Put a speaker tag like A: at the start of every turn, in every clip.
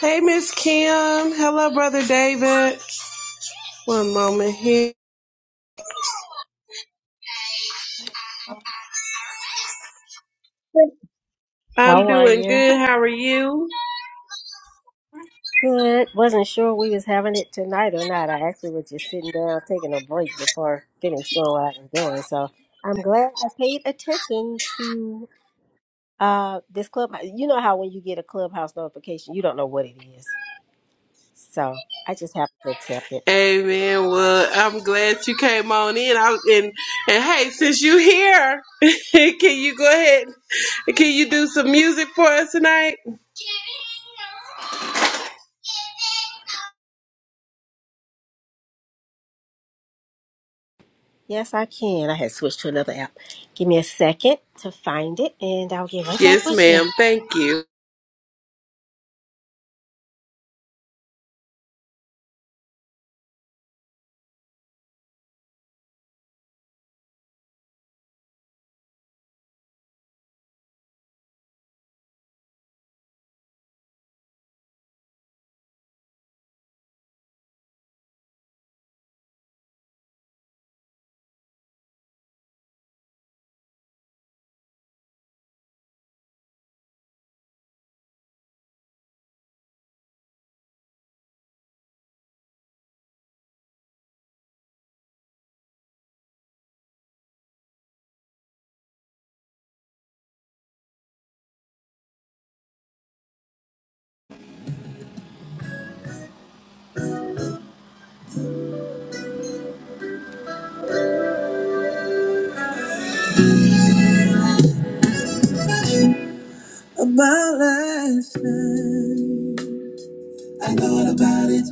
A: Hey, Miss Kim. Hello, Brother David. One moment here. I'm
B: How are
A: doing
B: you?
A: good. How are you?
B: Good. Wasn't sure we was having it tonight or not. I actually was just sitting down taking a break before getting going what I was doing. So I'm glad I paid attention to uh this clubhouse. You know how when you get a clubhouse notification, you don't know what it is. So I just have to accept it.
A: Amen. Well, I'm glad you came on in. I, and and hey, since you here, can you go ahead? Can you do some music for us tonight?
B: Yes, I can. I had switched to another app. Give me a second to find it and I'll get right back
A: Yes,
B: with you.
A: ma'am. Thank you.
B: About last night, I thought about it.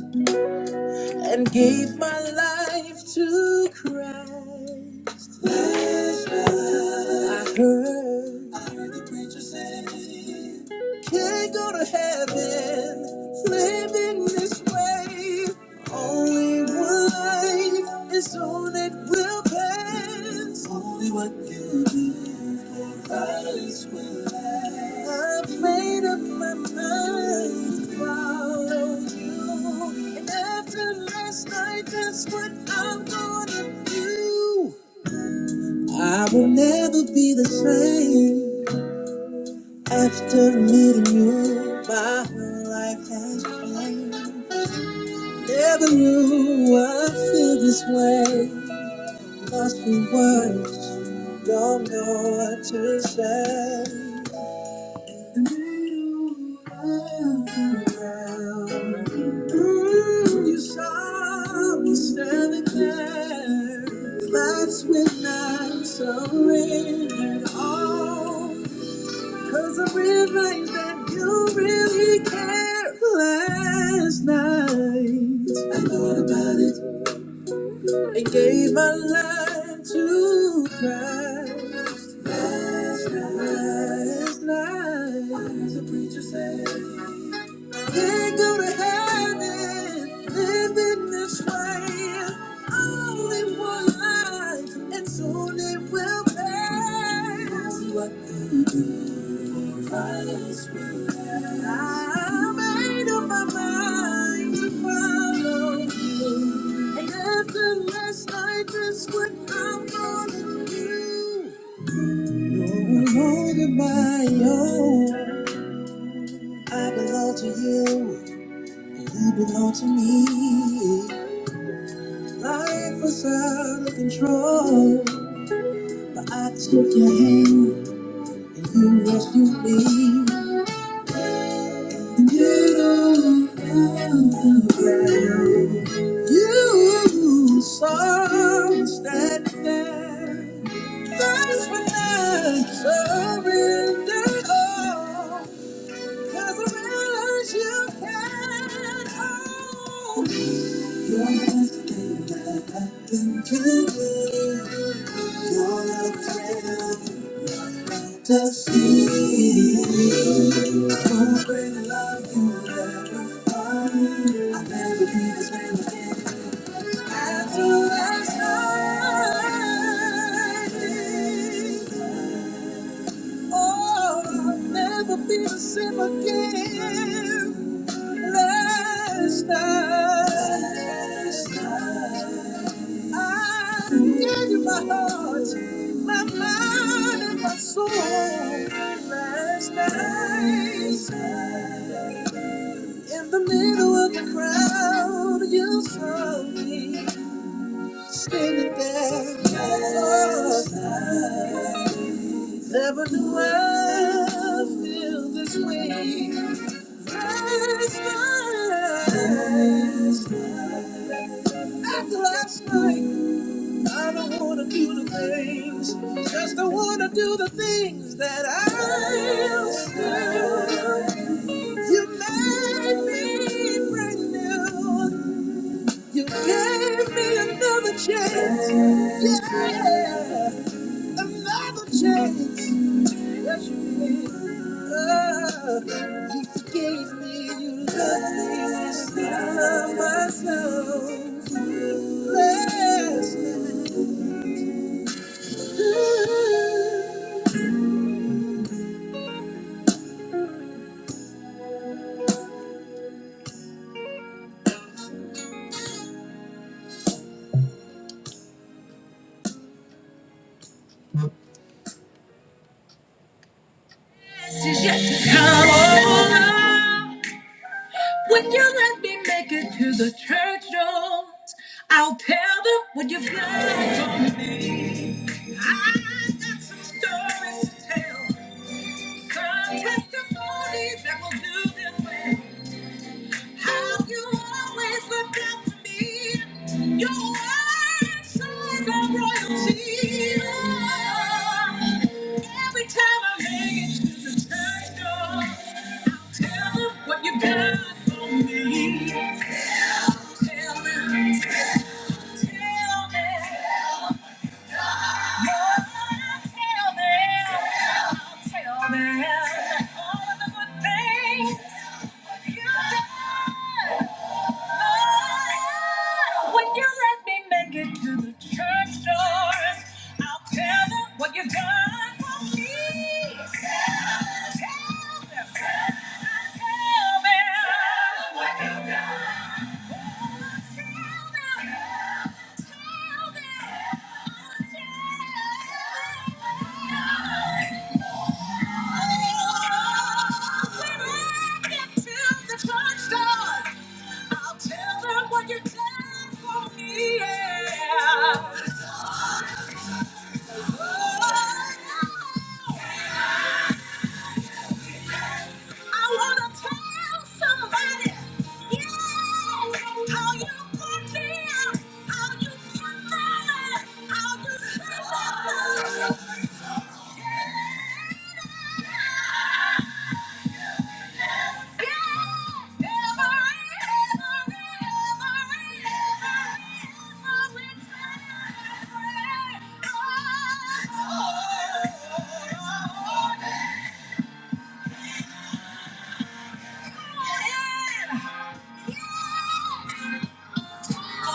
B: and gave my life to Christ. I heard, I heard the preacher say, can't go to heaven living this way. Only one life is all that will pass. Only what you do for others will last. I've made up my mind to follow you. And after last night, that's what I'm gonna do. I will never be the same. After meeting you, my whole life has changed. Never knew I feel this way. Lost for words. Don't know what to say. In the middle of the crowd. Mm, you saw me standing there. That's when I surrendered all. 'Cause I realized that you really care last night. I thought about it. I gave my life to Christ last night. The preacher said, Can't go to heaven living this way. Only one life, and soon it will pass. What I made up my mind to follow you. And after last night, that's what I'm gonna do. No longer my own. I belong to you. You belong to me. Life was out of control. But I took your hand and you rescued me. You move the ground. You songs standing there. That's when I surrendered all. 'Cause I realized you can not all. You're nothing that I can do. You're a friend. To see what greater love you have for find. I'll never be this way again. After last night, oh, I'll never be the same again. Last night, I gave you my heart, my mind, and my soul. Last night, in the middle of the crowd, you saw me standing there. Oh, never knew I'd feel this way. Last night, after last night, I don't wanna do the things, just don't wanna do the things that I used to. You made me brand new. You gave me another chance, yeah, another chance. Yes, you did. Oh, you forgave me. You loved me with all my soul. Last night. Best is yet to come. Oh, when you let me make it to the church doors, I'll tell them what you've done for me. I got some stories to tell, some testimonies that will do them well. How you always look out for me. Your word shines of royalty. Every time I make it to the church door, I'll tell them what you got for me. Tell, tell them, tell, tell them. When you let me make it to the church doors, I'll tell them what you've done for me. Tell them, tell them, tell them, tell them what you've done. I'll tell them what you done for me, yeah. I wanna tell somebody, yeah, how you put me out, how you put me out, how you put me out. Tell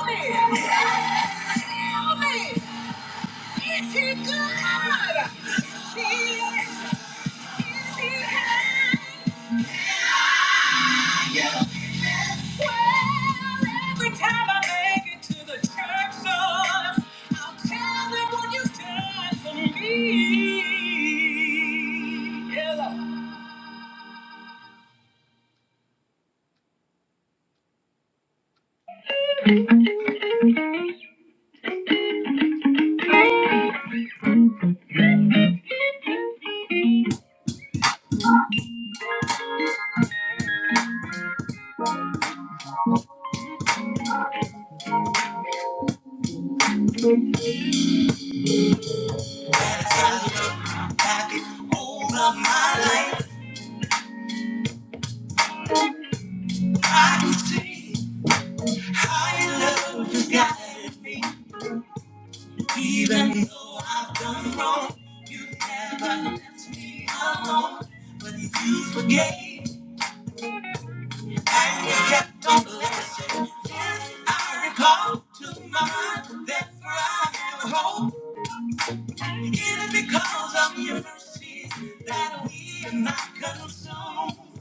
B: me, tell me, is he good? Is he, is he kind? Well, every time I make it to the church doors, I'll tell them what you've for me. Yeah. But you forgave. And you kept on blessing. Yes, I recall to mind that for I have hope. It is because of your mercies that we are not consumed.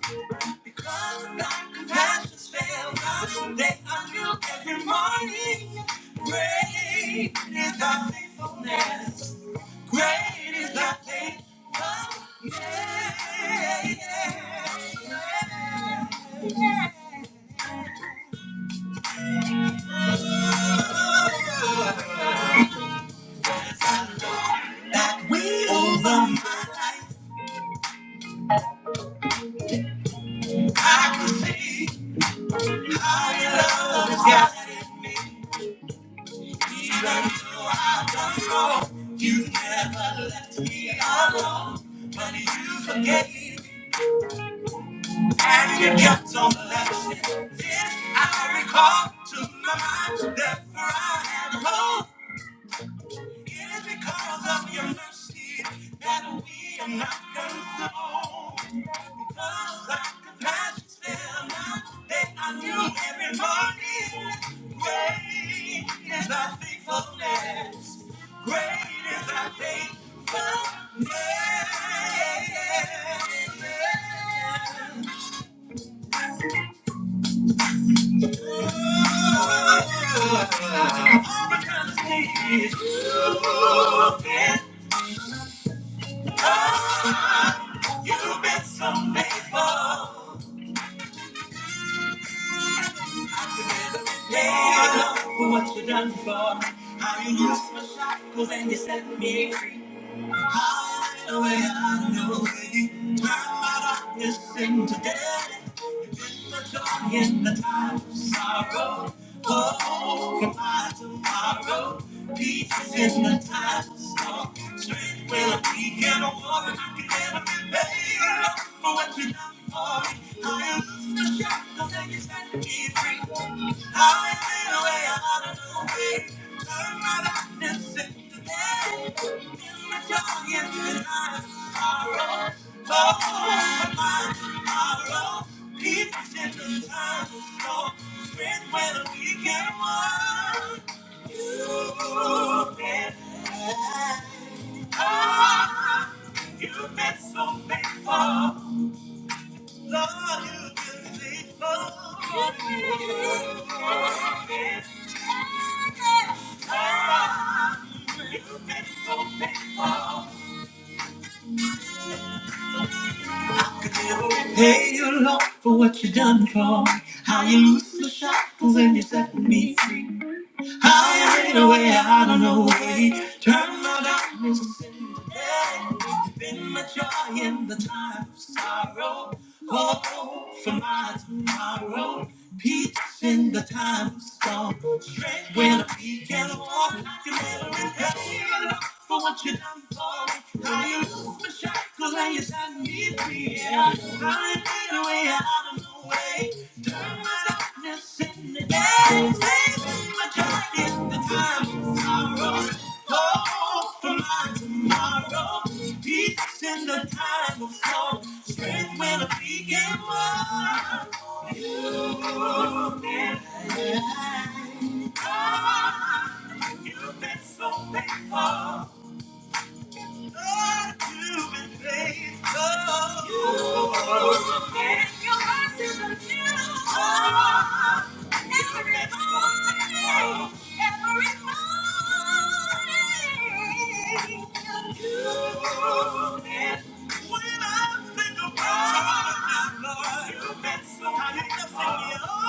B: Because of thy compassions fail not, they are new every morning. Great is thy faithfulness. Great is thy control. You never left me alone, but you forgave. And you kept on blessing. This I recall to my mind. Therefore I have hope. It is because of your mercy that we are not consumed. Because like the magic spell, that I knew every morning. Great is thy faithfulness. Great is thy faithfulness. You've been so faithful. I love For what you have done for. me. How you loosed my shackles and you set me free. Highway, I know you turn my darkness into day. You've been the joy in the time of sorrow. Hope for my tomorrow. Peace in the time of storm. Strength when I'm weak and a warrior I can never be paid. For what you've done for me. I You've been so faithful. Lord, you've been faithful. You've been so faithful. Could never repay you, Lord, for what you done for me. How you lose my shackles and you set me free. I ain't a way out of no way. Turn my darkness into day. You've been my joy in the time of sorrow. Hope for my tomorrow. Peace in the time of storm. Strength when I began to walk. You never repaid for what you done for me. How you lost my shackles and you set me free. Yeah. I ain't a way out of no way. Turn my darkness into Strength when I begin, you've been so faithful. When I think about you, Lord, you've been so good to me.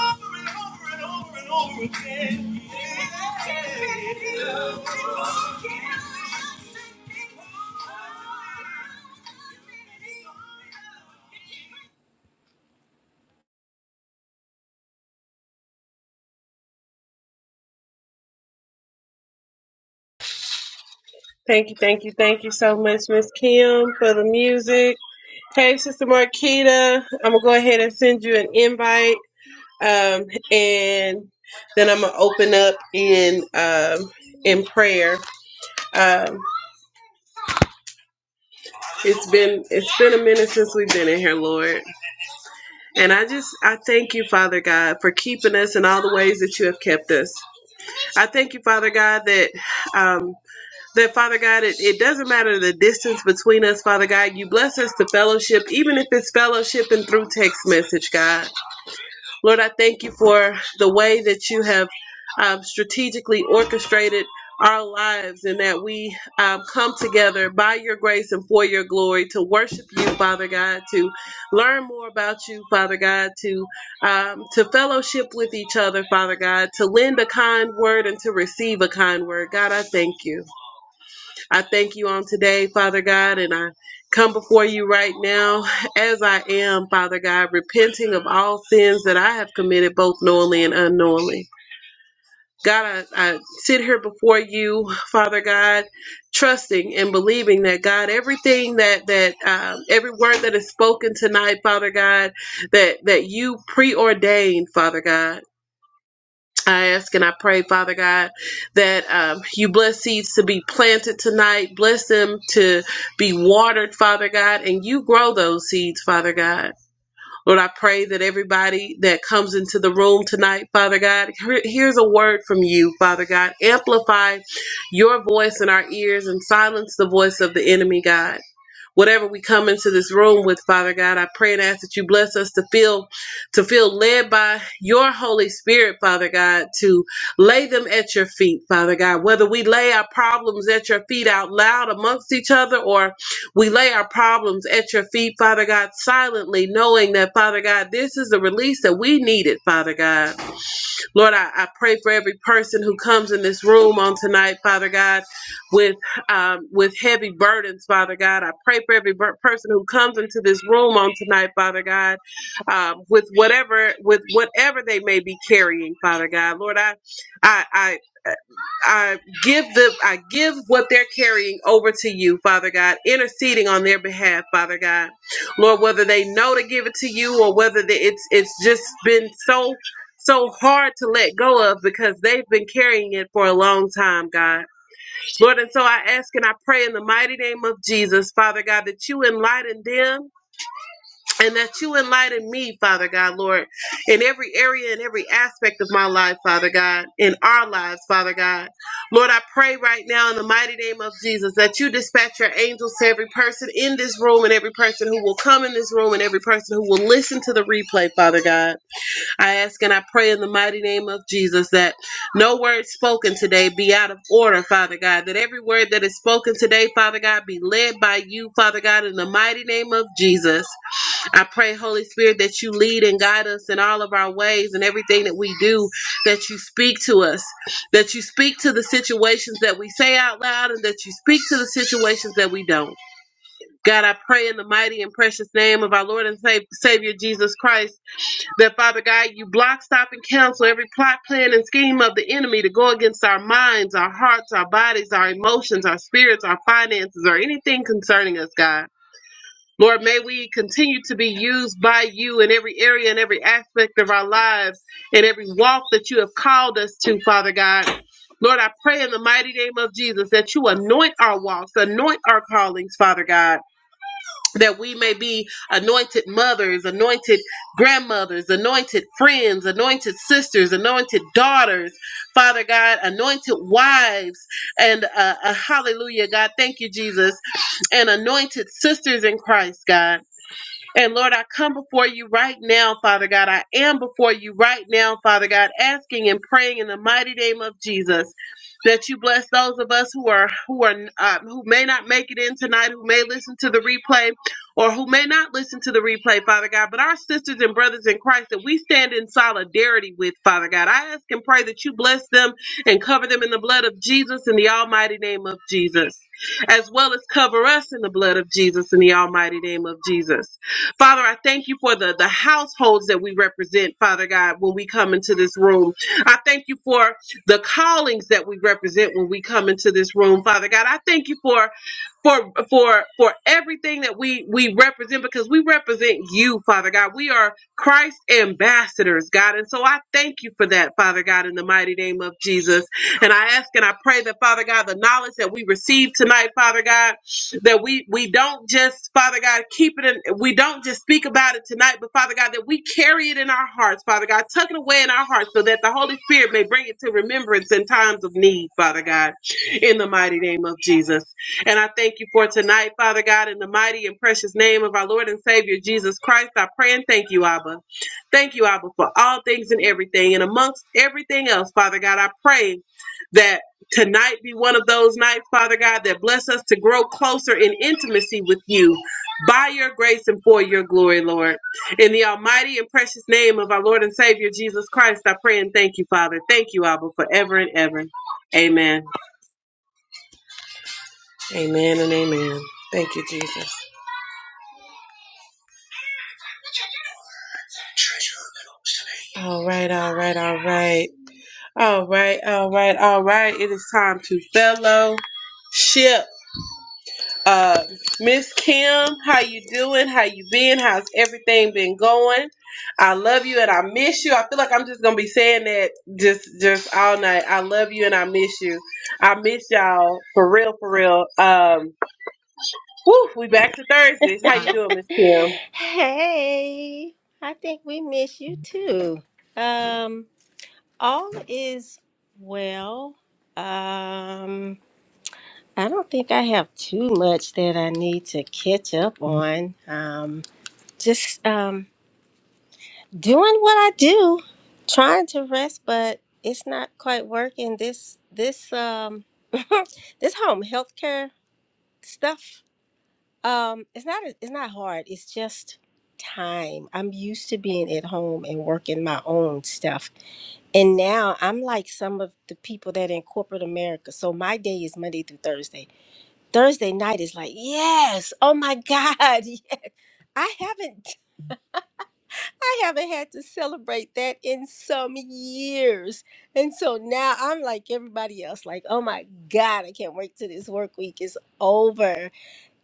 A: Thank you. Thank you. Thank you so much, Miss Kim, for the music. Hey, Sister Marquita. I'm gonna go ahead and send you an invite. Um, and then I'm gonna open up in um, in prayer. Um, it's been it's been a minute since we've been in here, Lord, and I just I thank you, Father God, for keeping us in all the ways that you have kept us. I thank you, Father God, that um, that Father God, it, it doesn't matter the distance between us, Father God. You bless us to fellowship, even if it's fellowship and through text message, God. Lord, I thank you for the way that you have um, strategically orchestrated our lives and that we um, come together by your grace and for your glory to worship you, Father God, to learn more about you, Father God, to um, to fellowship with each other, Father God, to lend a kind word and to receive a kind word. God, I thank you. I thank you on today, Father God, and I come before you right now as I am, Father God, repenting of all sins that I have committed, both knowingly and unknowingly. God, I, I sit here before you, Father God, trusting and believing that God, everything that that um, every word that is spoken tonight, Father God, that that you preordained, Father God. I ask and I pray, Father God, that um, you bless seeds to be planted tonight, bless them to be watered, Father God, and you grow those seeds, Father God. Lord, I pray that everybody that comes into the room tonight, Father God, hear- hears a word from you, Father God. Amplify your voice in our ears and silence the voice of the enemy, God. Whatever we come into this room with, Father God, I pray and ask that you bless us to feel to feel led by your Holy Spirit, Father God, to lay them at your feet, Father God. Whether we lay our problems at your feet out loud amongst each other or we lay our problems at your feet, Father God, silently, knowing that, Father God, this is the release that we needed, Father God. Lord, I, I pray for every person who comes in this room on tonight, Father God, with um, with heavy burdens, Father God. I pray for every bur- person who comes into this room on tonight, Father God, um, with whatever with whatever they may be carrying, Father God. Lord, I I, I I give the I give what they're carrying over to you, Father God, interceding on their behalf, Father God. Lord, whether they know to give it to you or whether they, it's it's just been so so hard to let go of because they've been carrying it for a long time, God. Lord, and so I ask and I pray in the mighty name of Jesus, Father God, that you enlighten them and that you enlighten me, Father God, Lord, in every area and every aspect of my life, Father God, in our lives, Father God. Lord, I pray right now in the mighty name of Jesus that you dispatch your angels to every person in this room and every person who will come in this room and every person who will listen to the replay, Father God. I ask and I pray in the mighty name of Jesus that no word spoken today be out of order, Father God. That every word that is spoken today, Father God, be led by you, Father God, in the mighty name of Jesus. I pray, Holy Spirit, that you lead and guide us in all of our ways and everything that we do, that you speak to us, that you speak to the situations that we say out loud, and that you speak to the situations that we don't. God, I pray in the mighty and precious name of our Lord and Sa- Savior Jesus Christ that Father God, you block, stop, and cancel every plot, plan, and scheme of the enemy to go against our minds, our hearts, our bodies, our emotions, our spirits, our finances, or anything concerning us, God. Lord, may we continue to be used by you in every area and every aspect of our lives and every walk that you have called us to, Father God. Lord, I pray in the mighty name of Jesus that you anoint our walks, anoint our callings, Father God that we may be anointed mothers, anointed grandmothers, anointed friends, anointed sisters, anointed daughters, Father God, anointed wives, and uh, uh, hallelujah, God, thank you, Jesus, and anointed sisters in Christ, God. And Lord, I come before you right now, Father God. I am before you right now, Father God, asking and praying in the mighty name of Jesus that you bless those of us who are who are uh, who may not make it in tonight, who may listen to the replay, or who may not listen to the replay, Father God. But our sisters and brothers in Christ that we stand in solidarity with, Father God, I ask and pray that you bless them and cover them in the blood of Jesus in the almighty name of Jesus, as well as cover us in the blood of Jesus in the almighty name of Jesus. Father, I thank you for the, the households that we represent, Father God, when we come into this room. I thank you for the callings that we represent when we come into this room, Father God. I thank you for for for for everything that we we represent because we represent you father god we are christ ambassadors god and so i thank you for that father god in the mighty name of jesus and i ask and i pray that father god the knowledge that we receive tonight father god that we we don't just father god keep it in we don't just speak about it tonight but father god that we carry it in our hearts father god tuck it away in our hearts so that the holy spirit may bring it to remembrance in times of need father god in the mighty name of jesus and i thank you for tonight father god in the mighty and precious name of our lord and savior jesus christ i pray and thank you abba thank you abba for all things and everything and amongst everything else father god i pray that Tonight be one of those nights, Father God, that bless us to grow closer in intimacy with you by your grace and for your glory, Lord. In the almighty and precious name of our Lord and Savior Jesus Christ, I pray and thank you, Father. Thank you, Abba, forever and ever. Amen. Amen and amen. Thank you, Jesus. All right, all right, all right. All right, all right, all right. It is time to fellowship. Uh, Miss Kim, how you doing? How you been? How's everything been going? I love you and I miss you. I feel like I'm just gonna be saying that just just all night. I love you and I miss you. I miss y'all for real, for real. Um, woo, we back to Thursdays. How you doing, Miss Kim?
B: Hey, I think we miss you too. Um, all is well. Um, I don't think I have too much that I need to catch up on. Um, just um, doing what I do, trying to rest, but it's not quite working. This this um this home healthcare stuff um it's not it's not hard. It's just time. I'm used to being at home and working my own stuff. And now I'm like some of the people that in corporate America. So my day is Monday through Thursday. Thursday night is like, yes, oh my God. I haven't I haven't had to celebrate that in some years. And so now I'm like everybody else, like, oh my God, I can't wait till this work week is over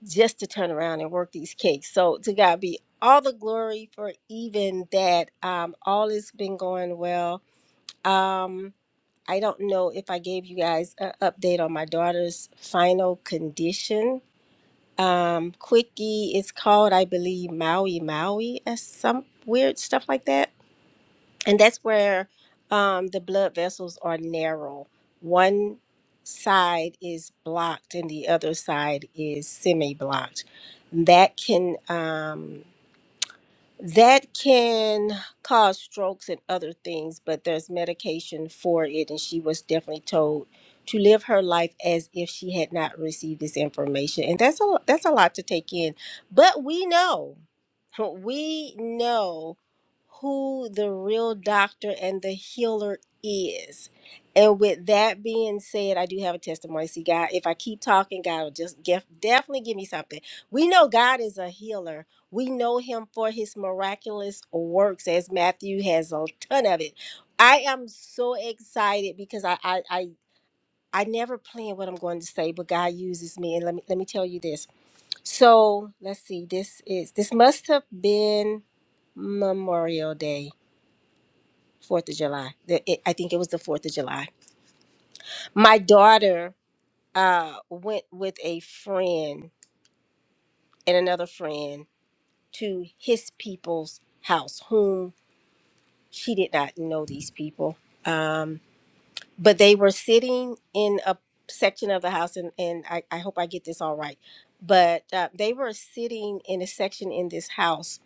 B: just to turn around and work these cakes. So to God be all the glory for even that. Um, all has been going well. Um, I don't know if I gave you guys an update on my daughter's final condition. Um, quickie is called, I believe, Maui Maui or some weird stuff like that and that's where um, the blood vessels are narrow. One side is blocked, and the other side is semi-blocked. That can um, that can cause strokes and other things, but there's medication for it. And she was definitely told to live her life as if she had not received this information. And that's a that's a lot to take in. But we know, we know who the real doctor and the healer is. And with that being said, I do have a testimony. See, God, if I keep talking, God will just get, definitely give me something. We know God is a healer we know him for his miraculous works, as Matthew has a ton of it. I am so excited because I I I, I never plan what I'm going to say, but God uses me. And let me let me tell you this. So let's see. This is this must have been Memorial Day, Fourth of July. The- it- I think it was the Fourth of July. My daughter uh, went with a friend and another friend to his people's house, whom she did not know these people. Um, but they were sitting in a section of the house, and, and I, I hope I get this all right. But uh, they were sitting in a section in this house,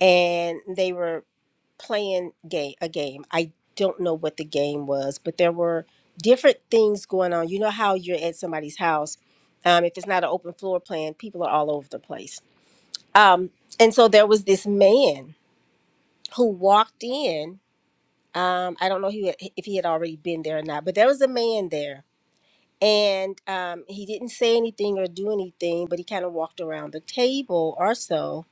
B: and they were playing game a game. I don't know what the game was, but there were different things going on. You know how you're at somebody's house. Um, if it's not an open floor plan, people are all over the place. Um, and so there was this man who walked in um, I don't know he had, if he had already been there or not, but there was a man there, and um, he didn't say anything or do anything, but he kind of walked around the table or so.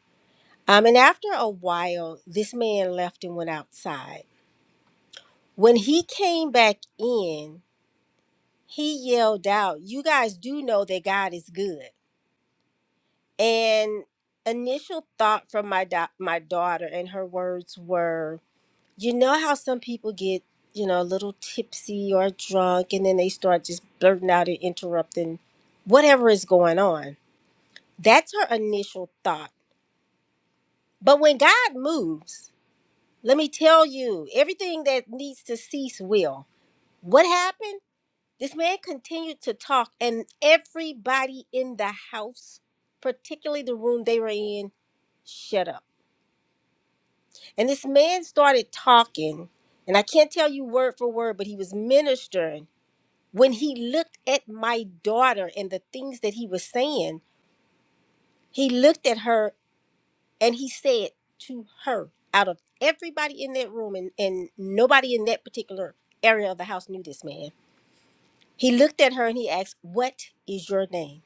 B: Um, and after a while, this man left and went outside. When he came back in, he yelled out, "You guys do know that God is good." And initial thought from my da- my daughter and her words were, you know how some people get, you know, a little tipsy or drunk and then they start just blurting out and interrupting whatever is going on. That's her initial thought. But when God moves, let me tell you, everything that needs to cease will. What happened? This man continued to talk, and everybody in the house, particularly the room they were in, shut up. And this man started talking, and I can't tell you word for word, but he was ministering when he looked at my daughter and the things that he was saying, he looked at her and he said to her, out of everybody in that room, and, and nobody in that particular area of the house knew this man, he looked at her and he asked, What is your name?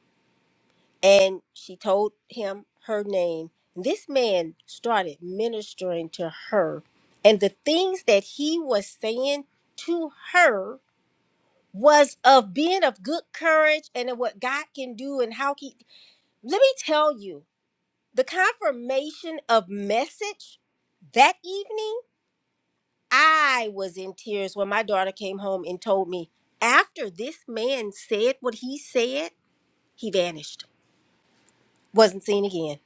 B: And she told him her name. This man started ministering to her, and the things that he was saying to her was of being of good courage and of what God can do and how he let me tell you the confirmation of message that evening I was in tears when my daughter came home and told me after this man said what he said he vanished wasn't seen again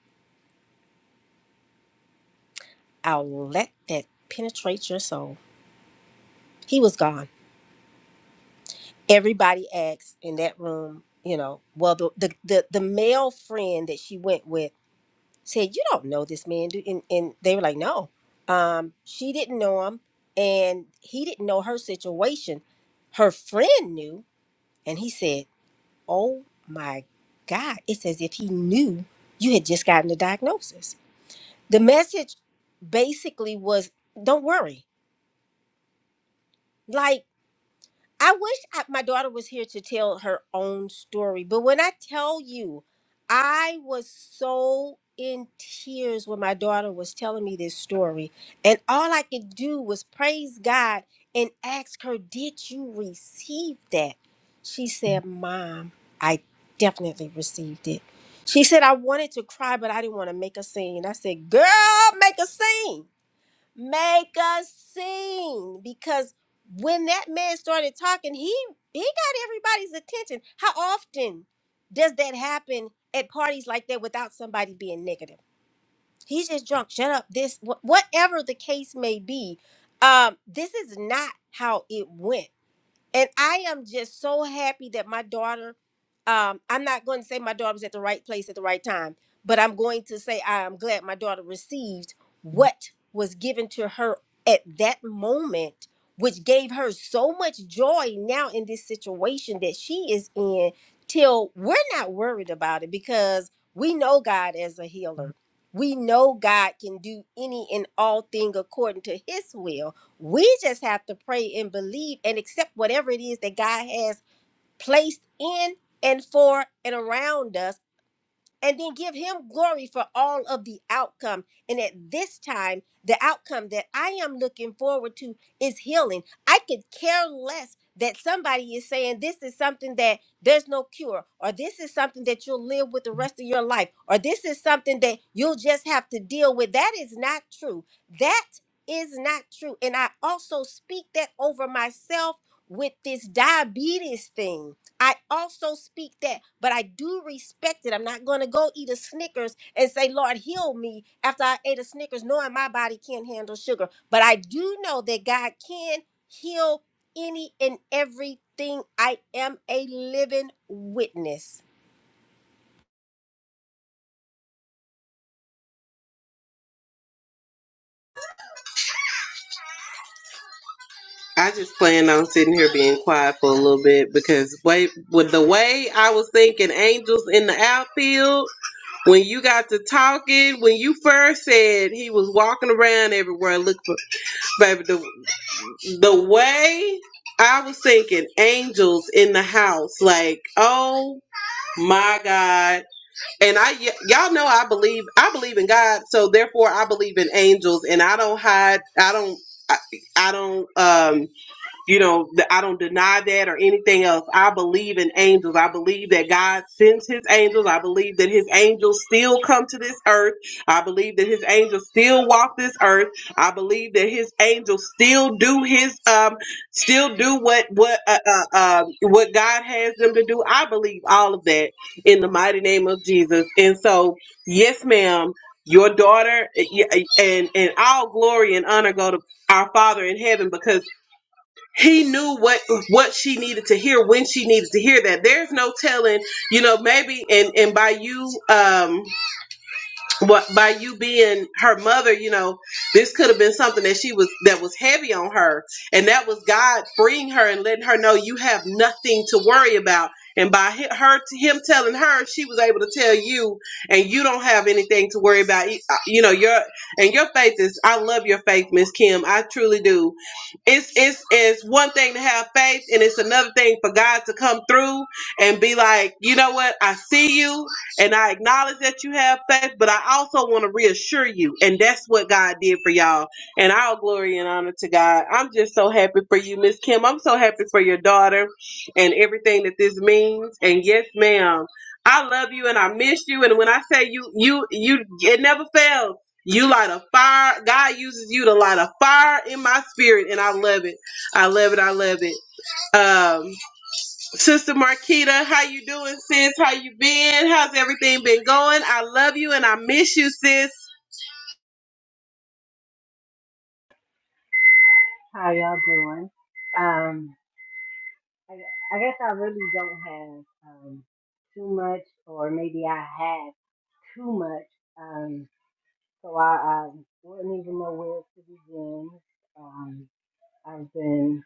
B: I'll let that penetrate your soul he was gone everybody asked in that room you know well the the the, the male friend that she went with said, "You don't know this man, do?" And, and they were like, "No." Um, she didn't know him, and he didn't know her situation. Her friend knew, and he said, "Oh my God!" It's as if he knew you had just gotten the diagnosis. The message basically was, "Don't worry." Like. I wish I, my daughter was here to tell her own story. But when I tell you, I was so in tears when my daughter was telling me this story. And all I could do was praise God and ask her, Did you receive that? She said, Mom, I definitely received it. She said, I wanted to cry, but I didn't want to make a scene. I said, Girl, make a scene make a scene because when that man started talking he he got everybody's attention how often does that happen at parties like that without somebody being negative he's just drunk shut up this wh- whatever the case may be um this is not how it went and I am just so happy that my daughter, um, I'm not going to say my daughter was at the right place at the right time, but I'm going to say I am glad my daughter received what was given to her at that moment, which gave her so much joy now in this situation that she is in, till we're not worried about it because we know God as a healer. We know God can do any and all thing according to his will we just have to pray and believe and accept whatever it is that God has placed in and for and around us, and then give Him glory for all of the outcome. And at this time, the outcome that I am looking forward to is healing. I could care less that somebody is saying this is something that there's no cure, or this is something that you'll live with the rest of your life, or this is something that you'll just have to deal with. That is not true. That is not true. And I also speak that over myself with this diabetes thing. I also speak that, but I do respect it. I'm not going to go eat a Snickers and say, Lord, heal me after I ate a Snickers, knowing my body can't handle sugar. But I do know that God can heal any and everything. I am a living witness.
A: I just plan on sitting here being quiet for a little bit because wait, with the way I was thinking, angels in the outfield when you got to talking, when you first said he was walking around everywhere looking Baby, the the way I was thinking angels in the house, like, oh my God. And I y- y'all know I believe I believe in God, so therefore I believe in angels and I don't hide I don't I, I don't um you know, th- I don't deny that or anything else. I believe in angels. I believe that God sends his angels. I believe that his angels still come to this earth. I believe that his angels still walk this earth. I believe that his angels still do his um still do what what uh, uh, uh what God has them to do. I believe all of that in the mighty name of Jesus. And so, yes ma'am, your daughter y- and and all glory and honor go to our Father in heaven because he knew what what she needed to hear when she needed to hear that there's no telling you know maybe and and by you um what by you being her mother you know this could have been something that she was that was heavy on her and that was god freeing her and letting her know you have nothing to worry about and by hi- her him telling her she was able to tell you and you don't have anything to worry about You- uh, you know your and your faith is i love your faith miss kim i truly do it's it's it's one thing to have faith and it's another thing for god to come through and be like you know what i see you and I acknowledge that you have faith, but I also want to reassure you. And that's what God did for y'all. And all glory and honor to God. I'm just so happy for you, Miss Kim. I'm so happy for your daughter and everything that this means. And yes, ma'am, I love you and I miss you. And when I say you, you, you, it never fails. You light a fire. God uses you to light a fire in my spirit. And I love it. I love it. I love it. Um. Sister Marquita, how you doing, sis? How you been? How's everything been going? I love you and I miss you, sis.
C: How y'all doing? Um, I, I guess I really don't have um, too much, or maybe I have too much, um, so I, I wouldn't even know where to begin. Um, I've been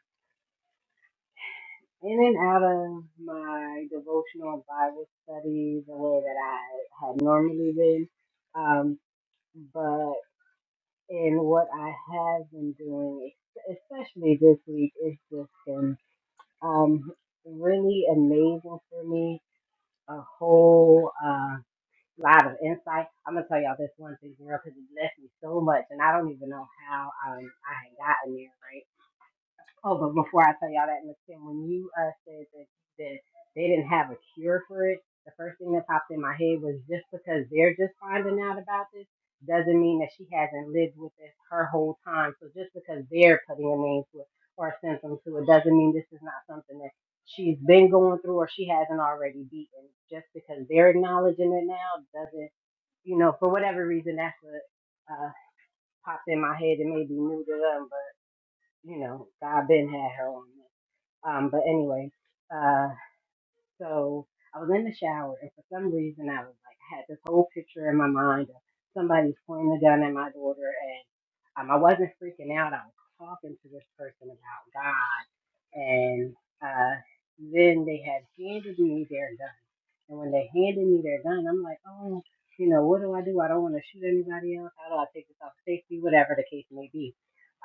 C: in and out of my devotional and Bible study the way that I had normally been, um, but in what I have been doing, es- especially this week, it's just been Um, really amazing for me. A whole uh, lot of insight. I'm gonna tell y'all this one thing, girl, because it blessed me so much, and I don't even know how um, I had gotten there, right? Hold on, before I tell y'all that, Miss Kim, when you uh, said that, that they didn't have a cure for it, the first thing that popped in my head was just because they're just finding out about this doesn't mean that she hasn't lived with this her whole time. So just because they're putting a name to it or a symptom to it doesn't mean this is not something that she's been going through or she hasn't already beaten. Just because they're acknowledging it now doesn't, you know, for whatever reason, that's what uh, popped in my head. It may be new to them, but, you know, God been had her on this. Um, but anyway, uh, so I was in the shower, and for some reason, I was like, I had this whole picture in my mind of somebody pointing a gun at my daughter, and um, I wasn't freaking out. I was talking to this person about God, and uh, then they had handed me their gun, and when they handed me their gun, I'm like, oh, you know, what do I do? I don't want to shoot anybody else. How do I take this off safety? Whatever the case may be.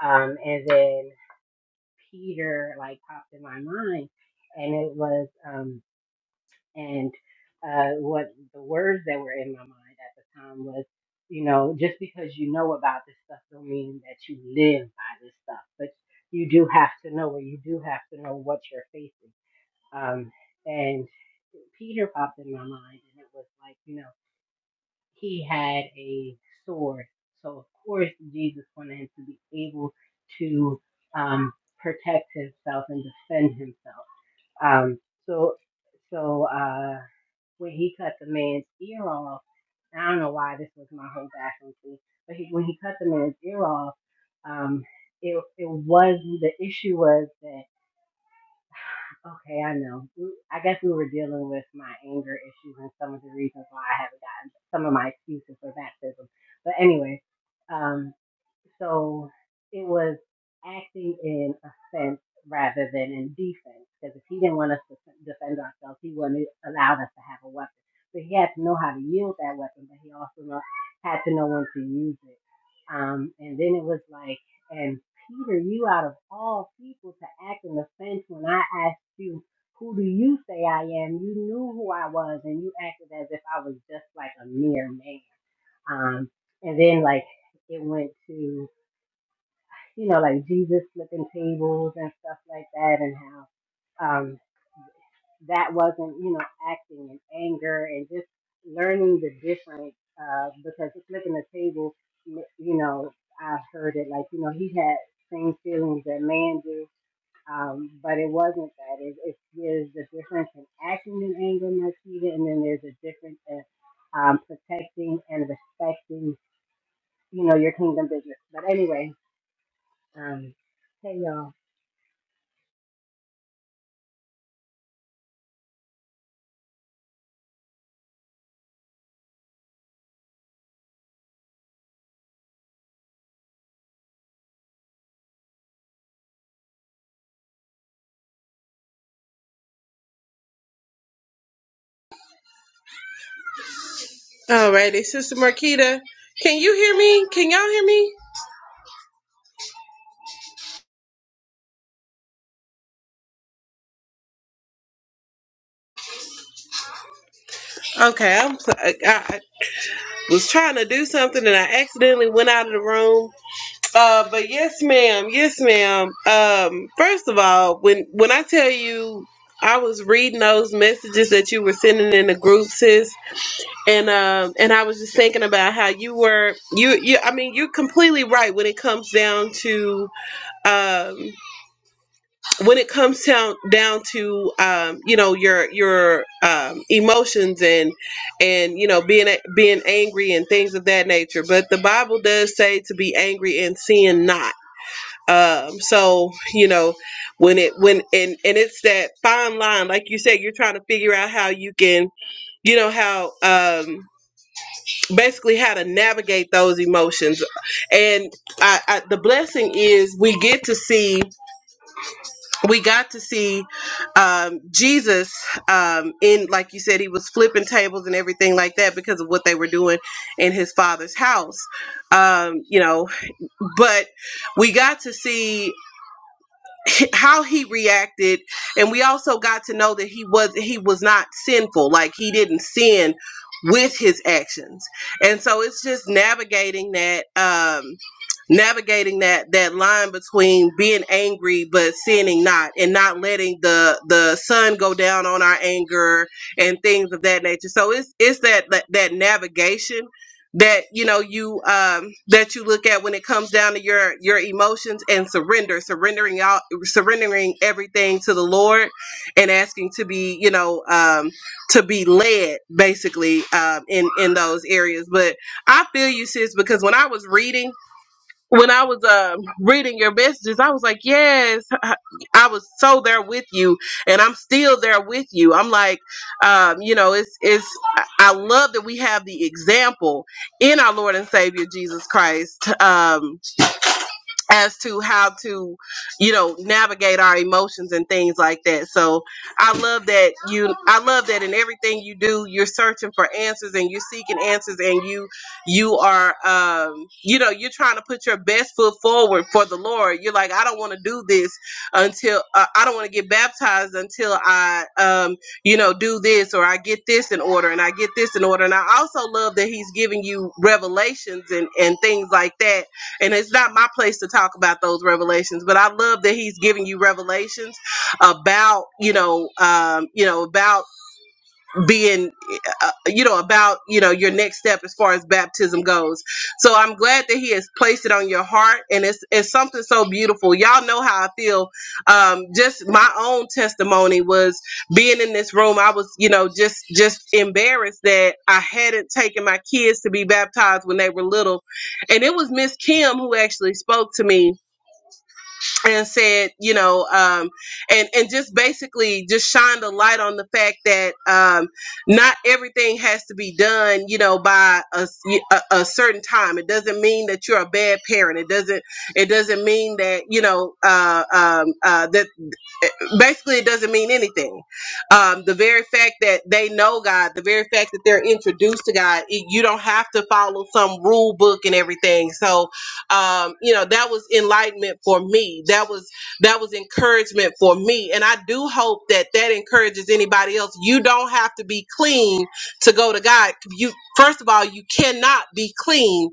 C: Um, and then Peter like popped in my mind, and it was um and uh what the words that were in my mind at the time was, you know, just because you know about this stuff don't mean that you live by this stuff, but you do have to know or you do have to know what you're facing. Um, and Peter popped in my mind, and it was like, you know he had a sword. So of course Jesus wanted him to be able to um, protect himself and defend himself. Um, so so uh, when he cut the man's ear off, I don't know why this was my whole bathroom scene, but he, when he cut the man's ear off, um, it it was the issue was that. Okay, I know. We- I guess we were dealing with my anger issues and some of the reasons why I haven't gotten some of my excuses for baptism. But anyway, um, so it was acting in offense rather than in defense. Because if he didn't want us to defend ourselves, he wouldn't allow us to have a weapon. So he had to know how to yield that weapon, but he also know, had to know when to use it. Um, and then it was like, and Peter, you out of all people to act in offense when I asked you, who do you say I am? You knew who I was, and you acted as if I was just like a mere man. Um, and then like it went to you know, like Jesus flipping tables and stuff like that, and how um, that wasn't, you know, acting in anger and just learning the difference uh, because flipping the table, you know, I've heard it like, you know, he had same feelings that man do, um, but it wasn't that. It, it, there's a difference in acting in anger, Marquita, and then there's a difference in um, protecting and respecting, you know, your kingdom business. But anyway, um, hey y'all.
A: Alrighty, Sister Marquita, can you hear me? Can y'all hear me? Okay, I'm. so- I, I was trying to do something and I accidentally went out of the room. Uh, but yes, ma'am. Yes, ma'am. Um, first of all, when when I tell you I was reading those messages that you were sending in the group, sis. and um and I was just thinking about how you were you you I mean you're completely right when it comes down to um when it comes down down to um you know your your um emotions and and you know being a- being angry and things of that nature but the Bible does say to be angry and sin not um so you know when it when and and it's that fine line like you said you're trying to figure out how you can you know how um basically how to navigate those emotions and I, I, the blessing is we get to see we got to see um, jesus um, in like you said he was flipping tables and everything like that because of what they were doing in his father's house um, you know but we got to see how he reacted and we also got to know that he was he was not sinful like he didn't sin with his actions and so it's just navigating that um navigating that that line between being angry but sinning not and not letting the the sun go down on our anger and things of that nature so it's it's that that, that navigation that you know you um that you look at when it comes down to your your emotions and surrender surrendering out surrendering everything to the lord and asking to be you know um to be led basically um in in those areas but i feel you sis because when i was reading when I was um, reading your messages, I was like, yes, I I was so there with you, and I'm still there with you. I'm like, um, you know, it's it's. I I love that we have the example in our Lord and Savior Jesus Christ. Um, as to how to you know navigate our emotions and things like that so i love that you i love that in everything you do you're searching for answers and you're seeking answers and you you are um you know you're trying to put your best foot forward for the lord you're like i don't want to do this until uh, i don't want to get baptized until i um you know do this or i get this in order and i get this in order and i also love that he's giving you revelations and and things like that and it's not my place to talk about those revelations, but I love that he's giving you revelations about, you know, um, you know, about being uh, you know about you know your next step as far as baptism goes so i'm glad that he has placed it on your heart and it's it's something so beautiful y'all know how i feel um just my own testimony was being in this room i was you know just just embarrassed that i hadn't taken my kids to be baptized when they were little and it was miss kim who actually spoke to me and said, you know, um, and and just basically just shined a light on the fact that um, not everything has to be done, you know, by a a a certain time. It doesn't mean that you're a bad parent. It doesn't it doesn't mean that you know uh, um, uh, that basically it doesn't mean anything um, the very fact that they know god the very fact that they're introduced to god it, you don't have to follow some rule book and everything so um, you know that was enlightenment for me that was that was encouragement for me and i do hope that that encourages anybody else you don't have to be clean to go to god you first of all you cannot be clean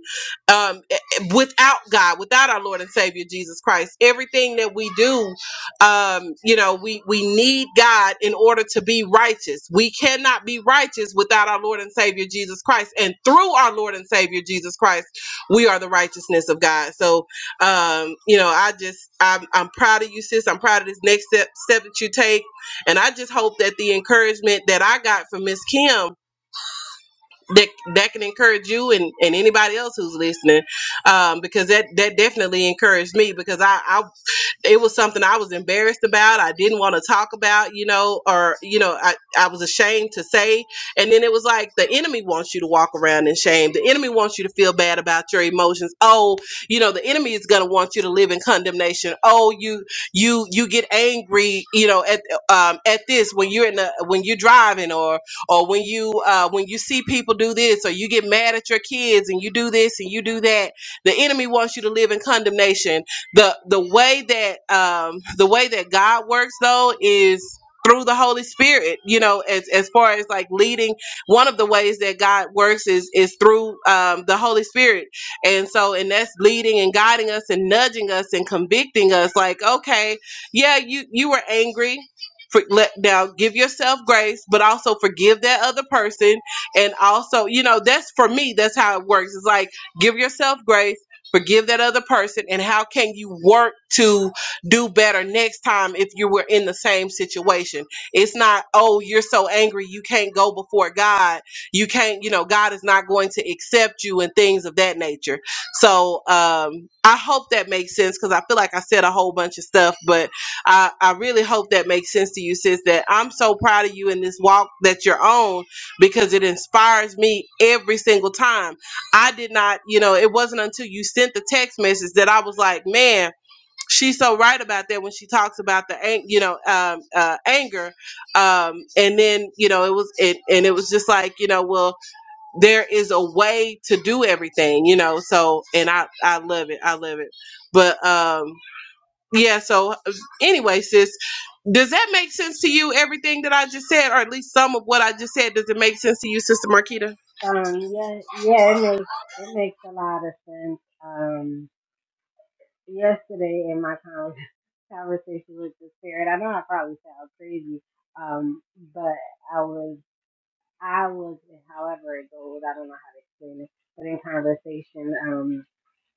A: um, eh, eh, without god without our lord and savior jesus christ everything that we do um you know we we need god in order to be righteous we cannot be righteous without our lord and savior jesus christ and through our lord and savior jesus christ we are the righteousness of god so um you know i just i'm, I'm proud of you sis i'm proud of this next step step that you take and i just hope that the encouragement that i got from miss kim that, that can encourage you and, and anybody else who's listening um, because that, that definitely encouraged me because I, I it was something I was embarrassed about. I didn't want to talk about, you know, or, you know, I, I was ashamed to say. And then it was like the enemy wants you to walk around in shame. The enemy wants you to feel bad about your emotions. Oh, you know, the enemy is going to want you to live in condemnation. Oh, you, you, you get angry, you know, at, um, at this when you're in the, when you're driving or, or when you, uh, when you see people do this or you get mad at your kids and you do this and you do that. The enemy wants you to live in condemnation the the way that um the way that God works though is through the Holy Spirit, you know, as as far as like leading, one of the ways that God works is is through um, the Holy Spirit, and so and that's leading and guiding us and nudging us and convicting us. Like, okay, yeah, you you were angry. For, let now give yourself grace, but also forgive that other person, and also you know that's for me. That's how it works. It's like give yourself grace forgive that other person and how can you work to do better next time if you were in the same situation it's not oh you're so angry you can't go before god you can't you know god is not going to accept you and things of that nature so um i hope that makes sense because i feel like i said a whole bunch of stuff but i i really hope that makes sense to you sis that i'm so proud of you in this walk that you're on because it inspires me every single time I did not, you know, it wasn't until you sent the text message that I was like, man, she's so right about that when she talks about the, ang- you know, um, uh, anger. Um, and then, you know, it was, it, and it was just like, you know, well, there is a way to do everything, you know, so, and I, I love it. I love it. But, um, yeah so uh, anyway sis does that make sense to you everything that i just said or at least some of what i just said does it make sense to you sister marquita
C: Um, yeah, yeah, it makes it makes a lot of sense. Um, yesterday in my con- conversation with the spirit, I know I probably sound crazy, um, but I was I was however it goes, I don't know how to explain it, but in conversation, um,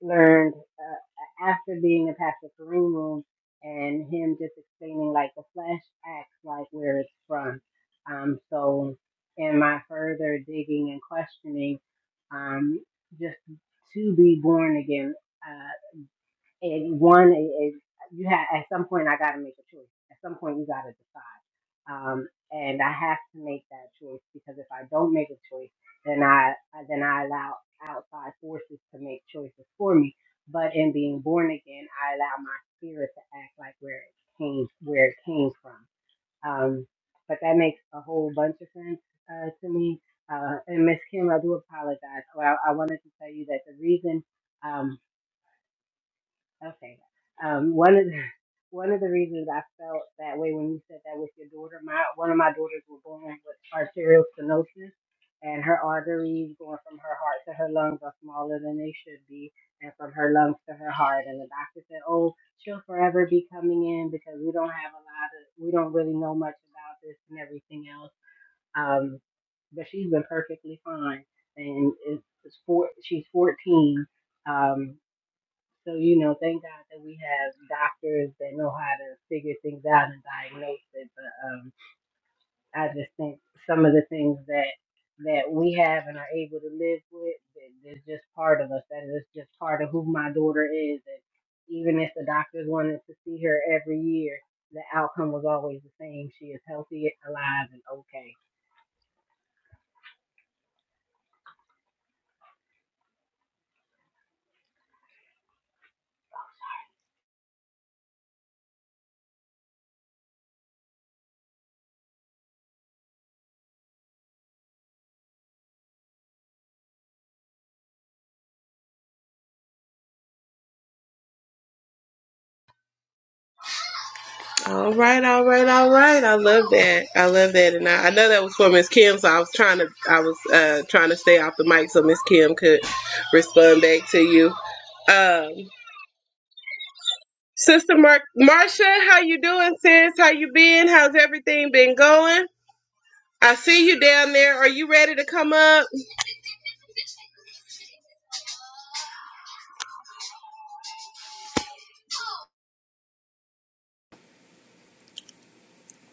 C: learned uh, after being in Pastor Kareem room and him just explaining like the flesh acts like where it's from. Um, so in my further digging and questioning, um, just to be born again. uh, and one is you have at some point I got to make a choice. At some point you got to decide, um, and I have to make that choice because if I don't make a choice, then I then I allow outside forces to make choices for me. But in being born again, I allow my spirit to act like where it came where it came from. Um, but that makes a whole bunch of sense uh, to me. Uh, and Miss Kim, I do apologize. Well, I, I wanted to tell you that the reason. Um, Okay. Um, one of the, one of the reasons I felt that way when you said that with your daughter, my one of my daughters was born with arterial stenosis, and her arteries going from her heart to her lungs are smaller than they should be, and from her lungs to her heart. And the doctor said, "Oh, she'll forever be coming in because we don't have a lot of, we don't really know much about this and everything else." Um, but she's been perfectly fine, and it's, it's four, she's 14. Um, so, you know, thank God that we have doctors that know how to figure things out and diagnose it. But um, I just think some of the things that that we have and are able to live with that is just part of us. That is just part of who my daughter is. And even if the doctors wanted to see her every year, the outcome was always the same. She is healthy, alive, and okay.
A: all right all right all right i love that i love that and i, I know that was for miss kim so i was trying to i was uh trying to stay off the mic so miss kim could respond back to you um Sister Mar- Marcia, how you doing, sis? How you been? How's everything been going? I see you down there. Are you ready to come up?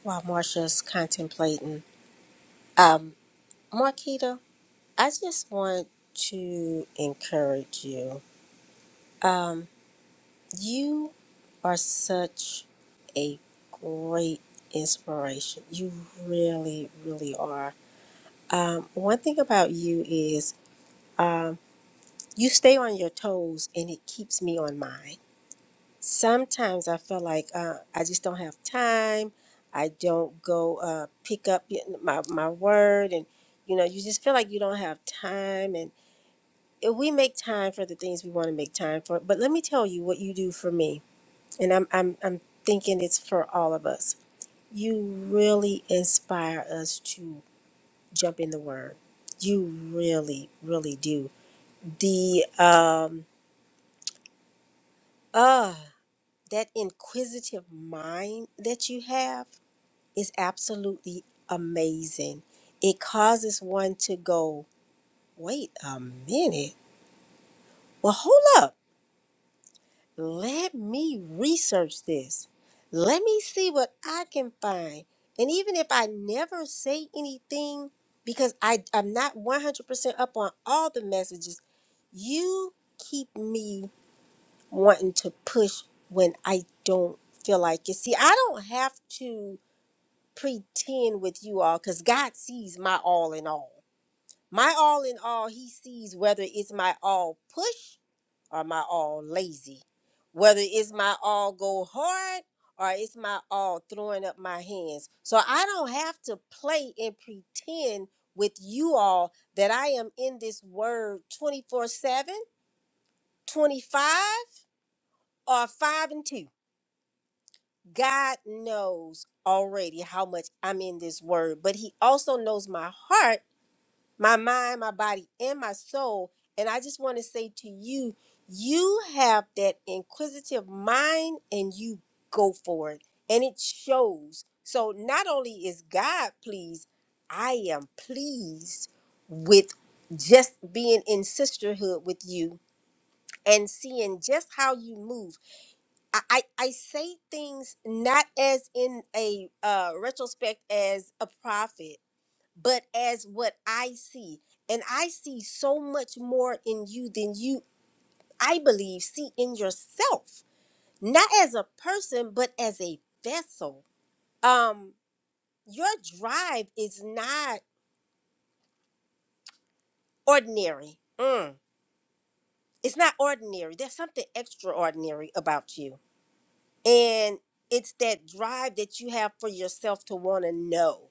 B: While Marsha's contemplating, um, Marquita, I just want to encourage you Um, you are such a great inspiration. You really, really are. Um, one thing about you is um, you stay on your toes and it keeps me on mine. Sometimes I feel like uh, I just don't have time. I don't go uh, pick up y- my, my word. And, you know, you just feel like you don't have time. And if we make time for the things we want to make time for. But let me tell you what you do for me and I'm I'm I'm thinking it's for all of us. You really inspire us to jump in the word. You really, really do. The um uh that inquisitive mind that you have is absolutely amazing. It causes one to go, wait a minute. Well, hold up let me research this. Let me see what I can find. And even if I never say anything, because I, I'm not 100% up on all the messages, you keep me wanting to push when I don't feel like it. See, I don't have to pretend with you all because God sees my all in all. My all in all, he sees whether it's my all push or my all lazy, whether it's my all go hard or it's my all throwing up my hands. So I don't have to play and pretend with you all that I am in this word 24 7, 25, or 5 and 2. God knows already how much I'm in this word, but He also knows my heart my mind, my body, and my soul. And I just want to say to you, you have that inquisitive mind and you go for it. And it shows. So not only is God pleased, I am pleased with just being in sisterhood with you and seeing just how you move. I, I, I say things not as in a uh, retrospect as a prophet but as what I see. And I see so much more in you than you, I believe, see in yourself, not as a person, but as a vessel. Um, your drive is not ordinary. Mm. It's not ordinary. There's something extraordinary about you. And it's that drive that you have for yourself to want to know.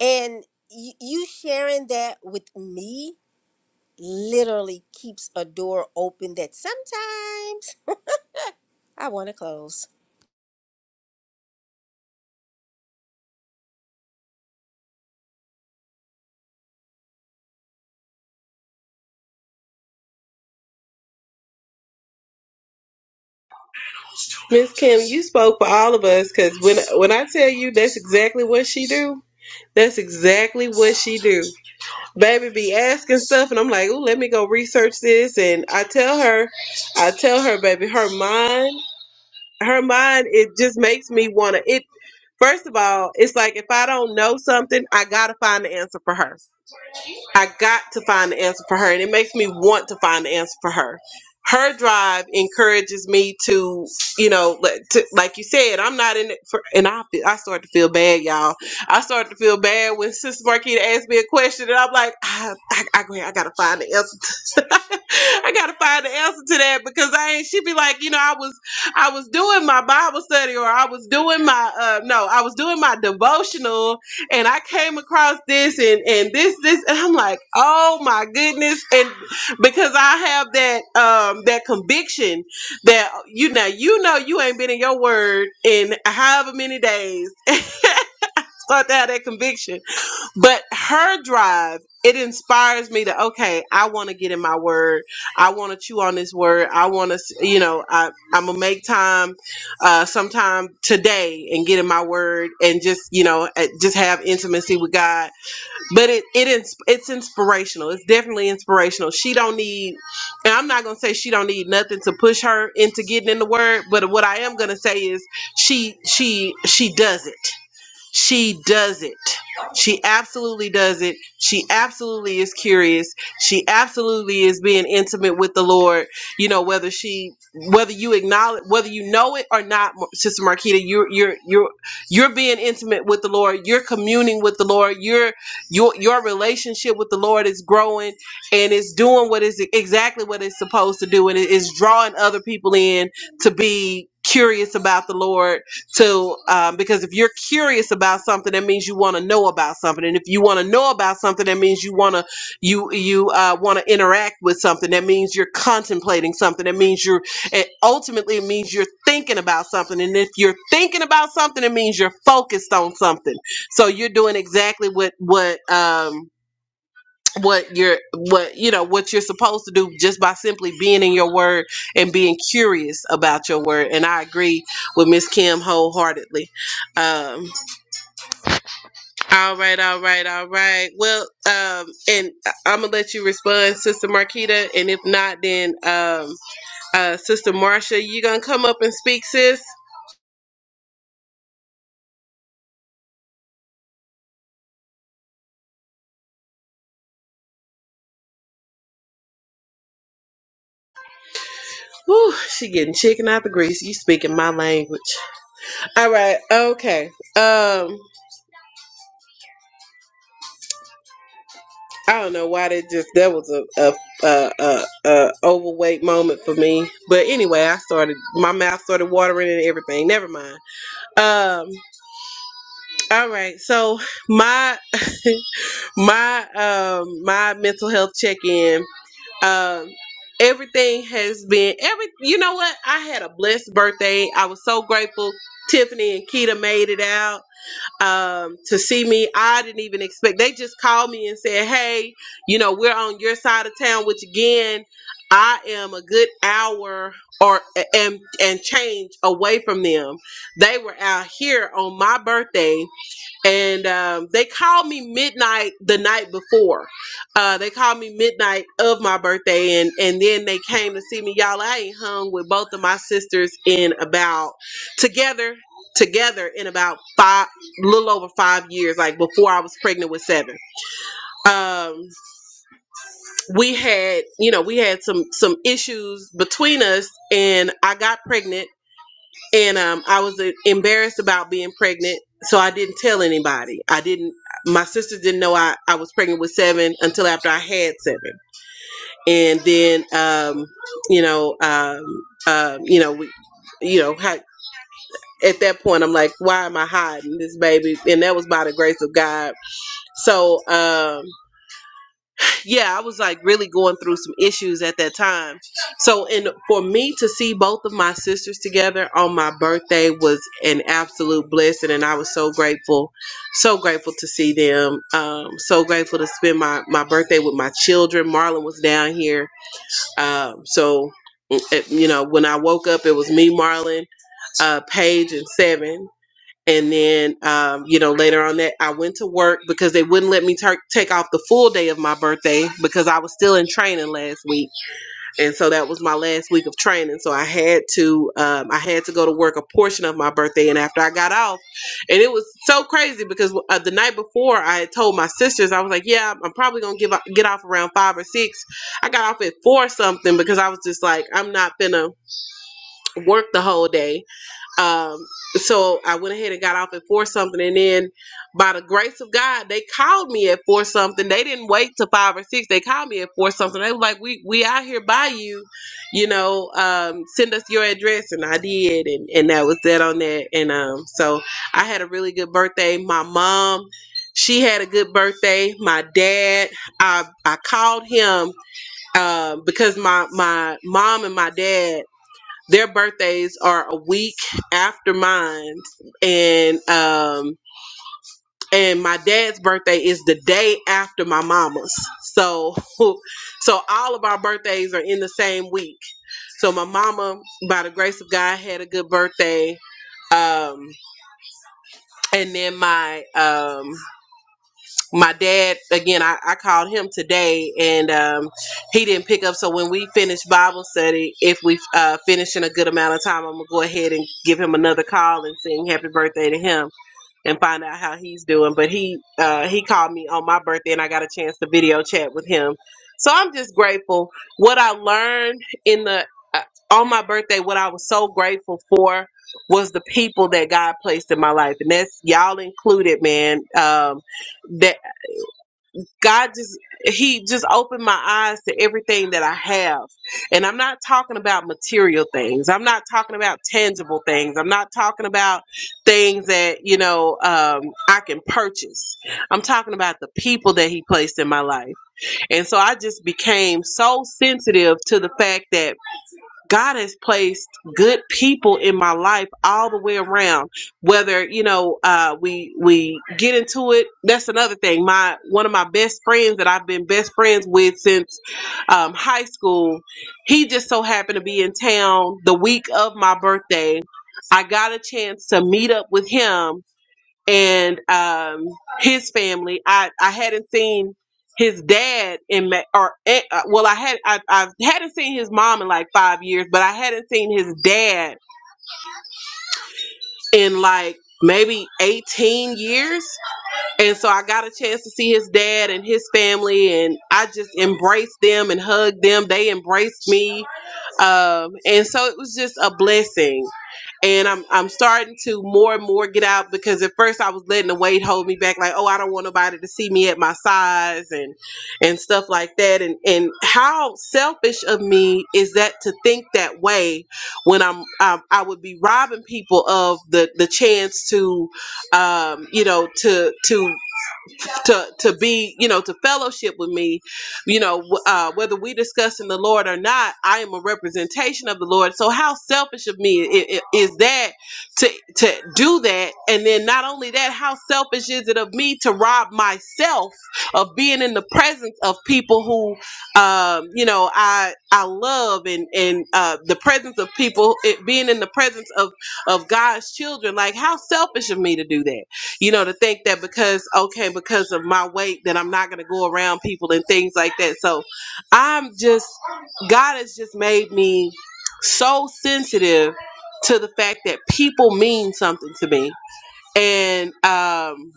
B: And y- you sharing that with me literally keeps a door open that sometimes I want to close.
A: Miss Kim, you spoke for all of us because when when I tell you that's exactly what she do, that's exactly what she do. Baby be asking stuff and I'm like, oh, let me go research this. And I tell her, I tell her, baby, her mind, her mind, it just makes me wanna it first of all, it's like if I don't know something, I gotta find the answer for her. I got to find the answer for her, and it makes me want to find the answer for her. Her drive encourages me to, you know, let- to, like you said, I'm not in it for, and I feel, I start to feel bad, y'all. I start to feel bad when Sister Marquita asked me a question, and I'm like, I, I, I, go ahead, I gotta find the answer. To, I gotta find the answer to that because I ain't. She'd be like, you know, I was, I was doing my Bible study, or I was doing my, uh, no, I was doing my devotional, and I came across this and and this this and I'm like, oh my goodness, and because I have that um that conviction that you know you know you ain't been in your word in however many days. Start to have that conviction, but her drive it inspires me to okay, I want to get in my word. I want to chew on this word. I want to you know I I'm gonna make time uh sometime today and get in my word and just you know eh, just have intimacy with God but it it is it's inspirational. It's definitely inspirational. She don't need, and I'm not gonna say she don't need nothing to push her into getting in the word. But what I am gonna say is she she she does it. She does it. She absolutely does it. She absolutely is curious. She absolutely is being intimate with the Lord. You know whether she, whether you acknowledge, whether you know it or not, Sister Marquita, you're you're you're you're being intimate with the Lord. You're communing with the Lord. Your your your relationship with the Lord is growing, and it's doing what is exactly what it's supposed to do, and it is drawing other people in to be curious about the Lord to um, because if you're curious about something that means you want to know about something and if you want to know about something that means you want to you you uh, want to interact with something that means you're contemplating something that means you're it ultimately it means you're thinking about something and if you're thinking about something it means you're focused on something so you're doing exactly what what um what you're what you know what you're supposed to do just by simply being in your word and being curious about your word and i agree with miss kim wholeheartedly um all right all right all right well um and i'm gonna let you respond sister marquita and if not then um uh sister marcia you gonna come up and speak sis Whew, she getting chicken out the grease you speaking my language all right okay um I don't know why that just that was a a, a, a a overweight moment for me. But anyway, I started my mouth started watering and everything. Never mind. Um. All right. So my my um my mental health check in. Um. Everything has been every. You know what? I had a blessed birthday. I was so grateful. Tiffany and Keita made it out um, to see me. I didn't even expect. They just called me and said, "Hey, you know, we're on your side of town." Which again, I am a good hour or and and change away from them. They were out here on my birthday and um, they called me midnight the night before. Uh, they called me midnight of my birthday, and and then they came to see me. Y'all, I ain't hung with both of my sisters in about together together in about five little over five years like before i was pregnant with seven um we had you know we had some some issues between us and i got pregnant and um, I was uh, embarrassed about being pregnant, so I didn't tell anybody. I didn't. My sisters didn't know I, I was pregnant with seven until after I had seven, and then um, you know, um, um, you know, we, you know, how, at that point I'm like, why am I hiding this baby? And that was by the grace of God. So. Um, yeah, I was like really going through some issues at that time. So, and for me to see both of my sisters together on my birthday was an absolute blessing, and I was so grateful, so grateful to see them. Um, so grateful to spend my my birthday with my children. Marlon was down here, um, so it, you know when I woke up, it was me, Marlon, uh, Paige, and Seven. And then, um, you know, later on that, I went to work because they wouldn't let me tar- take off the full day of my birthday because I was still in training last week, and so that was my last week of training. So I had to, um, I had to go to work a portion of my birthday. And after I got off, and it was so crazy because uh, the night before I had told my sisters I was like, yeah, I'm probably gonna give o- get off around five or six." I got off at four something because I was just like, I'm not gonna work the whole day um, so I went ahead and got off at four something, and then by the grace of God, they called me at four something. They didn't wait till five or six. They called me at four something. They were like, "We we out here by you, you know. Um, send us your address," and I did, and and that was that on that. And um, so I had a really good birthday. My mom. She had a good birthday. My dad, I, I called him um, because my my mom and my dad their birthdays are a week after mine and um and my dad's birthday is the day after my mama's so so all of our birthdays are in the same week so my mama by the grace of god had a good birthday um and then my um my dad again I, I called him today and um, he didn't pick up so when we finish bible study if we uh, finish in a good amount of time i'm gonna go ahead and give him another call and sing happy birthday to him and find out how he's doing but he uh, he called me on my birthday and i got a chance to video chat with him so i'm just grateful what i learned in the uh, on my birthday what i was so grateful for was the people that god placed in my life and that's y'all included man um, that God just he just opened my eyes to everything that I have. And I'm not talking about material things. I'm not talking about tangible things. I'm not talking about things that, you know, um I can purchase. I'm talking about the people that he placed in my life. And so I just became so sensitive to the fact that God has placed good people in my life all the way around. Whether you know uh, we we get into it, that's another thing. My one of my best friends that I've been best friends with since um, high school, he just so happened to be in town the week of my birthday. I got a chance to meet up with him and um, his family. I, I hadn't seen his dad in Ma- or eh, uh, well, I had I, I hadn't seen his mom in like five years, but I hadn't seen his dad in like maybe 18 years and so i got a chance to see his dad and his family and i just embraced them and hugged them they embraced me um, and so it was just a blessing and I'm I'm starting to more and more get out because at first I was letting the weight hold me back, like, oh, I don't want nobody to see me at my size and and stuff like that. And and how selfish of me is that to think that way when I'm um, I would be robbing people of the the chance to, um, you know, to to to to be you know to fellowship with me you know w- uh, whether we discussing the lord or not i am a representation of the lord so how selfish of me i- i- is that to to do that and then not only that how selfish is it of me to rob myself of being in the presence of people who um, you know i i love and and uh, the presence of people it, being in the presence of of god's children like how selfish of me to do that you know, to think that because okay, because of my weight, that I'm not gonna go around people and things like that. So I'm just God has just made me so sensitive to the fact that people mean something to me. And um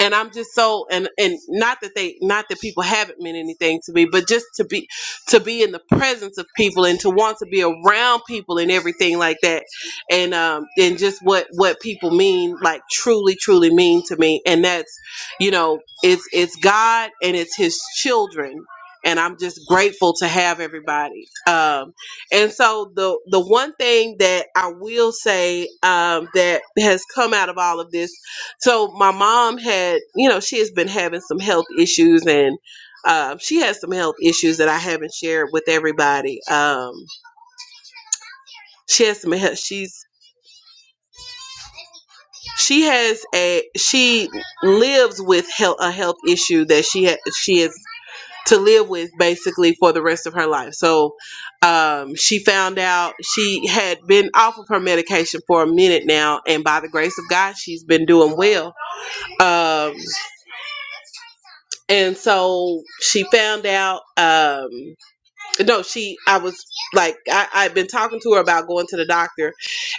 A: and I'm just so and and not that they not that people haven't meant anything to me, but just to be to be in the presence of people and to want to be around people and everything like that, and um and just what what people mean like truly truly mean to me, and that's you know it's it's God and it's His children. And I'm just grateful to have everybody. Um, and so the the one thing that I will say um, that has come out of all of this so my mom had, you know, she has been having some health issues, and uh, she has some health issues that I haven't shared with everybody. Um, she has some health. She's she has a she lives with health, a health issue that she ha- she is to live with basically for the rest of her life. So um, she found out she had been off of her medication for a minute now, and by the grace of God, she's been doing well. Um, and so she found out um no she i was like I, i'd been talking to her about going to the doctor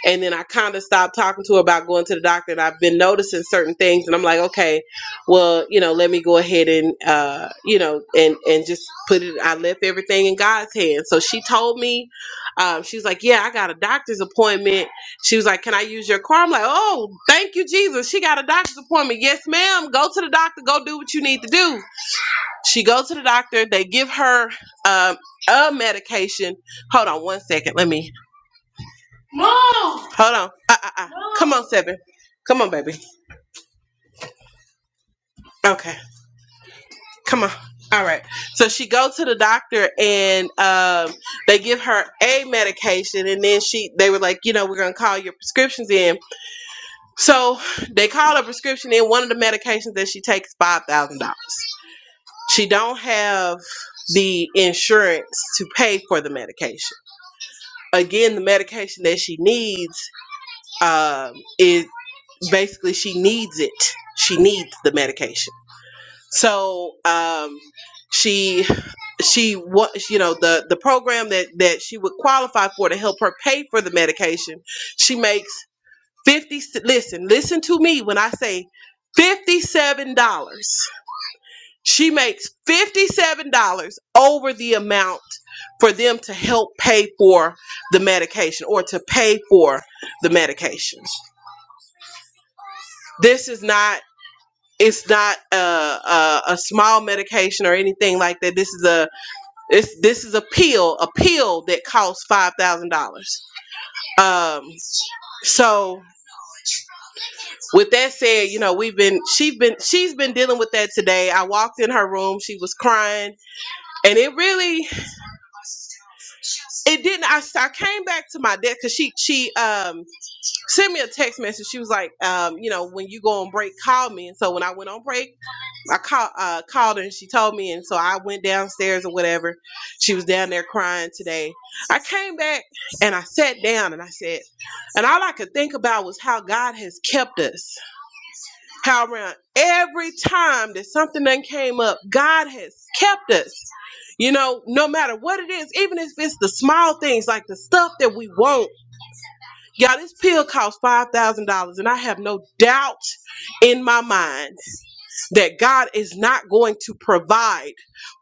A: and then i kind of stopped talking to her about going to the doctor and i've been noticing certain things and i'm like okay well you know let me go ahead and uh you know and and just put it i left everything in god's hands so she told me um she was like yeah i got a doctor's appointment she was like can i use your car i'm like oh thank you jesus she got a doctor's appointment yes ma'am go to the doctor go do what you need to do she goes to the doctor. They give her um, a medication. Hold on one second. Let me. Hold on. Uh, uh, uh. Come on, seven. Come on, baby. Okay. Come on. All right. So she goes to the doctor and um, they give her a medication, and then she they were like, you know, we're gonna call your prescriptions in. So they call her prescription in. One of the medications that she takes five thousand dollars. She don't have the insurance to pay for the medication. again the medication that she needs um, is basically she needs it she needs the medication so um, she she what you know the the program that that she would qualify for to help her pay for the medication she makes 50 listen listen to me when i say $57 she makes $57 over the amount for them to help pay for the medication or to pay for the medication. This is not it's not a, a, a small medication or anything like that. This is a it's, this is a pill, a pill that costs five thousand dollars. Um, so with that said, you know we've been she's been she's been dealing with that today. I walked in her room, she was crying, and it really it didn't I, I came back to my desk because she she um sent me a text message she was like um you know when you go on break call me and so when i went on break i call, uh, called her and she told me and so i went downstairs or whatever she was down there crying today i came back and i sat down and i said and all i could think about was how god has kept us how around every time that something done came up, God has kept us. You know, no matter what it is, even if it's the small things like the stuff that we want Y'all, this pill costs $5,000, and I have no doubt in my mind that God is not going to provide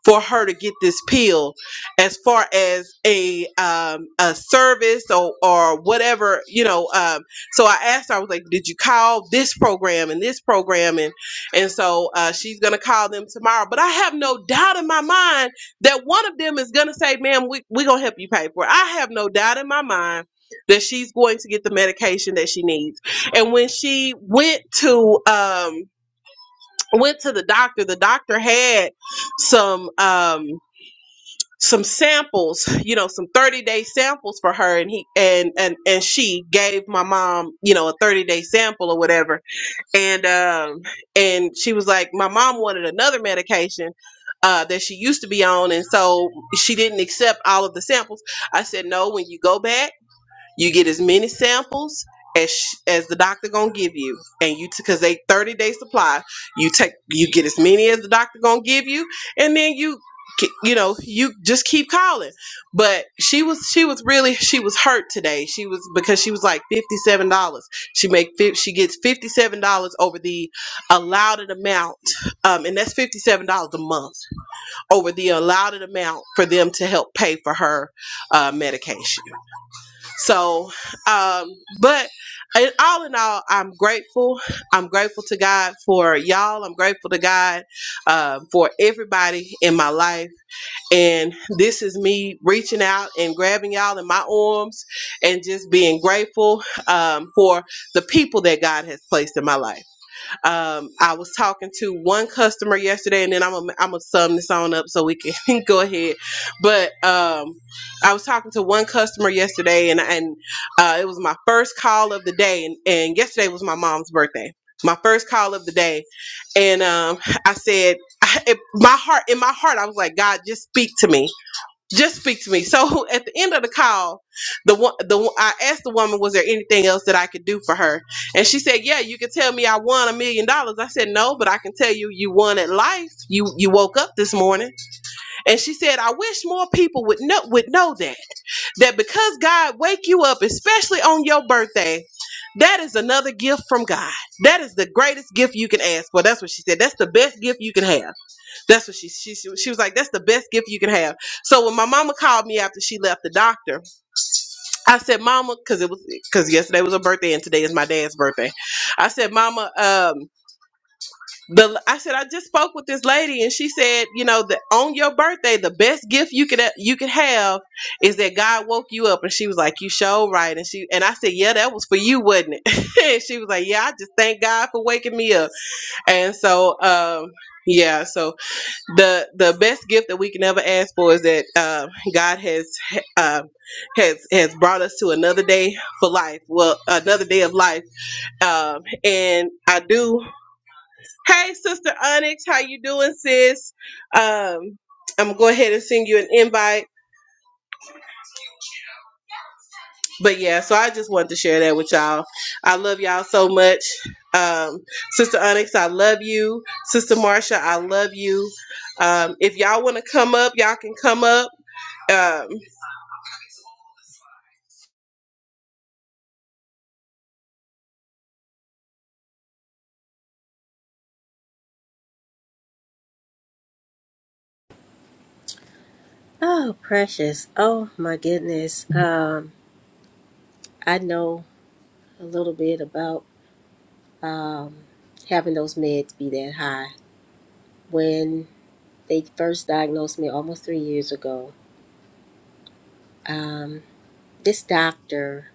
A: for her to get this pill as far as a um, a service or, or whatever you know um, so I asked her I was like did you call this program and this program and and so uh, she's gonna call them tomorrow but I have no doubt in my mind that one of them is gonna say ma'am we, we gonna help you pay for it I have no doubt in my mind that she's going to get the medication that she needs. And when she went to um went to the doctor, the doctor had some um some samples, you know, some 30-day samples for her and he and and and she gave my mom, you know, a 30-day sample or whatever. And um and she was like my mom wanted another medication uh, that she used to be on, and so she didn't accept all of the samples. I said, no, when you go back, you get as many samples as sh- as the doctor gonna give you, and you because they thirty day supply. You take you get as many as the doctor gonna give you, and then you ke- you know you just keep calling. But she was she was really she was hurt today. She was because she was like fifty seven dollars. She make fif- she gets fifty seven dollars over the allowed amount, um, and that's fifty seven dollars a month over the allowed amount for them to help pay for her uh, medication. So, um, but in all in all, I'm grateful. I'm grateful to God for y'all. I'm grateful to God um, for everybody in my life. And this is me reaching out and grabbing y'all in my arms and just being grateful um, for the people that God has placed in my life. Um, I was talking to one customer yesterday, and then I'm gonna I'm gonna sum this on up so we can go ahead. But um, I was talking to one customer yesterday, and and uh, it was my first call of the day, and, and yesterday was my mom's birthday. My first call of the day, and um, I said, I, it, my heart in my heart, I was like, God, just speak to me just speak to me. So at the end of the call, the wo- the wo- I asked the woman, was there anything else that I could do for her? And she said, Yeah, you could tell me I won a million dollars. I said, No, but I can tell you you won at life. You you woke up this morning. And she said, I wish more people would know would know that that because God wake you up, especially on your birthday. That is another gift from God. That is the greatest gift you can ask for. That's what she said. That's the best gift you can have that's what she, she she she was like. That's the best gift you can have. So when my mama called me after she left the doctor, I said, "Mama," because it was because yesterday was her birthday and today is my dad's birthday. I said, "Mama, um, the I said I just spoke with this lady and she said, you know, that on your birthday, the best gift you could you could have is that God woke you up." And she was like, "You show right." And she and I said, "Yeah, that was for you, wasn't it?" and she was like, "Yeah, I just thank God for waking me up." And so, um, yeah, so the the best gift that we can ever ask for is that uh, God has uh, has has brought us to another day for life. Well, another day of life. Um, and I do. Hey, Sister Onyx, how you doing, sis? Um, I'm gonna go ahead and send you an invite. But yeah, so I just wanted to share that with y'all. I love y'all so much. Um, Sister Onyx, I love you. Sister Marsha, I love you. Um, if y'all want to come up, y'all can come up. Um,
B: Oh, precious. Oh, my goodness. Um, I know a little bit about um, having those meds be that high. When they first diagnosed me almost three years ago, um, this doctor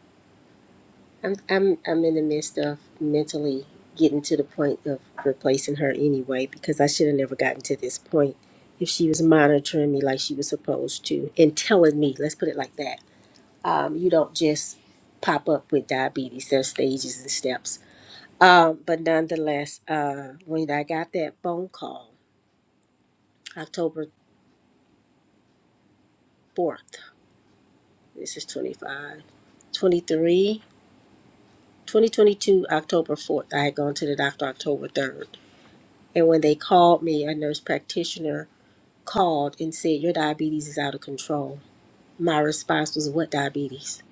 B: I'm I'm I'm in the midst of mentally getting to the point of replacing her anyway because I should have never gotten to this point if she was monitoring me like she was supposed to and telling me, let's put it like that. Um, you don't just pop up with diabetes. There's stages and steps. Um, but nonetheless, uh, when I got that phone call, October 4th, this is 25 23 2022 October 4th, I had gone to the doctor October 3rd And when they called me, a nurse practitioner called and said, Your diabetes is out of control. My response was, What diabetes?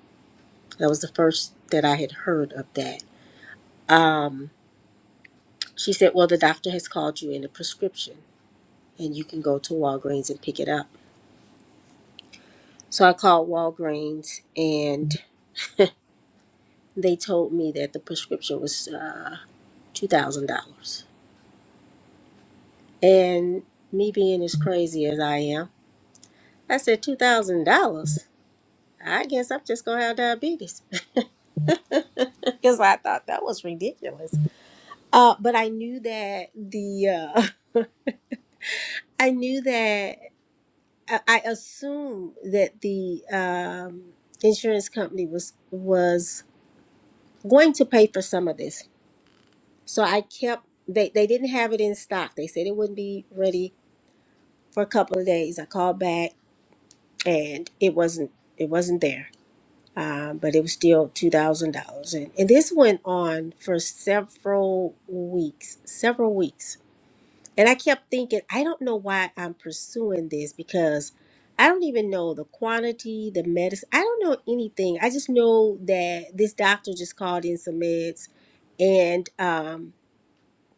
B: That was the first that I had heard of that. Um, she said, Well, the doctor has called you in a prescription and you can go to Walgreens and pick it up. So I called Walgreens and they told me that the prescription was uh, $2,000. And me being as crazy as I am, I said, $2,000? I guess I'm just going to have diabetes. because I thought that was ridiculous. Uh, but I knew that the uh, I knew that I I assumed that the um, insurance company was was going to pay for some of this. So I kept they they didn't have it in stock. They said it wouldn't be ready for a couple of days. I called back and it wasn't it wasn't there. Um, but it was still two thousand dollars, and and this went on for several weeks, several weeks And I kept thinking, I don't know why I'm pursuing this because I don't even know the quantity, the medicine. I don't know anything. I just know that this doctor just called in some meds and um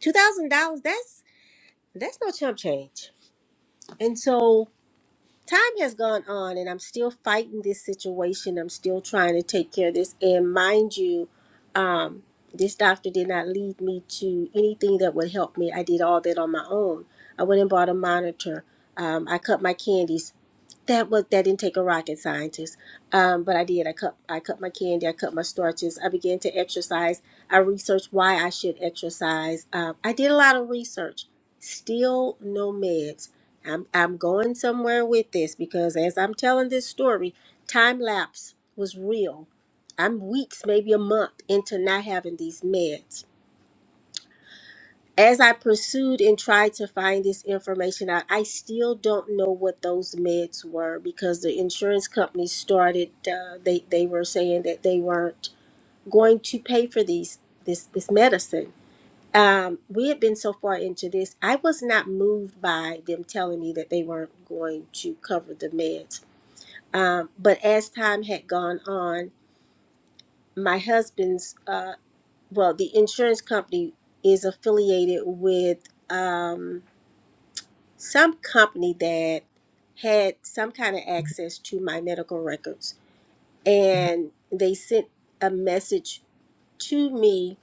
B: $2,000 that's that's no chump change. And so time has gone on and I'm still fighting this situation. I'm still trying to take care of this. And mind you, um, this doctor did not lead me to anything that would help me. I did all that on my own. I went and bought a monitor. Um, I cut my candies. That was that didn't take a rocket scientist, um, but I did. I cut I cut my candy. I cut my starches. I began to exercise. I researched why I should exercise. Um, I did a lot of research. Still no meds. I'm I'm going somewhere with this because as I'm telling this story, time lapse was real. I'm weeks, maybe a month into not having these meds as I pursued and tried to find this information out, I still don't know what those meds were because the insurance company started. Uh, they they were saying that they weren't going to pay for these this this medicine. Um, we had been so far into this, I was not moved by them telling me that they weren't going to cover the meds. Um, but as time had gone on, my husband's uh, well, the insurance company is affiliated with. Um, some company that had some kind of access to my medical records and they sent a message to me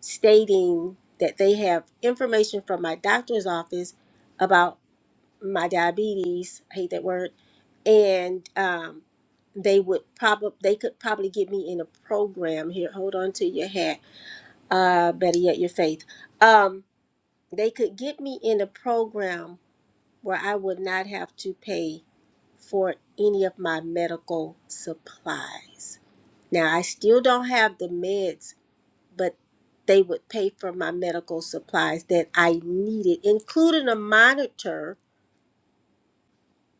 B: stating that they have information from my doctor's office about my diabetes i hate that word and um, they would probably they could probably get me in a program here hold on to your hat uh, better yet your faith um, they could get me in a program where i would not have to pay for any of my medical supplies. Now, I still don't have the meds, but they would pay for my medical supplies that I needed, including a monitor,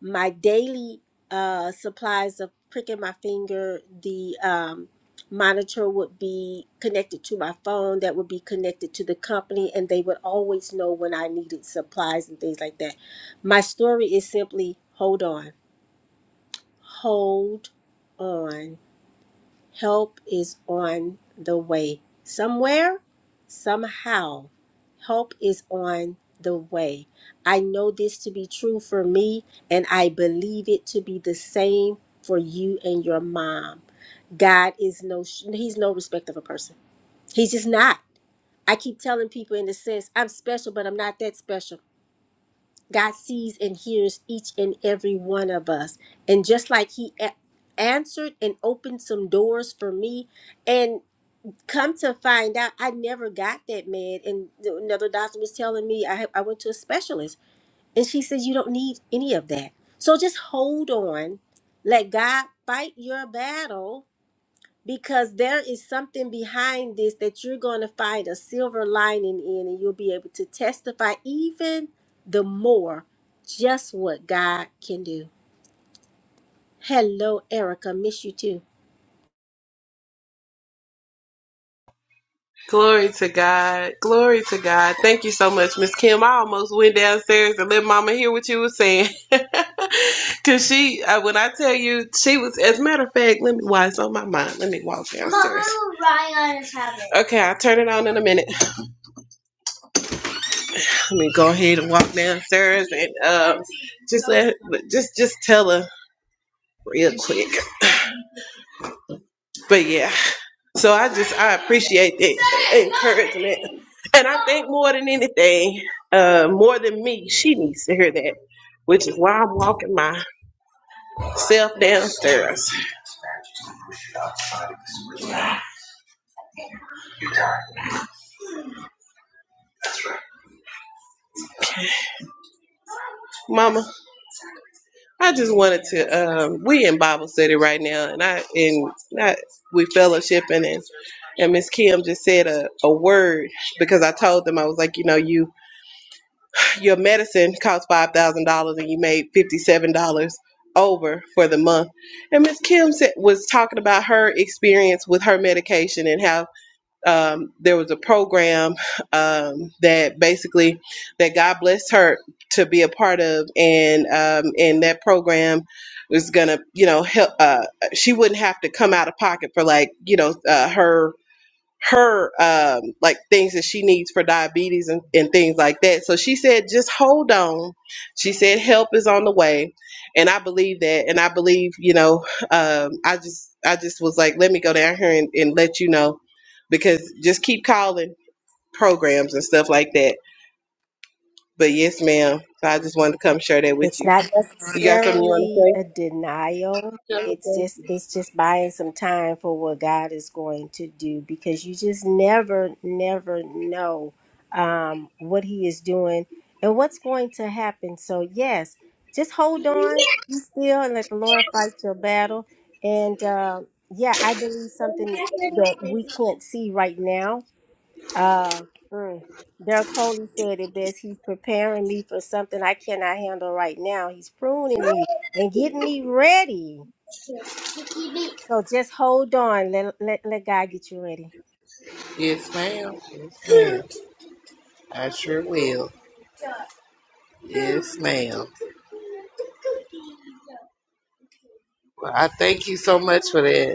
B: my daily uh, supplies of pricking my finger. The um, monitor would be connected to my phone, that would be connected to the company, and they would always know when I needed supplies and things like that. My story is simply hold on, hold on Help is on the way. Somewhere, somehow, help is on the way. I know this to be true for me, and I believe it to be the same for you and your mom. God is no, he's no respect of a person. He's just not. I keep telling people in the sense, I'm special, but I'm not that special. God sees and hears each and every one of us. And just like he a- answered and opened some doors for me, and come to find out i never got that mad and the- another doctor was telling me I, I went to a specialist and she says you don't need any of that so just hold on let god fight your battle because there is something behind this that you're going to find a silver lining in and you'll be able to testify even the more just what god can do hello erica miss you too
A: Glory to God. Glory to God. Thank you so much, Miss Kim. I almost went downstairs and let Mama hear what you were saying. Cause she, uh, when I tell you, she was. As a matter of fact, let me. Why it's on my mind? Let me walk downstairs. Mama Okay, I'll turn it on in a minute. Let me go ahead and walk downstairs and um, just let, just just tell her real quick. But yeah, so I just I appreciate that encouragement, and I think more than anything, uh, more than me, she needs to hear that, which is why I'm walking myself downstairs. Mama, I just wanted to. Um, we in Bible study right now, and I and not we fellowshipping and. And Miss Kim just said a, a word because I told them I was like, you know, you Your medicine cost five thousand dollars, and you made fifty-seven dollars over for the month. And Miss Kim said, was talking about her experience with her medication and how um, there was a program um, that basically that God blessed her to be a part of, and um, and that program was gonna, you know, help. Uh, she wouldn't have to come out of pocket for like, you know, uh, her her um, like things that she needs for diabetes and, and things like that. So she said, just hold on. She said, help is on the way, and I believe that. And I believe, you know, um, I just I just was like, let me go down here and, and let you know, because just keep calling programs and stuff like that. But yes, ma'am. So I just wanted to come share that with
B: It's
A: you.
B: not
A: You got something you
B: necessarily
A: want
B: a denial. It's
A: to
B: just it's just buying some time for what God is going to do because you just never never know um, what He is doing and what's going to happen. So yes, just hold on, be still, and let the Lord fight your battle. And uh, yeah, I believe something that we can't see right now uh, mm. Dirk Coley said it best. He's preparing me for something I cannot handle right now. He's pruning me and getting me ready. So just hold on. Let, let, let God get you ready.
A: say? Yes, ma'am. Yes, ma'am. I sure will. Yes, ma'am. Well, I thank you so much for that.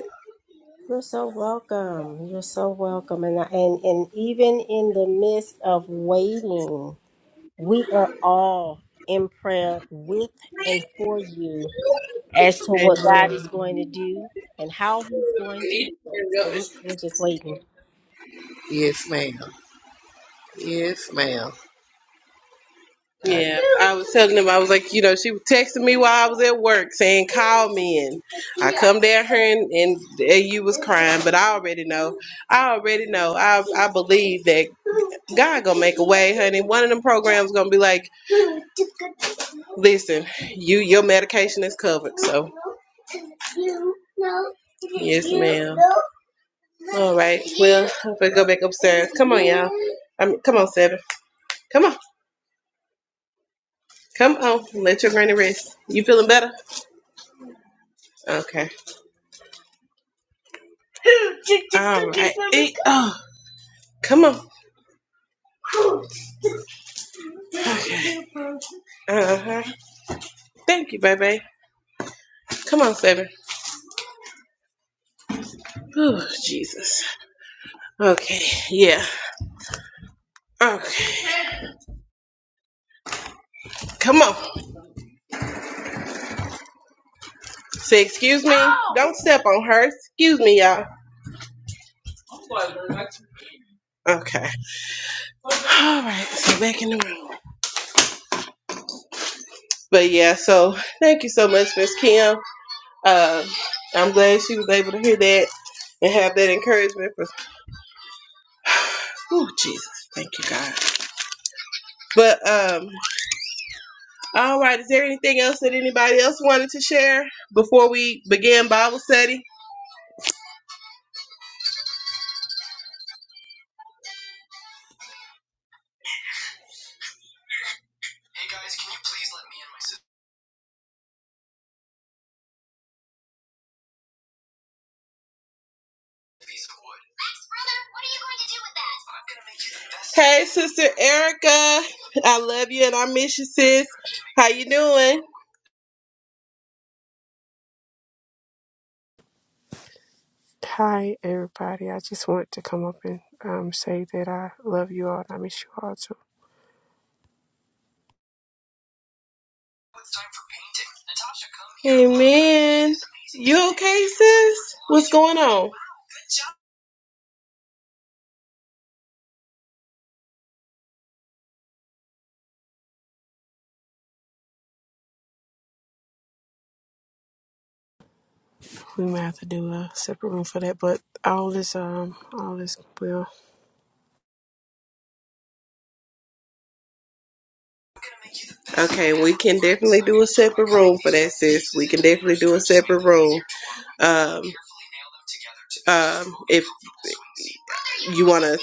B: You're so welcome. You're so welcome. And, I- and, and even in the midst of waiting, we are all in prayer with and for you as to what God is
A: Amen.
B: going to do and how he's going to do it. So we're, we're just waiting.
A: Yes, ma'am. Yes, ma'am. Yeah, I was telling him, I was like, you know, she was texting me while I was at work saying, call me. And I come down here and, and, and you was crying, but I already know. I already know. I, I believe that God gonna make a way, honey. One of them programs gonna be like, listen, you your medication is covered. So, yes, ma'am. All right. Well, I'm gonna go back upstairs. Come on, y'all. I mean, come on, Seven. Come on. Come on. Let your granny rest. You feeling better? Okay. All right. Eat. Oh, come on. Okay. Uh-huh. Thank you, baby. Come on, Saber. Oh, Jesus. Okay. Yeah. Okay. Come on. Say excuse me. Oh. Don't step on her. Excuse me, y'all. Okay. All right. So back in the room. But yeah, so thank you so much, Miss Kim. Uh, I'm glad she was able to hear that and have that encouragement for. Oh Jesus, thank you God. But um, all right. Is there anything else that anybody else wanted to share before we begin Bible study? Hey, Sister Erica, I love you and I miss you, sis. How you doing?
D: Hi, everybody. I just want to come up and um, say that I love you all and I miss you all too.
A: Amen. You okay, sis? What's going on?
D: We might have to do a separate room for that, but all this um all this well.
A: Okay, we can definitely do a separate room for that, sis. We can definitely do a separate room. Um, um, if you want to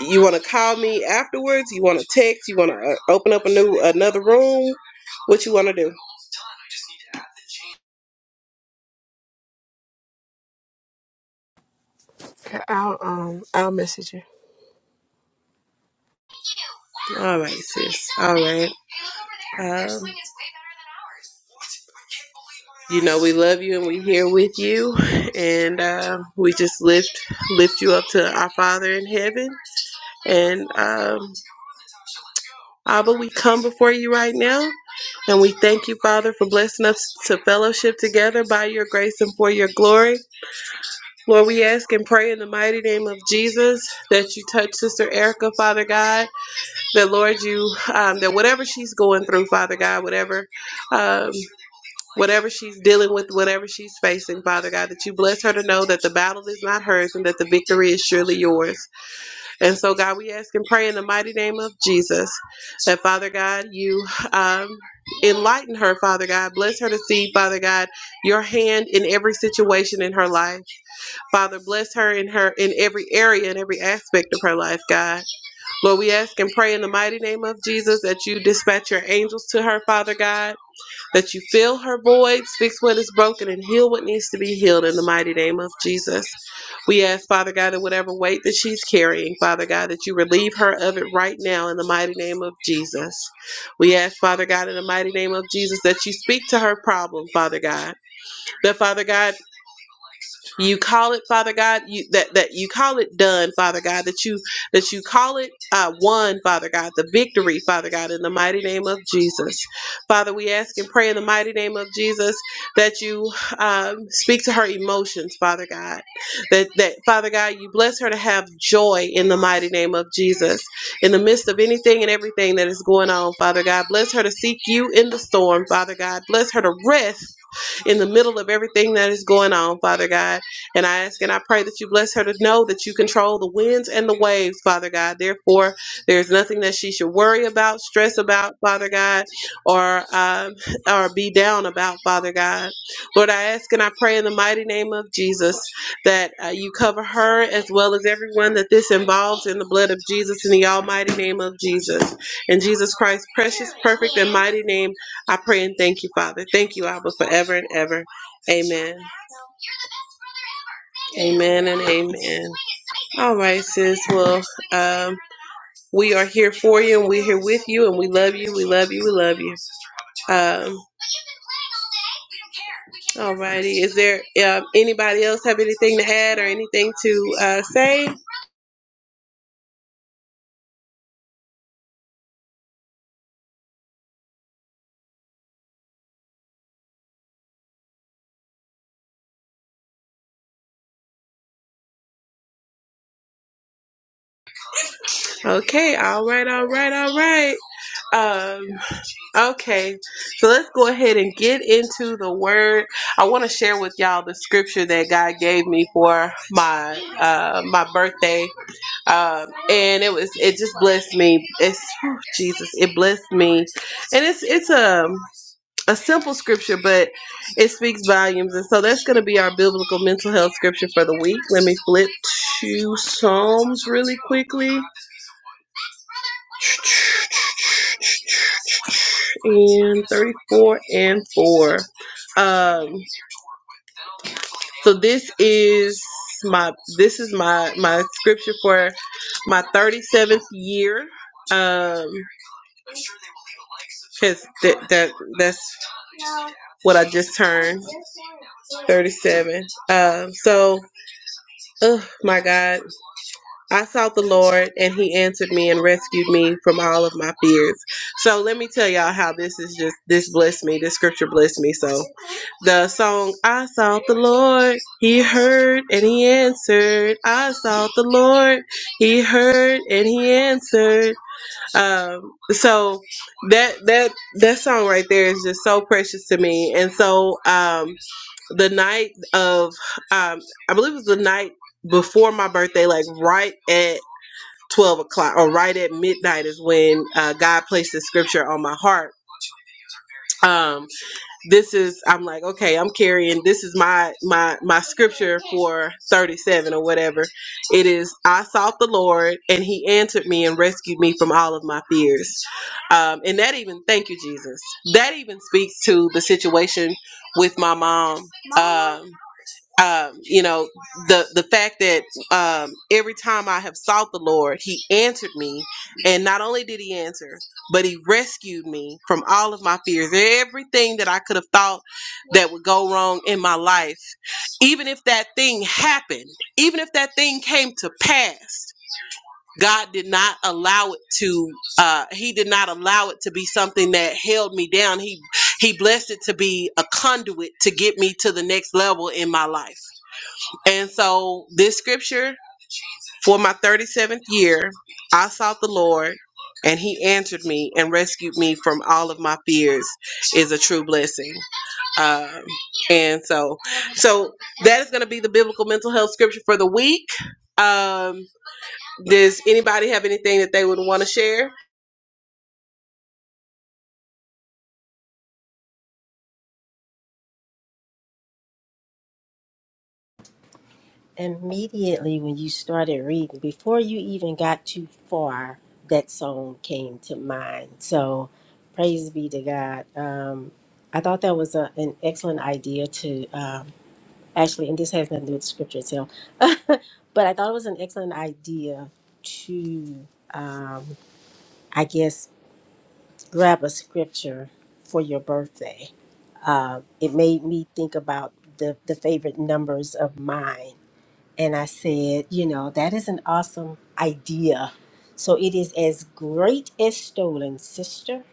A: You want to call me afterwards? You want to text? You want to uh, open up a new another room? What you want to do?
D: Okay, I'll um I'll message you.
A: All right, sis. All right. Um, you know we love you and we here with you, and uh, we just lift lift you up to our Father in heaven. And um, Abba, we come before you right now, and we thank you, Father, for blessing us to fellowship together by your grace and for your glory. Lord, we ask and pray in the mighty name of Jesus that you touch Sister Erica, Father God. That Lord, you um, that whatever she's going through, Father God, whatever, um, whatever she's dealing with, whatever she's facing, Father God, that you bless her to know that the battle is not hers and that the victory is surely yours. And so, God, we ask and pray in the mighty name of Jesus that Father God, you um, enlighten her, Father God, bless her to see, Father God, your hand in every situation in her life. Father, bless her in her in every area and every aspect of her life, God. Lord, we ask and pray in the mighty name of Jesus that you dispatch your angels to her, Father God, that you fill her voids, fix what is broken, and heal what needs to be healed in the mighty name of Jesus. We ask, Father God, that whatever weight that she's carrying, Father God, that you relieve her of it right now in the mighty name of Jesus. We ask, Father God, in the mighty name of Jesus, that you speak to her problem, Father God. That, Father God, you call it father god you that that you call it done father god that you that you call it uh won father god the victory father god in the mighty name of jesus father we ask and pray in the mighty name of jesus that you um, speak to her emotions father god that that father god you bless her to have joy in the mighty name of jesus in the midst of anything and everything that is going on father god bless her to seek you in the storm father god bless her to rest in the middle of everything that is going on, Father God. And I ask and I pray that you bless her to know that you control the winds and the waves, Father God. Therefore, there's nothing that she should worry about, stress about, Father God, or um, or be down about, Father God. Lord, I ask and I pray in the mighty name of Jesus that uh, you cover her as well as everyone that this involves in the blood of Jesus in the almighty name of Jesus. In Jesus Christ's precious, perfect, and mighty name, I pray and thank you, Father. Thank you, Abba, forever and ever. Amen. Amen and amen. All right, sis. Well, um, we are here for you, and we're here with you, and we love you. We love you. We love you. Um, all righty. Is there um, anybody else have anything to add or anything to uh, say? Okay. All right. All right. All right. Um, Okay, so let's go ahead and get into the word. I want to share with y'all the scripture that God gave me for my uh, my birthday, um, and it was it just blessed me. It's whew, Jesus, it blessed me, and it's it's a a simple scripture, but it speaks volumes. And so that's going to be our biblical mental health scripture for the week. Let me flip to Psalms really quickly, and thirty four and four. Um, So this is my this is my my scripture for my 37th year um cuz that that that's what I just turned 37. Um so oh my God, I sought the Lord and he answered me and rescued me from all of my fears. So let me tell y'all how this is just this blessed me. This scripture blessed me. So The song I sought the Lord, He heard and He answered. I sought the Lord, He heard and He answered. Um, so that that that song right there is just so precious to me. And so um, the night of, um, I believe it was the night before my birthday, like right at twelve o'clock or right at midnight, is when uh, God placed the scripture on my heart. Um, this is i'm like okay i'm carrying this is my my my scripture for 37 or whatever it is i sought the lord and he answered me and rescued me from all of my fears um, and that even thank you jesus that even speaks to the situation with my mom Um, um, you know the the fact that um, every time I have sought the Lord, He answered me, and not only did He answer, but He rescued me from all of my fears, everything that I could have thought that would go wrong in my life. Even if that thing happened, even if that thing came to pass. God did not allow it to. Uh, he did not allow it to be something that held me down. He He blessed it to be a conduit to get me to the next level in my life. And so this scripture for my 37th year, I sought the Lord and he answered me and rescued me from all of my fears is a true blessing. Um, and so, so that is going to be the biblical mental health scripture for the week. Um, does anybody have anything that they would want to share?
B: Immediately when you started reading, before you even got too far, that song came to mind. So praise be to God. Um, I thought that was a, an excellent idea to um, actually, and this has nothing to do with the scripture itself, but I thought it was an excellent idea to, um, I guess, grab a scripture for your birthday. Uh, it made me think about the, the favorite numbers of mine and I said, you know, that is an awesome idea. So it is as great as stolen, sister.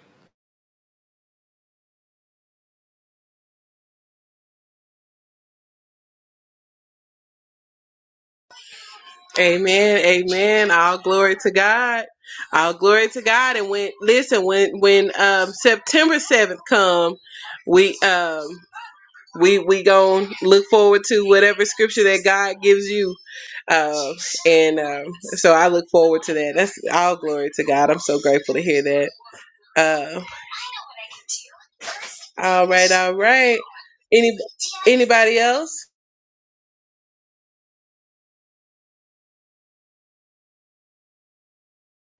A: Amen. Amen. All glory to God. All glory to God. And when listen, when when um September seventh come, we um we we gonna look forward to whatever scripture that God gives you. Um and um so I look forward to that. That's all glory to God. I'm so grateful to hear that. Uh all right, all right. Any anybody else?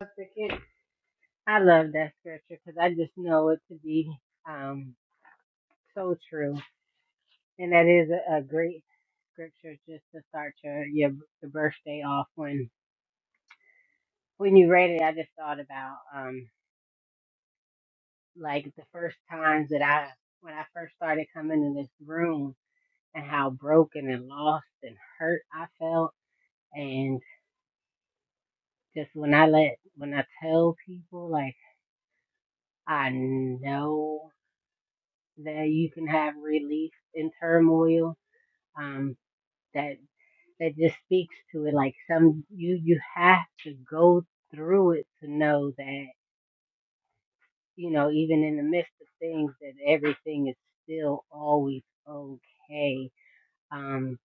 C: Sister Kent, I love that scripture because I just know it to be um, so true And that is a, a great scripture just to start your your the birthday off. When when you read it, I just thought about um like the first times that I when I first started coming in this room and how broken and lost and hurt I felt, and just when I let when I tell people like I know that you can have relief in turmoil, um, that that just speaks to it. Like some you you have to go through it to know that you know even in the midst of things that everything is still always okay. Um,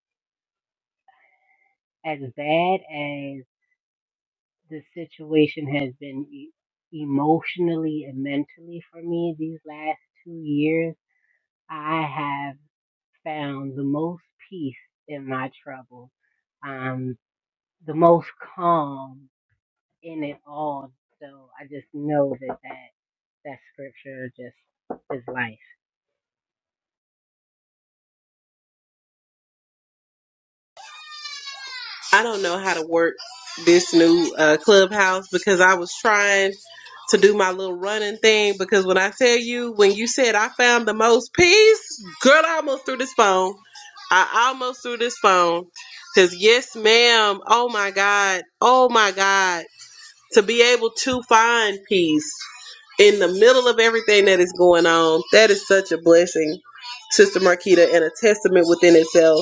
C: as bad as the situation has been e- emotionally and mentally for me these last two years, I have found the most peace in my trouble. Um, the most calm in it all. So I just know that that, that scripture just is life.
A: I don't know how to work this new uh, clubhouse because I was trying to do my little running thing. Because when I tell you, when you said I found the most peace, girl, I almost threw this phone. I almost threw this phone. Because, yes, ma'am. Oh my God. Oh my God. To be able to find peace in the middle of everything that is going on, that is such a blessing, Sister Marquita, and a testament within itself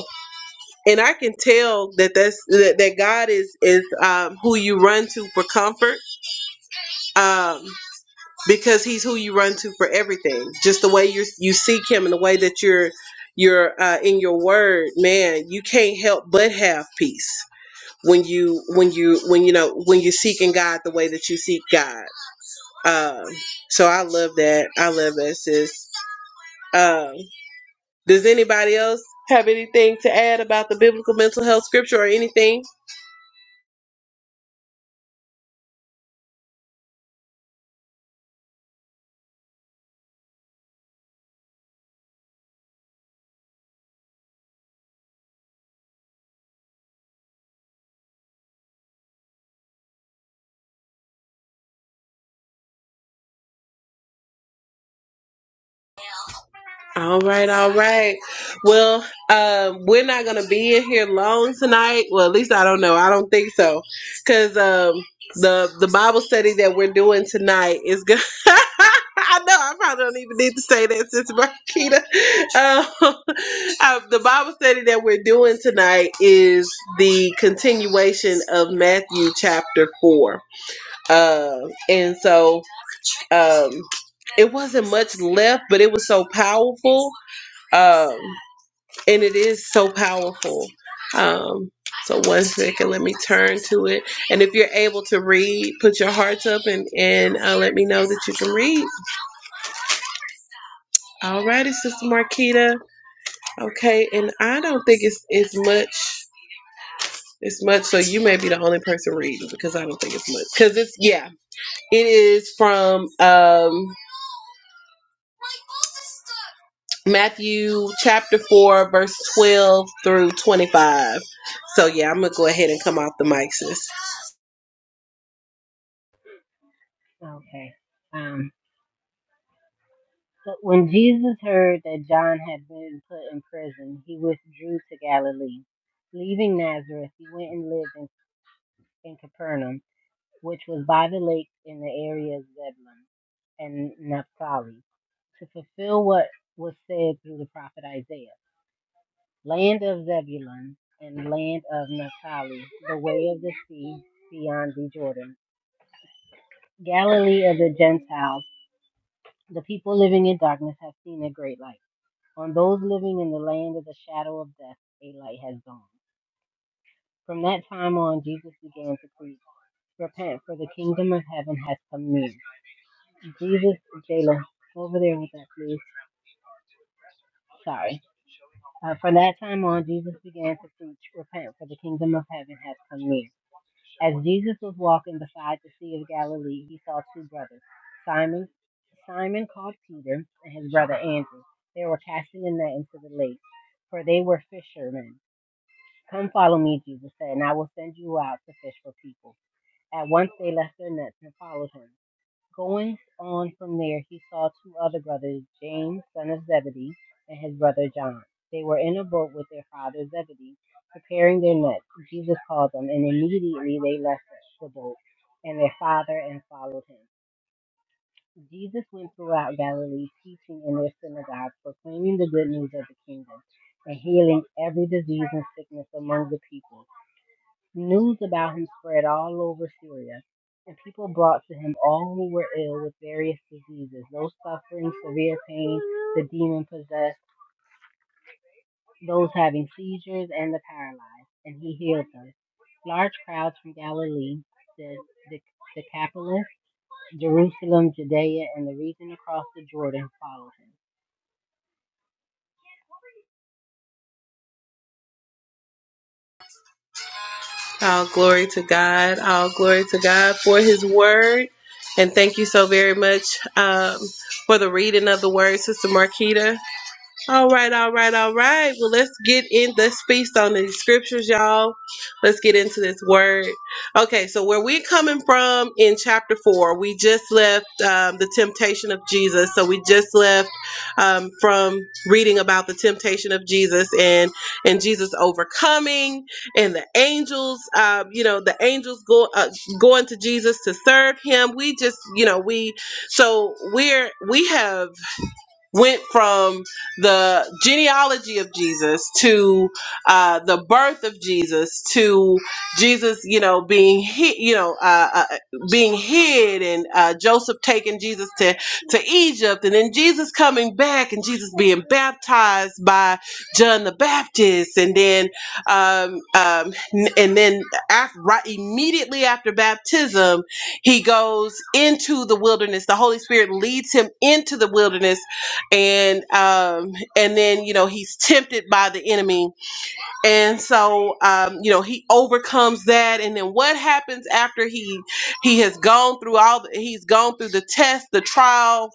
A: and I can tell that that's that, that God is is um, who you run to for comfort, um, because He's who you run to for everything. Just the way you you seek Him and the way that you're you're uh, in your word, man. You can't help but have peace when you when you when you know when you're seeking God the way that you seek God. Um, so I love that. I love that, sis. Um, does anybody else have anything to add about the biblical mental health scripture or anything? All right, all right. Well, um, we're not gonna be in here long tonight. Well, at least I don't know. I don't think so, because um, the the Bible study that we're doing tonight is good. I know I probably don't even need to say that, Sister Marquita. Um, uh, the Bible study that we're doing tonight is the continuation of Matthew chapter four. Uh, and so Um, it wasn't much left, but it was so powerful. Um, and it is so powerful. Um, so one second, let me turn to it. And if you're able to read, put your hearts up and and uh, let me know that you can read. All righty, Sister Marquita. Okay, and I don't think it's it's much. It's much. So you may be the only person reading because I don't think it's much. Because it's yeah, it is from um. Matthew chapter 4, verse 12 through 25. So, yeah, I'm going to go ahead and come off the mic, sis.
C: Okay. Um, but when Jesus heard that John had been put in prison, he withdrew to Galilee. Leaving Nazareth, he went and lived in, in Capernaum, which was by the lake in the area of Zebulun and Naphtali, to fulfill what was said through the prophet Isaiah. land of Zebulun and land of Naphtali, the way of the sea beyond the Jordan, Galilee of the Gentiles. The people living in darkness have seen a great light. On those living in the land of the shadow of death, a light has dawned. From that time on, Jesus began to preach, "Repent, for the kingdom of heaven has come near." Jesus, Jayla, over there with that, please. Sorry. Uh, from that time on, Jesus began to preach, "Repent, for the kingdom of heaven has come near." As Jesus was walking beside the Sea of Galilee, he saw two brothers, Simon, Simon called Peter, and his brother Andrew. They were casting a net into the lake, for they were fishermen. Come follow me, Jesus said, and I will send you out to fish for people. At once they left their nets and followed him. Going on from there, he saw two other brothers, James, son of Zebedee, and his brother John. They were in a boat with their father Zebedee, preparing their nets. Jesus called them, and immediately they left the boat and their father and followed him. Jesus went throughout Galilee, teaching in their synagogues, proclaiming the good news of the kingdom, and healing every disease and sickness among the people. News about him spread all over Syria, and people brought to him all who were ill with various diseases, those suffering severe pain, the demon possessed, those having seizures, and the paralyzed, and he healed them. Large crowds from Galilee, the the Decapolis, Jerusalem, Judea, and the region across the Jordan followed him.
A: All glory to God. All glory to God for his word. And thank you so very much um, for the reading of the word, Sister Marquita. All right, all right, all right. Well, let's get in. Let's feast on these scriptures, y'all. Let's get into this word. Okay, so where we coming from in chapter four, we just left um, the temptation of Jesus. So we just left um, from reading about the temptation of Jesus and and Jesus overcoming and the angels. Um, you know, the angels go uh, going to Jesus to serve him. We just, you know, we so we're we have went from the genealogy of Jesus to uh, the birth of Jesus to Jesus, you know, being hid, you know, uh, uh, being hid, and uh, Joseph taking Jesus to to Egypt, and then Jesus coming back, and Jesus being baptized by John the Baptist, and then um, um, n- and then after, right immediately after baptism, he goes into the wilderness. The Holy Spirit leads him into the wilderness and um and then you know he's tempted by the enemy and so um you know he overcomes that and then what happens after he he has gone through all the, he's gone through the test the trials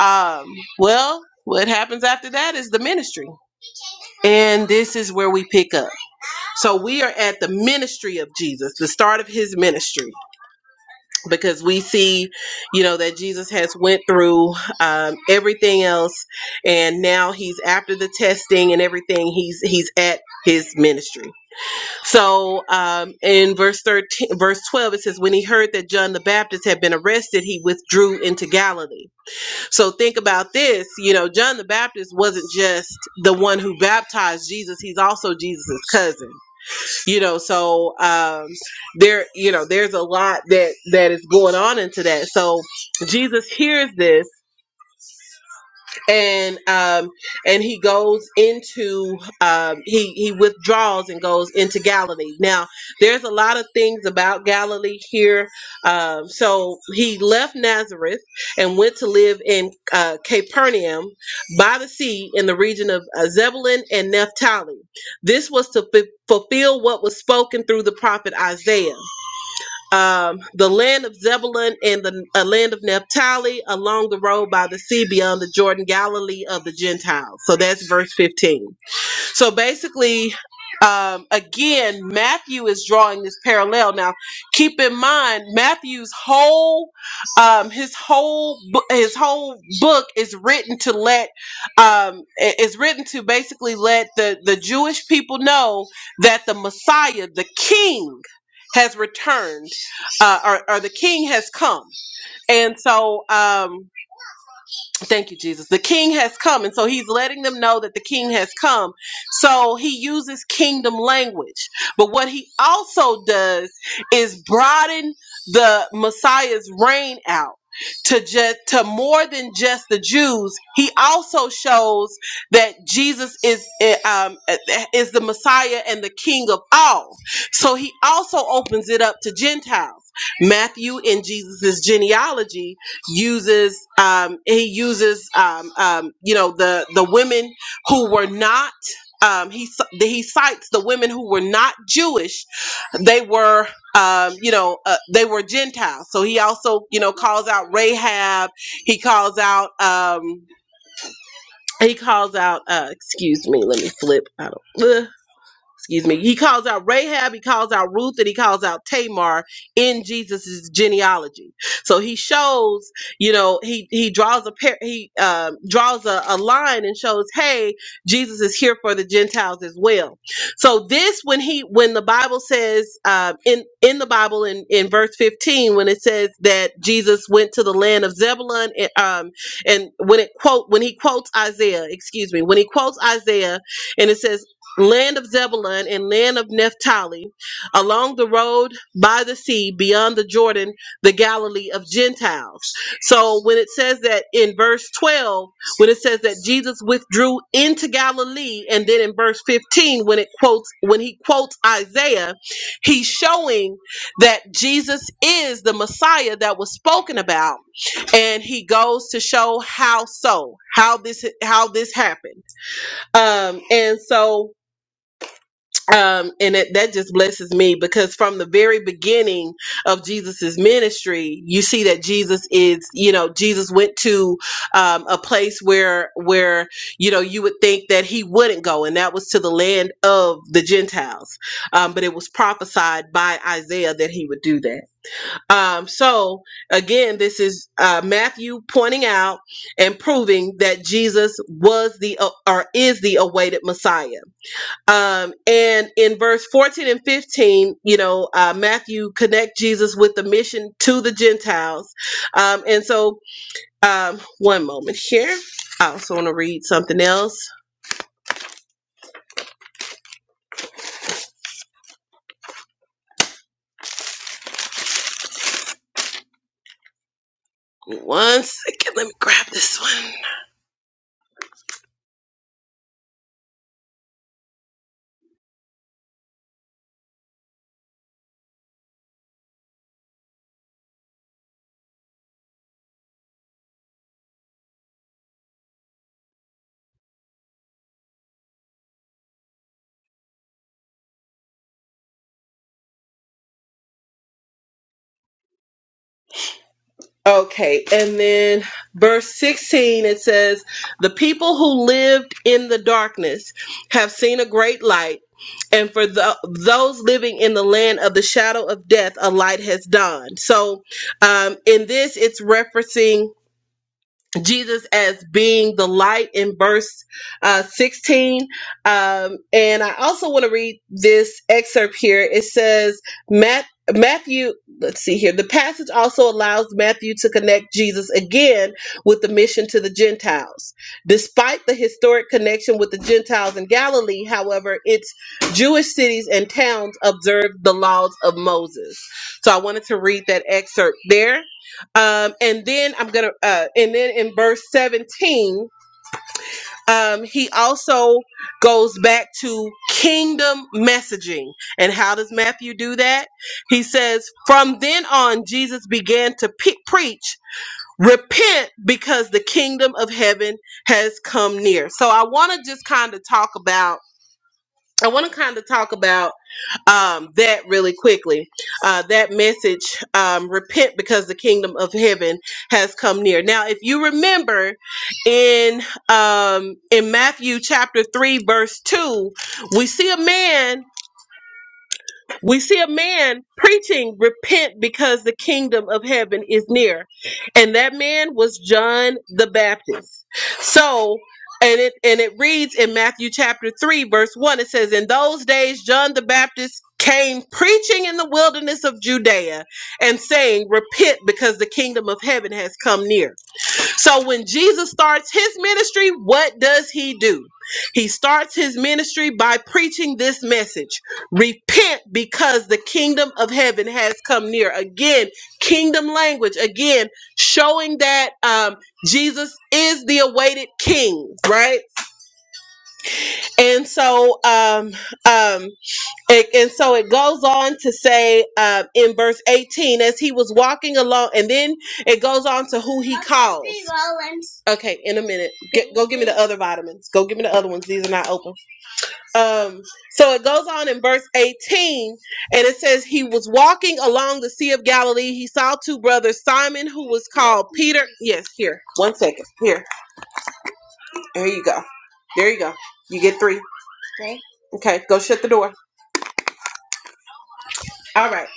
A: um well what happens after that is the ministry and this is where we pick up so we are at the ministry of jesus the start of his ministry because we see you know that jesus has went through um, everything else and now he's after the testing and everything he's he's at his ministry so um, in verse 13 verse 12 it says when he heard that john the baptist had been arrested he withdrew into galilee so think about this you know john the baptist wasn't just the one who baptized jesus he's also jesus' cousin you know so um there you know there's a lot that that is going on into that so jesus hears this and um, and he goes into um, he he withdraws and goes into Galilee. Now, there's a lot of things about Galilee here. Um, so he left Nazareth and went to live in uh, Capernaum by the sea in the region of uh, Zebulun and Naphtali. This was to fu- fulfill what was spoken through the prophet Isaiah um, the land of Zebulun and the uh, land of Naphtali along the road by the sea beyond the Jordan, Galilee of the Gentiles. So that's verse 15. So basically, um, again, Matthew is drawing this parallel. Now, keep in mind, Matthew's whole, um, his whole, bo- his whole book is written to let, um, i- is written to basically let the the Jewish people know that the Messiah, the King, has returned, uh, or, or the King has come. And so, um, Thank you, Jesus. The king has come. And so he's letting them know that the king has come. So he uses kingdom language. But what he also does is broaden the Messiah's reign out to just to more than just the Jews. He also shows that Jesus is eh, um, eh, is the Messiah and the king of all. So he also opens it up to Gentiles. Matthew in Jesus's genealogy uses um, he uses um, um, you know the the women who were not um, he c- he cites the women who were not Jewish they were um, you know uh, they were Gentiles so he also you know calls out Rahab he calls out um, he calls out uh, excuse me let me flip I don't, Ugh excuse me, he calls out Rahab, he calls out Ruth, and he calls out Tamar in Jesus's genealogy. So he shows, you know, he he draws a pair, he um, draws a, a line and shows, hey, Jesus is here for the Gentiles as well. So this, when he when the Bible says um, in in the Bible in in verse fifteen, when it says that Jesus went to the land of Zebulun, it, um, and when it quote when he quotes Isaiah, excuse me, when he quotes Isaiah and it says land of Zebulun and land of Naphtali, along the road by the sea, beyond the Jordan, the Galilee of Gentiles. So when it says that in verse 12, when it says that Jesus withdrew into Galilee, and then in verse 15, when it quotes when he quotes Isaiah, he's showing that Jesus is the Messiah that was spoken about, and he goes to show how so, how this how this happened. Um, and so um, and it, that just blesses me because from the very beginning of Jesus's ministry, you see that Jesus is, you know, Jesus went to um, a place where where you know you would think that he wouldn't go, and that was to the land of the Gentiles. Um, but it was prophesied by Isaiah that he would do that. Um, so again, this is uh, Matthew pointing out and proving that Jesus was the uh, or is the awaited Messiah um, and in verse 14 and 15, you know, uh, Matthew connect Jesus with the mission to the Gentiles. Um, and so, um, one moment here. I also want to read something else. One second. Let me grab this one. Okay, and then verse 16 it says, The people who lived in the darkness have seen a great light, and for tho- those living in the land of the shadow of death, a light has dawned. So, um, in this, it's referencing Jesus as being the light in verse uh, 16. Um, and I also want to read this excerpt here. It says, Matt. Matthew, let's see here. The passage also allows Matthew to connect Jesus again with the mission to the Gentiles. Despite the historic connection with the Gentiles in Galilee, however, its Jewish cities and towns observed the laws of Moses. So I wanted to read that excerpt there. Um, and then I'm gonna, uh, and then in verse 17, um, he also goes back to kingdom messaging. And how does Matthew do that? He says, From then on, Jesus began to pe- preach, repent because the kingdom of heaven has come near. So I want to just kind of talk about, I want to kind of talk about um, that really quickly. Uh, that message, um, repent because the kingdom of heaven has come near. Now, if you remember in um, in Matthew chapter three, verse two, we see a man we see a man preaching repent because the kingdom of heaven is near and that man was john the baptist so and it and it reads in matthew chapter 3 verse 1 it says in those days john the baptist came preaching in the wilderness of judea and saying repent because the kingdom of heaven has come near so when Jesus starts his ministry, what does he do? He starts his ministry by preaching this message Repent because the kingdom of heaven has come near. Again, kingdom language, again, showing that um, Jesus is the awaited king, right? And so um, um, and, and so it goes on to say uh, in verse 18, as he was walking along, and then it goes on to who he calls. Okay, in a minute. Get, go give me the other vitamins. Go give me the other ones. These are not open. Um, so it goes on in verse 18, and it says, He was walking along the Sea of Galilee. He saw two brothers, Simon, who was called Peter. Yes, here. One second. Here. There you go. There you go. You get three. Okay, go shut the door. All right.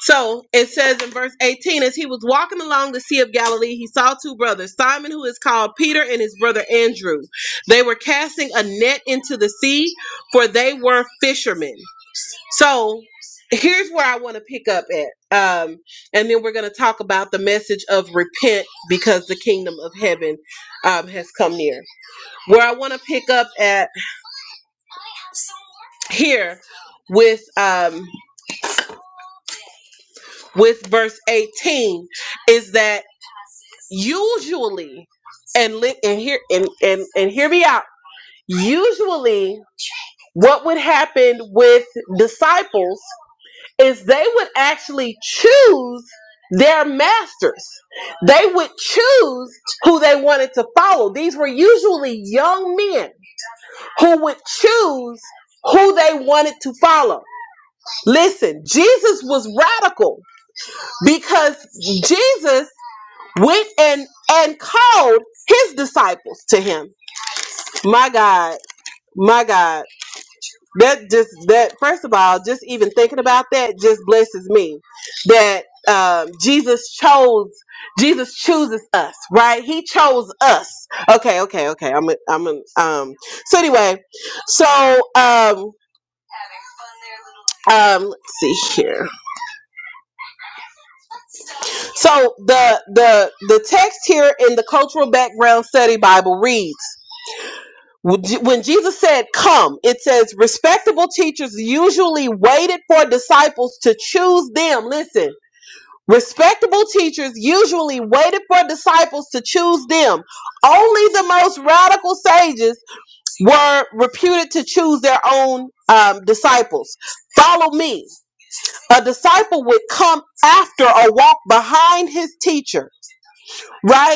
A: So it says in verse 18, as he was walking along the Sea of Galilee, he saw two brothers, Simon, who is called Peter, and his brother Andrew. They were casting a net into the sea, for they were fishermen. So here's where I want to pick up at. Um, and then we're going to talk about the message of repent because the kingdom of heaven um, has come near. Where I want to pick up at here with um, with verse 18 is that usually and li- and hear and, and and hear me out usually what would happen with disciples is they would actually choose their masters they would choose who they wanted to follow these were usually young men who would choose who they wanted to follow listen jesus was radical because jesus went and and called his disciples to him my god my god that just that first of all just even thinking about that just blesses me that um, jesus chose jesus chooses us right he chose us okay okay okay i'm a, i'm a, um so anyway so um um let's see here so the the the text here in the cultural background study bible reads When Je- when Jesus said, Come, it says respectable teachers usually waited for disciples to choose them. Listen, respectable teachers usually waited for disciples to choose them. Only the most radical sages were reputed to choose their own um, disciples. Follow me. A disciple would come after or walk behind his teacher, right?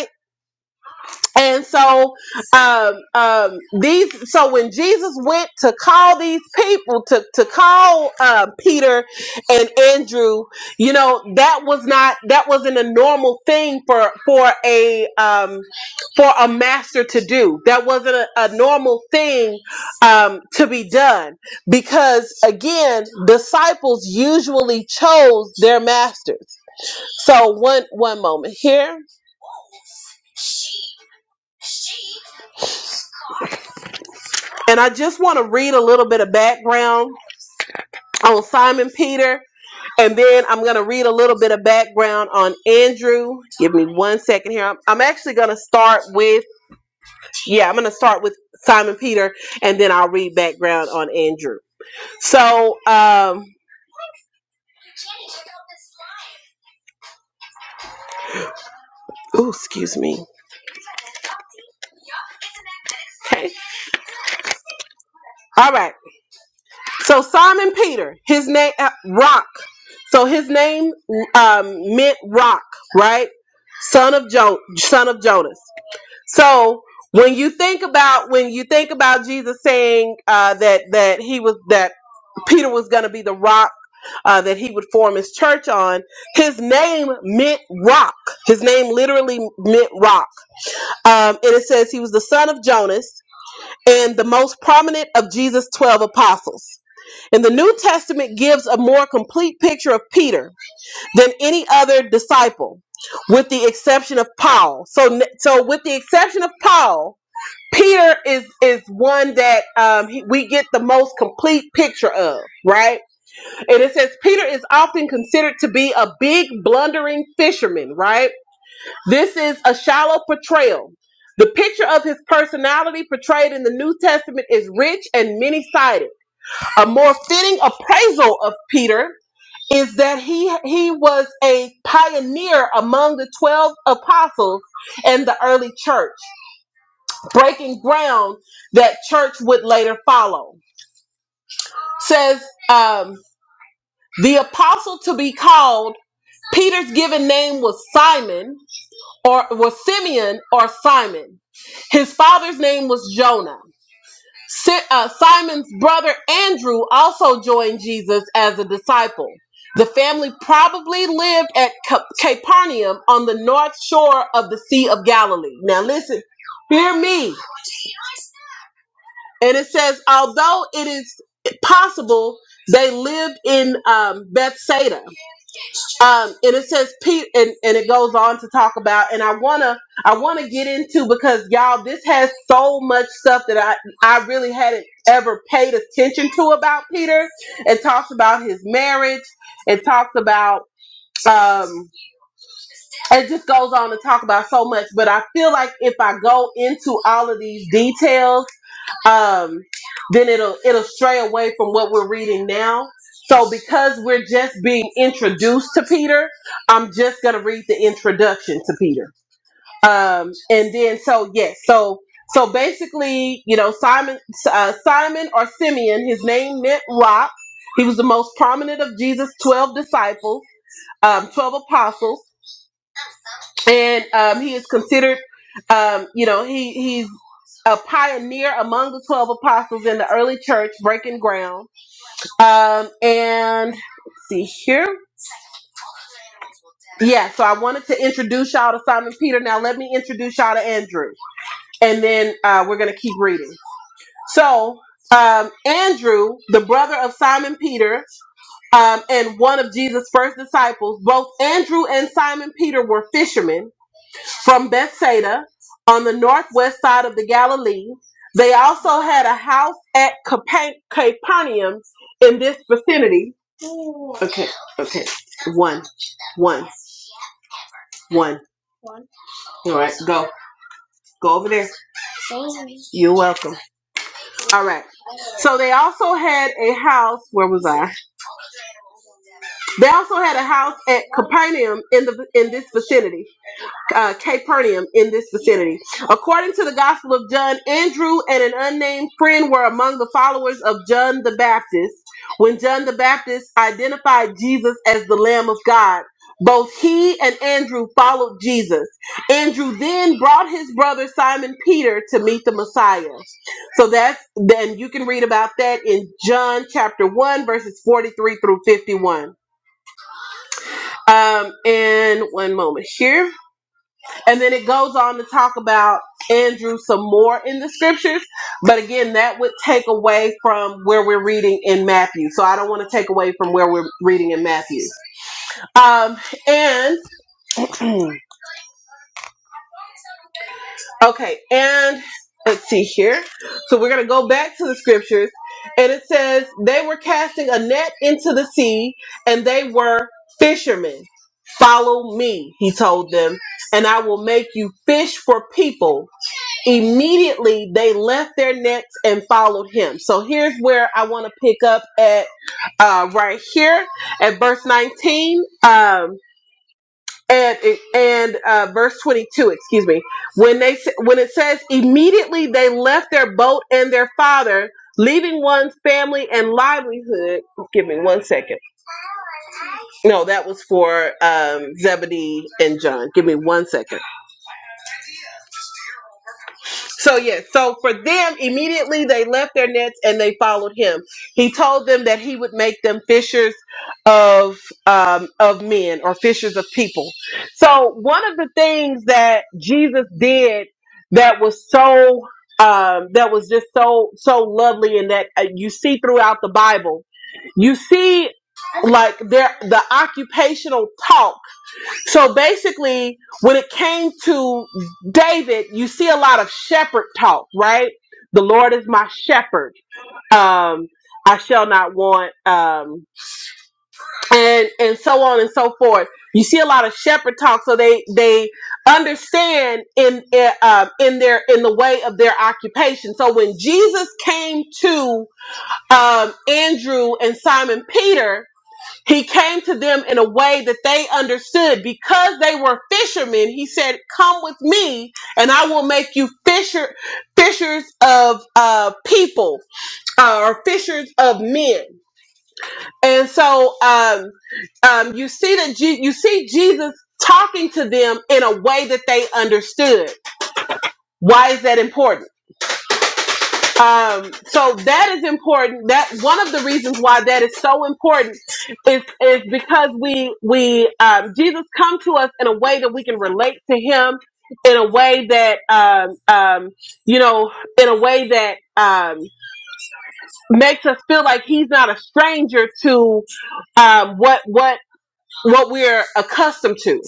A: And so, um, um, these. So when Jesus went to call these people to to call uh, Peter and Andrew, you know that was not that wasn't a normal thing for for a um, for a master to do. That wasn't a, a normal thing um, to be done because again, disciples usually chose their masters. So one one moment here. And I just want to read a little bit of background on Simon Peter, and then I'm going to read a little bit of background on Andrew. Give me one second here. I'm, I'm actually going to start with, yeah, I'm going to start with Simon Peter, and then I'll read background on Andrew. So, um, oh, excuse me. Okay. All right. So Simon Peter, his name, uh, Rock. So his name um, meant Rock, right? Son of jo- son of Jonas. So when you think about when you think about Jesus saying uh, that that he was that Peter was going to be the rock uh, that he would form his church on, his name meant rock. His name literally meant rock, um, and it says he was the son of Jonas and the most prominent of Jesus' twelve apostles. And the New Testament gives a more complete picture of Peter than any other disciple, with the exception of Paul. So, so with the exception of Paul Peter is is one that um, he- we get the most complete picture of, right? And it says Peter is often considered to be a big blundering fisherman, right? This is a shallow portrayal. The picture of his personality portrayed in the New Testament is rich and many-sided. A more fitting appraisal of Peter is that he he was a pioneer among the 12 apostles and the early church breaking ground that church would later follow. Says um, the apostle to be called, Peter's given name was Simon or was Simeon or Simon. His father's name was Jonah. Si- uh, Simon's brother Andrew also joined Jesus as a disciple. The family probably lived at Cap- Capernaum on the north shore of the Sea of Galilee. Now, listen, hear me. And it says, although it is possible they lived in um, Bethsaida, um, and it says Pete, and, and it goes on to talk about. And I wanna, I wanna get into because y'all, this has so much stuff that I, I really hadn't ever paid attention to about Peter. It talks about his marriage. It talks about. Um, it just goes on to talk about so much, but I feel like if I go into all of these details, um, then it'll it'll stray away from what we're reading now. So because we're just being introduced to Peter, I'm just gonna read the introduction to Peter. Um, and then so yes, so so basically, you know, Simon uh, Simon or Simeon, his name meant rock. He was the most prominent of Jesus' twelve disciples, um, twelve apostles and um, he is considered, um, you know, he he's a pioneer among the twelve apostles in the early church, breaking ground. Um, and let's see here, yeah. So I wanted to introduce y'all to Simon Peter. Now let me introduce y'all to Andrew, and then uh, we're gonna keep reading. So um, Andrew, the brother of Simon Peter, um, and one of Jesus' first disciples, both Andrew and Simon Peter were fishermen from Bethsaida on the northwest side of the Galilee, they also had a house at Capa- Capernaum in this vicinity. Okay, okay. One, one, one. All right, go. Go over there. You're welcome. All right. So they also had a house. Where was I? They also had a house at Capernaum in the in this vicinity. uh, Capernaum in this vicinity. According to the Gospel of John, Andrew and an unnamed friend were among the followers of John the Baptist. When John the Baptist identified Jesus as the Lamb of God, both he and Andrew followed Jesus. Andrew then brought his brother Simon Peter to meet the Messiah. So that's then you can read about that in John chapter 1, verses 43 through 51. Um, and one moment here. And then it goes on to talk about Andrew some more in the scriptures. But again, that would take away from where we're reading in Matthew. So I don't want to take away from where we're reading in Matthew. Um, and, okay, and let's see here. So we're going to go back to the scriptures. And it says, they were casting a net into the sea, and they were fishermen. Follow me, he told them, and I will make you fish for people. Immediately they left their nets and followed him. So here's where I want to pick up at uh, right here at verse 19 um, and and uh, verse 22. Excuse me. When they when it says immediately they left their boat and their father, leaving one's family and livelihood. Give me one second. No, that was for um, Zebedee and John. Give me one second. So yes, so for them, immediately they left their nets and they followed him. He told them that he would make them fishers of um, of men or fishers of people. So one of the things that Jesus did that was so um, that was just so so lovely, and that uh, you see throughout the Bible, you see like there the occupational talk so basically, when it came to David, you see a lot of shepherd talk, right? The Lord is my shepherd. Um, I shall not want, um, and and so on and so forth. You see a lot of shepherd talk, so they they understand in in, um in their in the way of their occupation. So when Jesus came to um, Andrew and Simon Peter, he came to them in a way that they understood. Because they were fishermen, he said, Come with me, and I will make you fisher fishers of uh, people uh, or fishers of men. And so um, um, you see that Je- you see Jesus talking to them in a way that they understood. Why is that important? Um, so that is important. That one of the reasons why that is so important is is because we we um, Jesus come to us in a way that we can relate to Him in a way that um, um, you know in a way that um, makes us feel like He's not a stranger to um, what what what we're accustomed to.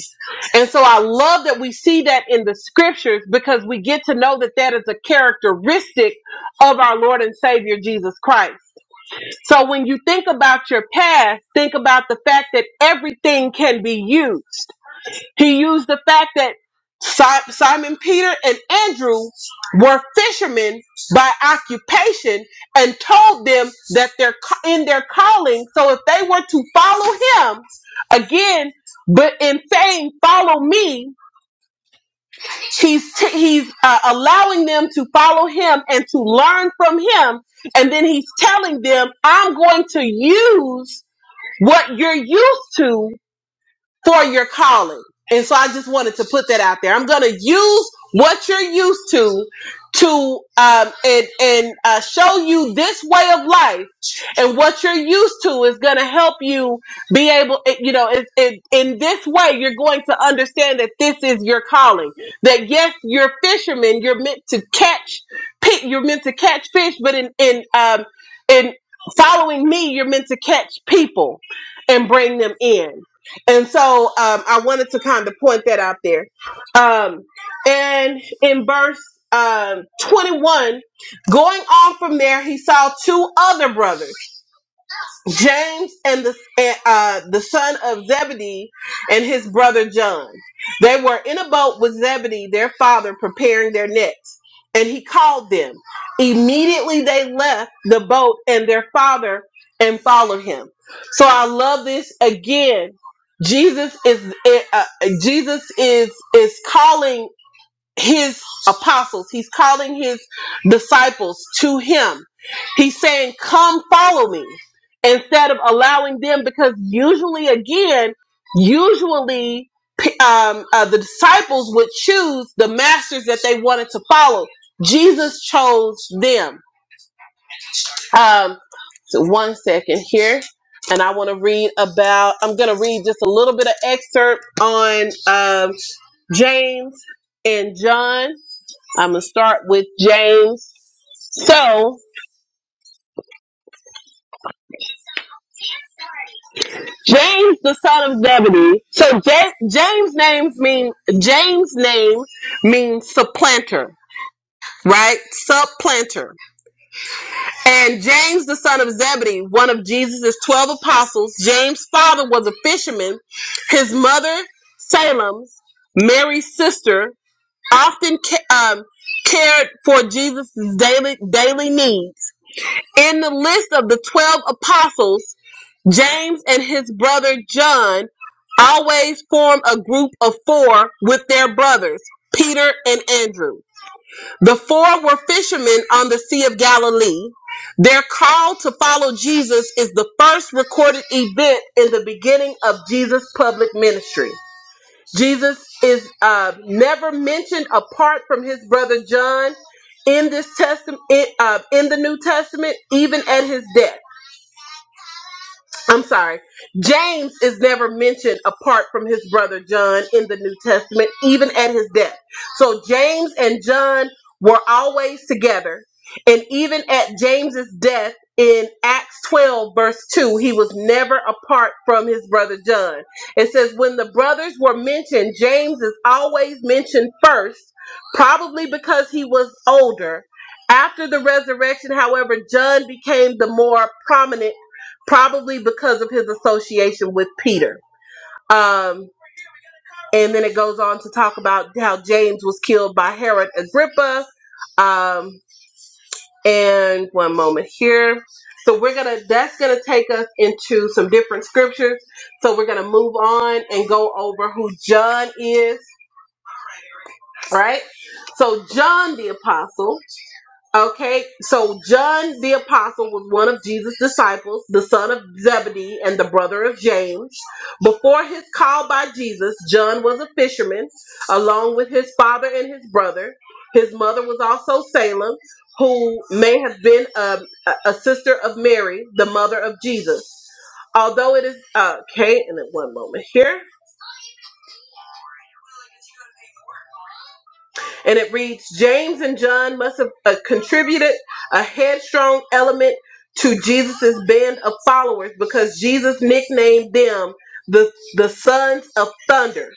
A: And so I love that we see that in the scriptures because we get to know that that is a characteristic of our Lord and Savior Jesus Christ. So when you think about your past, think about the fact that everything can be used. He used the fact that Si- Simon Peter and Andrew were fishermen by occupation and told them that they're ca- in their calling. So if they were to follow him again, but in saying follow me, he's t- he's uh, allowing them to follow him and to learn from him. And then he's telling them, I'm going to use what you're used to for your calling. And so I just wanted to put that out there. I'm going to use what you're used to to um, and and uh, show you this way of life, and what you're used to is going to help you be able. it- You know, it, it, in this way, you're going to understand that this is your calling. That yes, you're fishermen. You're meant to catch, pit. You're meant to catch fish, but in in um, in following me, you're meant to catch people and bring them in. And so um, I wanted to kind of point that out there. Um, and in verse um, 21, going on from there, he saw two other brothers. James and the uh, the son of Zebedee and his brother John. They were in a boat with Zebedee, their father, preparing their nets. And he called them. Immediately they left the boat and their father and followed him. So I love this again. Jesus is uh, uh, Jesus is is calling his apostles. He's calling his disciples to him. He's saying, Come follow me instead of allowing them, because usually, again, usually p- um, uh, the disciples would choose the masters that they wanted to follow. Jesus chose them. Um, so one second here. And I want to read about, I'm going to read just a little bit of excerpt on um, James and John. I'm going to start with James. So, James, the son of Zebedee. So, Ja- James' names mean, James' name means supplanter, right? Supplanter. And James, the son of Zebedee, one of Jesus' 12 apostles, James' father was a fisherman. His mother, Salem's, Mary's sister, often ca- um, cared for Jesus' daily, daily needs. In the list of the 12 apostles, James and his brother John always formed a group of four with their brothers, Peter and Andrew. The four were fishermen on the Sea of Galilee. Their call to follow Jesus is the first recorded event in the beginning of Jesus' public ministry. Jesus is uh, never mentioned apart from his brother John in this testament, uh, in the New Testament, even at his death. I'm sorry. James is never mentioned apart from his brother John in the New Testament, even at his death. So James and John were always together. And even at James's death in Acts 12, verse 2, he was never apart from his brother John. It says, when the brothers were mentioned, James is always mentioned first, probably because he was older. After the resurrection, however, John became the more prominent probably because of his association with Peter. Um, and then it goes on to talk about how James was killed by Herod Agrippa. Um, and one moment here. So we're gonna that's gonna take us into some different scriptures. So we're gonna move on and go over who John is, right? So John the apostle. Okay, so John the Apostle was one of Jesus' disciples, the son of Zebedee and the brother of James. Before his call by Jesus, John was a fisherman, along with his father and his brother. His mother was also Salem, who may have been a, a a sister of Mary, the mother of Jesus. Although it is, uh, okay, and then one moment here. And it reads James and John must have uh, contributed a headstrong element to Jesus's band of followers because Jesus nicknamed them the, the sons of thunder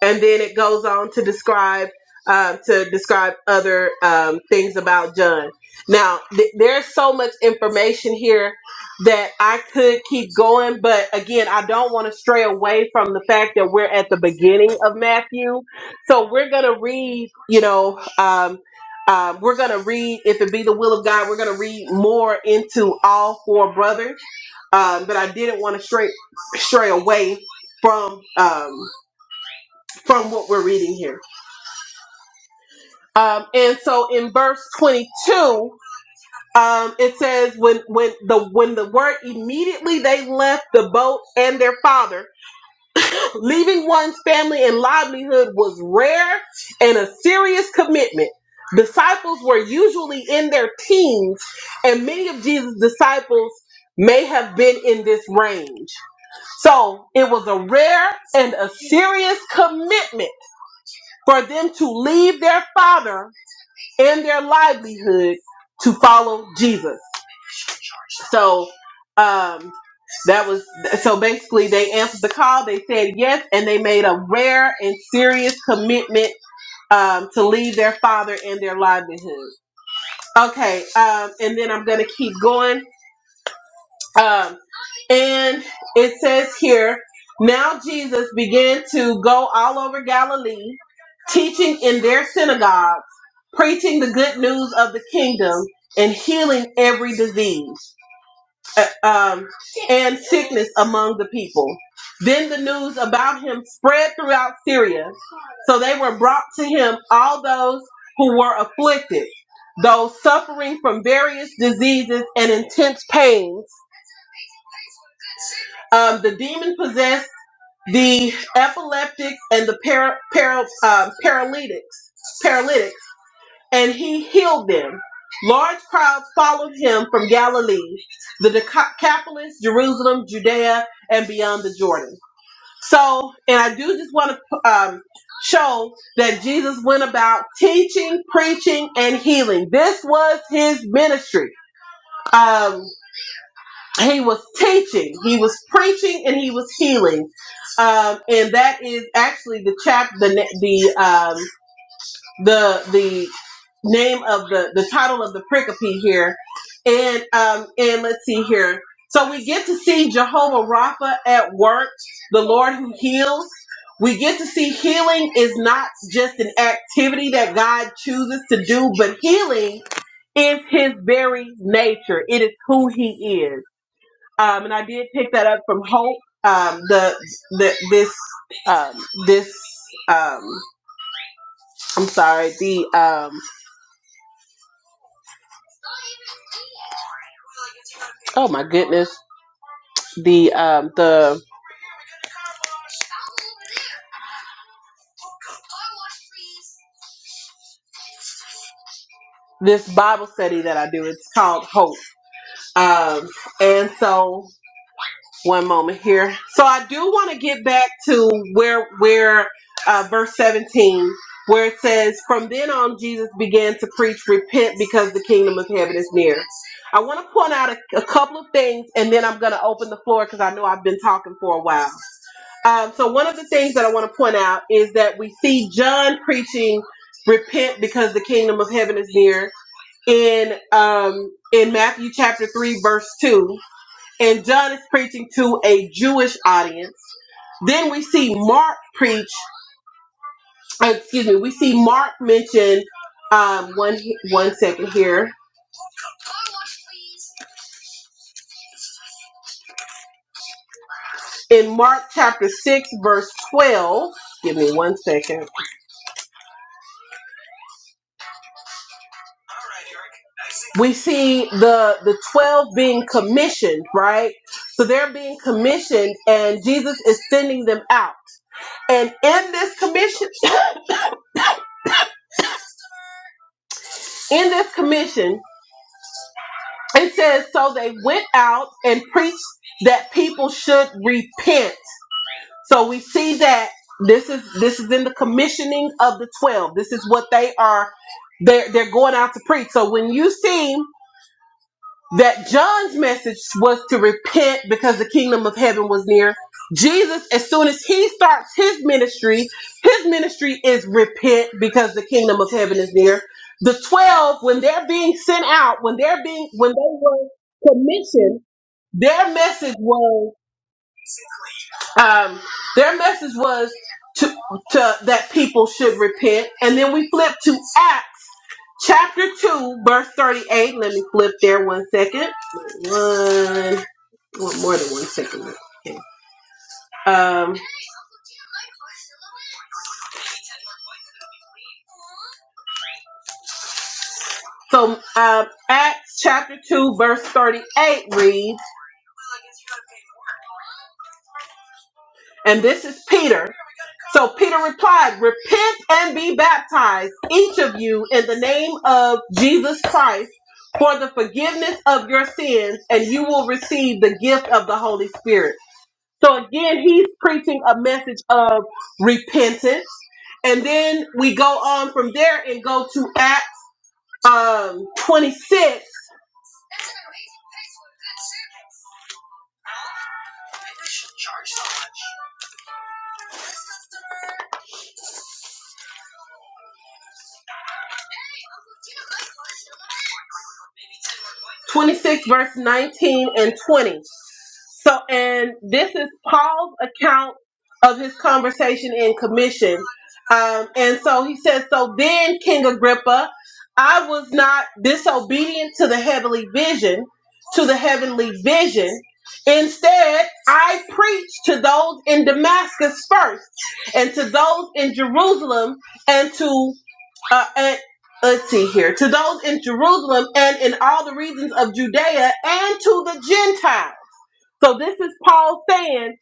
A: and then it goes on to describe um, to describe other um, things about John. Now, th- there's so much information here that I could keep going, but again, I don't want to stray away from the fact that we're at the beginning of Matthew, so we're gonna read, you know. Um, um, we're going to read, if it be the will of God, we're going to read more into all four brothers. Um, but I didn't want to stray, stray away from um, from what we're reading here. Um, and so in verse 22, um, it says when when the when the word immediately they left the boat and their father, leaving one's family and livelihood was rare and a serious commitment. Disciples were usually in their teens, and many of Jesus' disciples may have been in this range. So it was a rare and a serious commitment for them to leave their father and their livelihood to follow Jesus. So um, that was so basically they answered the call. They said yes, and they made a rare and serious commitment um, to leave their father and their livelihood. Okay, um, and then I'm gonna keep going. Um, and it says here, now Jesus began to go all over Galilee, teaching in their synagogues, preaching the good news of the kingdom, and healing every disease uh, um, and sickness among the people. Then the news about him spread throughout Syria, so they were brought to him all those who were afflicted, those suffering from various diseases and intense pains um, the demon possessed, the epileptics, and the para, para, uh, paralytics, paralytics, and he healed them. Large crowds followed him from Galilee, the Decapolis, Jerusalem, Judea, and beyond the Jordan. So, and I do just want to um, show that Jesus went about teaching, preaching, and healing. This was his ministry. Um, he was teaching, he was preaching, and he was healing, um, and that is actually the chap the na- the um, the the name of the the title of the pericope here, and um, and let's see here. So we get to see Jehovah Rapha at work, the Lord who heals. We get to see healing is not just an activity that God chooses to do, but healing is his very nature. It is who he is um, and I did pick that up from Hope. Um, the, the this um, this um, I'm sorry. The um, oh my goodness. The um, the this Bible study that I do. It's called Hope. Um, and so one moment here. So I do want to get back to where where uh, verse 17 where it says from then on Jesus began to preach repent because the kingdom of heaven is near. I want to point out a, a couple of things and then I'm going to open the floor cuz I know I've been talking for a while. Um, so one of the things that I want to point out is that we see John preaching repent because the kingdom of heaven is near in um, in Matthew chapter 3 verse 2 and John is preaching to a Jewish audience. Then we see Mark preach. uh, Excuse me. We see Mark mention um, one one second here in Mark chapter six verse twelve. Give me one second. We see the the twelve being commissioned, right? So they're being commissioned, and Jesus is sending them out. And in this commission, in this commission. It says, so they went out and preached that people should repent. So we see that this is this is in the commissioning of the twelve. This is what they are they're they're going out to preach. So when you see that John's message was to repent because the kingdom of heaven was near. Jesus, as soon as he starts his ministry, his ministry is repent because the kingdom of heaven is near. The twelve, when they're being sent out, when they're being when they Their message was um, their message was to, to that people should repent, and then we flip to Acts chapter two, verse thirty-eight. Let me flip there one second. One, well, more than one second. Okay. Um, so um, Acts chapter 2, verse 38 reads, and this is Peter. So Peter replied, Repent and be baptized, each of you, in the name of Jesus Christ for the forgiveness of your sins, and you will receive the gift of the Holy Spirit. So again, he's preaching a message of repentance. And then we go on from there and go to Acts um, 26, twenty-six verse 19 and 20. So, and this is Paul's account of his conversation in commission. Um, and so he says, So then, King Agrippa, I was not disobedient to the heavenly vision, to the heavenly vision. Instead, I preached to those in Damascus first, and to those in Jerusalem, and to uh, and, let's see here, to those in Jerusalem and in all the regions of Judea, and to the Gentiles so this is Paul saying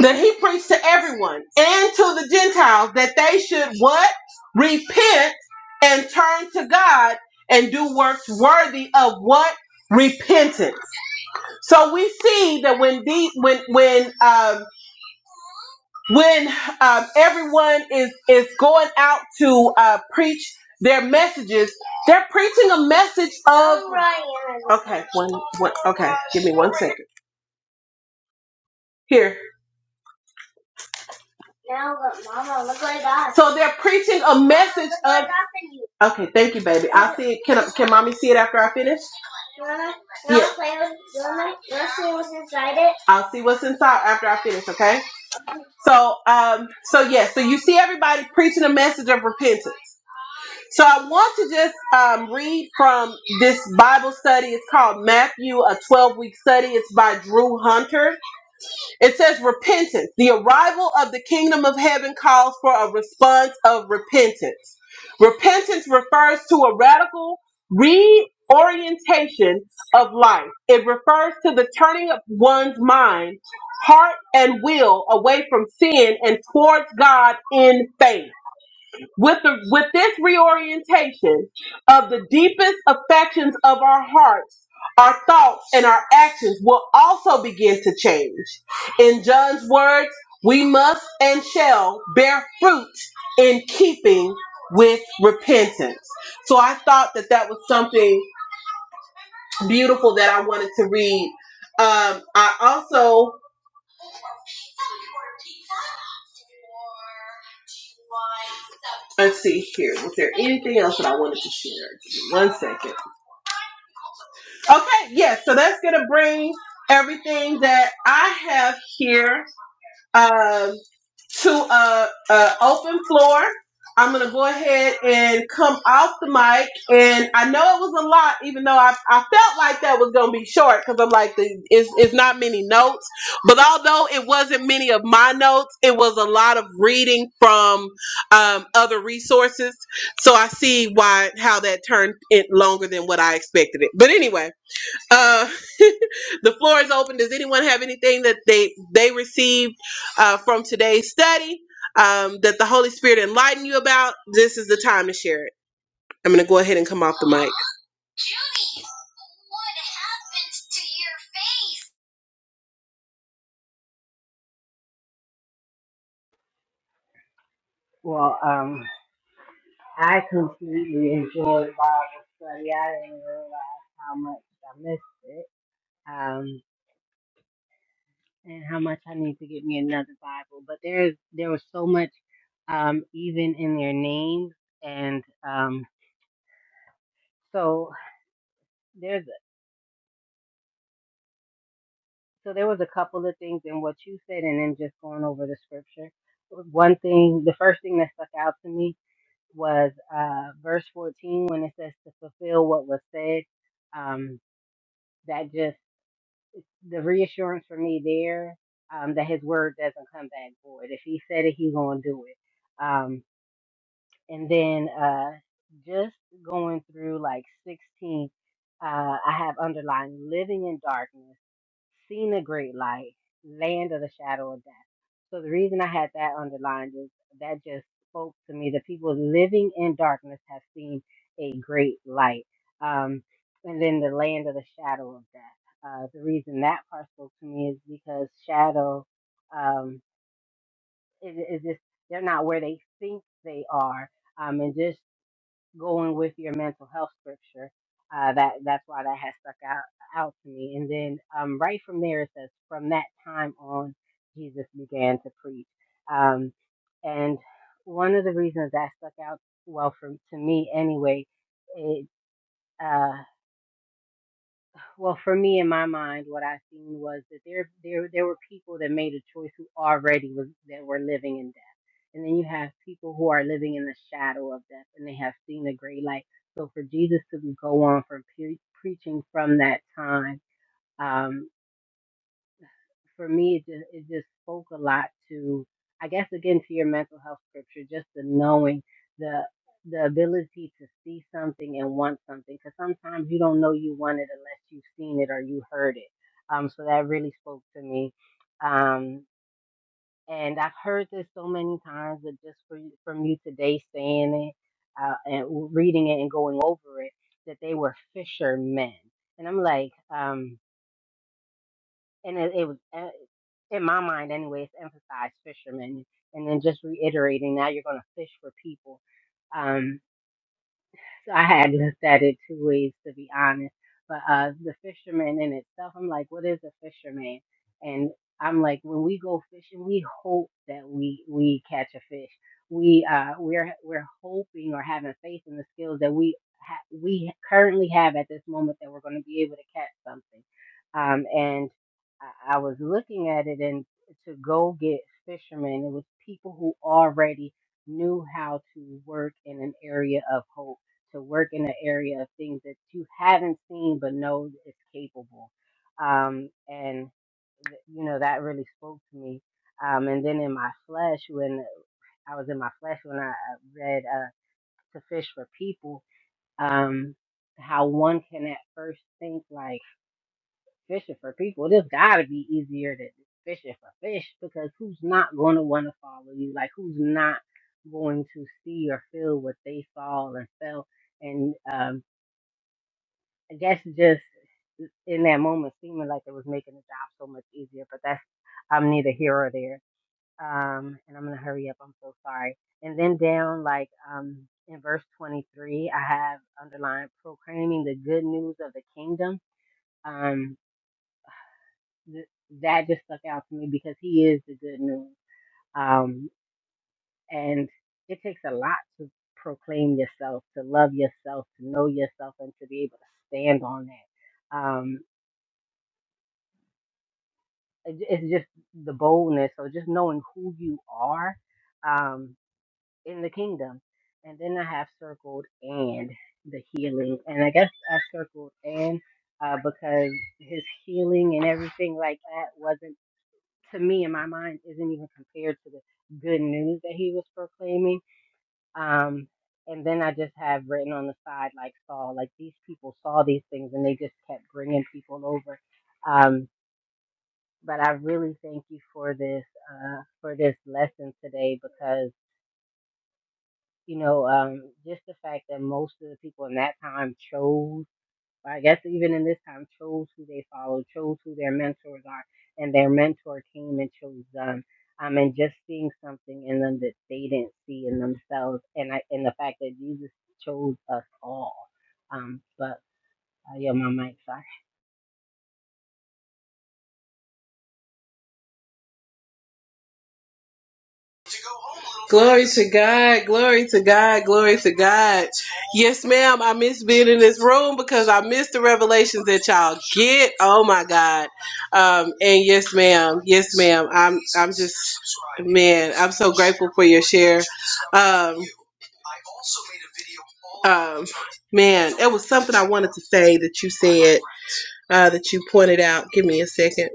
A: that he preached to everyone and to the Gentiles that they should what? Repent and turn to God and do works worthy of what? Repentance. So we see that when the when when um, when um, everyone is is going out to uh, preach their messages, they're preaching a message of. Okay, one one. Okay, give me one second. Here. So they're preaching a message of. Okay, thank you, baby. I'll see it. Can can mommy see it after I finish? Yeah, want I'll see what's inside after I finish. Okay. So um, so yeah, so you see everybody preaching a message of repentance. So I want to just um, read from this Bible study. It's called Matthew, a 12 week study. It's by Drew Hunter. It says repentance. The arrival of the kingdom of heaven calls for a response of repentance. Repentance refers to a radical reorientation of life. It refers to the turning of one's mind, heart, and will away from sin and towards God in faith with the with this reorientation of the deepest affections of our hearts our thoughts and our actions will also begin to change in john's words we must and shall bear fruit in keeping with repentance so i thought that that was something beautiful that i wanted to read um i also let's see here was there anything else that i wanted to share Give me one second Okay, yes. so that's going to bring everything that I have here um, to a, a open floor. I'm going to go ahead and come off the mic. And I know it was a lot, even though I, I felt like that was going to be short because I'm like, the, it's, it's not many notes. But although it wasn't many of my notes, it was a lot of reading from um, other resources. So I see why, how that turned it longer than what I expected it. But anyway uh, the floor is open. Does anyone have anything that they they received uh, from today's study um, that the Holy Spirit enlightened you about? This is the time to share it. I'm going to go ahead and come off the mic.
C: Well, um, I completely enjoyed Bible study. I didn't realize how much I missed it. Um, and how much I need to get me another Bible. But there's there was so much um even in their names and um so there's so there was a couple of things in what you said and then just going over the scripture. One thing the first thing that stuck out to me was uh verse fourteen when it says to fulfill what was said. Um that just the reassurance for me there um that his word doesn't come back void. If he said it, he's gonna do it. Um, and then uh just going through like 16 uh i have underlined living in darkness seen a great light land of the shadow of death so the reason i had that underlined is that just spoke to me the people living in darkness have seen a great light um and then the land of the shadow of death uh the reason that part spoke to me is because shadow um is, is just they're not where they think they are um, and just going with your mental health scripture. Uh, that that's why that has stuck out out to me. And then um, right from there it says, from that time on, Jesus began to preach. Um, and one of the reasons that stuck out well for to me anyway, it uh, well, for me, in my mind, what I seen was that there, there, there were people that made a choice who already was that were living in death, and then you have people who are living in the shadow of death, and they have seen the great light. So for Jesus to go on from pre- preaching from that time, um, for me, it just, it just spoke a lot to, I guess, again, to your mental health scripture, just the knowing the the ability to see something and want something, because sometimes you don't know you want it unless you've seen it or you heard it. Um, so that really spoke to me. Um, and I've heard this so many times, but just for, you- from you today saying it uh, and reading it and going over it, that they were fishermen, and I'm like, um, and it, it was. eh, in my mind anyway, it's emphasized fishermen. And then just reiterating that you're going to fish for people. Um, so I had looked at it two ways to be honest. But uh the fisherman in itself, I'm like, what is a fisherman? And I'm like, when we go fishing, we hope that we we catch a fish. We uh we're we're hoping or having faith in the skills that we ha- we currently have at this moment that we're going to be able to catch something. Um and I, I was looking at it and to go get fishermen, it was people who already knew how to work in an area of hope to work in an area of things that you haven't seen but know is capable. Um, and th- you know that really spoke to me. Um, and then in my flesh, when I was in my flesh when I uh, read uh, "To Fish for People," um, how one can at first think like fishing for people. This got to be easier than fishing for fish because who's not going to want to follow you? Like who's not going to see or feel what they saw and felt? And um, I guess just in that moment seeming like it was making the job so much easier, but that's I'm neither here or there. Um, and I'm gonna hurry up. I'm so sorry. And then down like um in verse 23, I have underlined proclaiming the good news of the kingdom. Um, th- that just stuck out to me because he is the good news. Um, and it takes a lot to proclaim yourself, to love yourself, to know yourself, and to be able to stand on that. Um it- j- it's just the boldness or just knowing who you are um, in the kingdom. And then I have circled and the healing. And I guess I circled and uh, because his healing and everything like that wasn't, to me in my mind, isn't even compared to the good news that he was proclaiming. Um, and then I just have written on the side, like Saul, like these people saw these things and they just kept bringing people over. Um, but I really thank you for this uh, for this lesson today because you know um, just the fact that most of the people in that time chose, or I guess even in this time, chose who they follow, chose who their mentors are, and their mentor came and chose them. Um, and just seeing something in them that they didn't see in themselves, and I, and the fact that Jesus chose us all. Um, but uh, yeah, my mic, sorry.
A: Glory to God, glory to God, glory to God. Yes, ma'am. I miss being in this room because I miss the revelations that y'all get. Oh my God. Um, and yes, ma'am. Yes, ma'am. I'm I'm just man. I'm so grateful for your share. Um, Um, man, it was something I wanted to say that you said, uh, that you pointed out. Give me a second.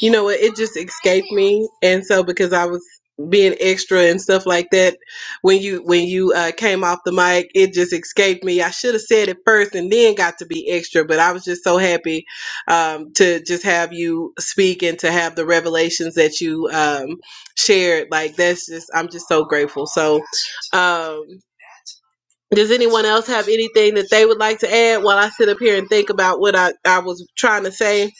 A: You know what? It just escaped me, and so because I was being extra and stuff like that, when you when you uh, came off the mic, it just escaped me. I should have said it first and then got to be extra, but I was just so happy um, to just have you speak and to have the revelations that you um, shared. Like that's just I'm just so grateful. So. Um, Does anyone else have anything that they would like to add while I sit up here and think about what I, I was trying to say?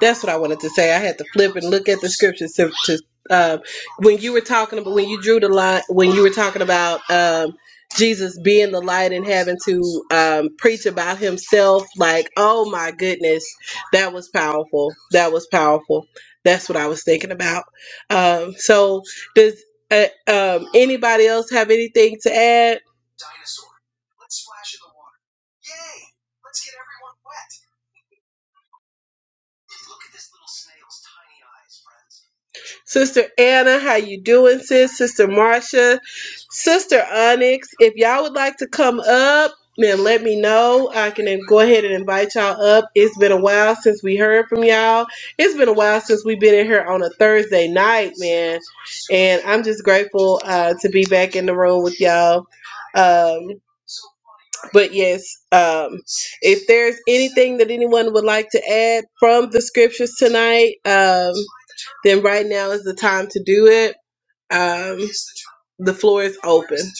A: That's what I wanted to say. I had to flip and look at the scriptures to, to um, when you were talking about when you drew the line when you were talking about um, Jesus being the light and having to um, preach about himself. Like, oh my goodness, that was powerful. That was powerful. That's what I was thinking about. Um, so, does uh, um, anybody else have anything to add? Sister Anna, how you doing, sis? Sister Marcia, Sister Onyx, if y'all would like to come up, then let me know. I can then go ahead and invite y'all up. It's been a while since we heard from y'all. It's been a while since we've been in here on a Thursday night, man. And I'm just grateful uh, to be back in the room with y'all. Um, but yes, um, if there's anything that anyone would like to add from the scriptures tonight, um, then right now is the time to do it. Um, the floor is open.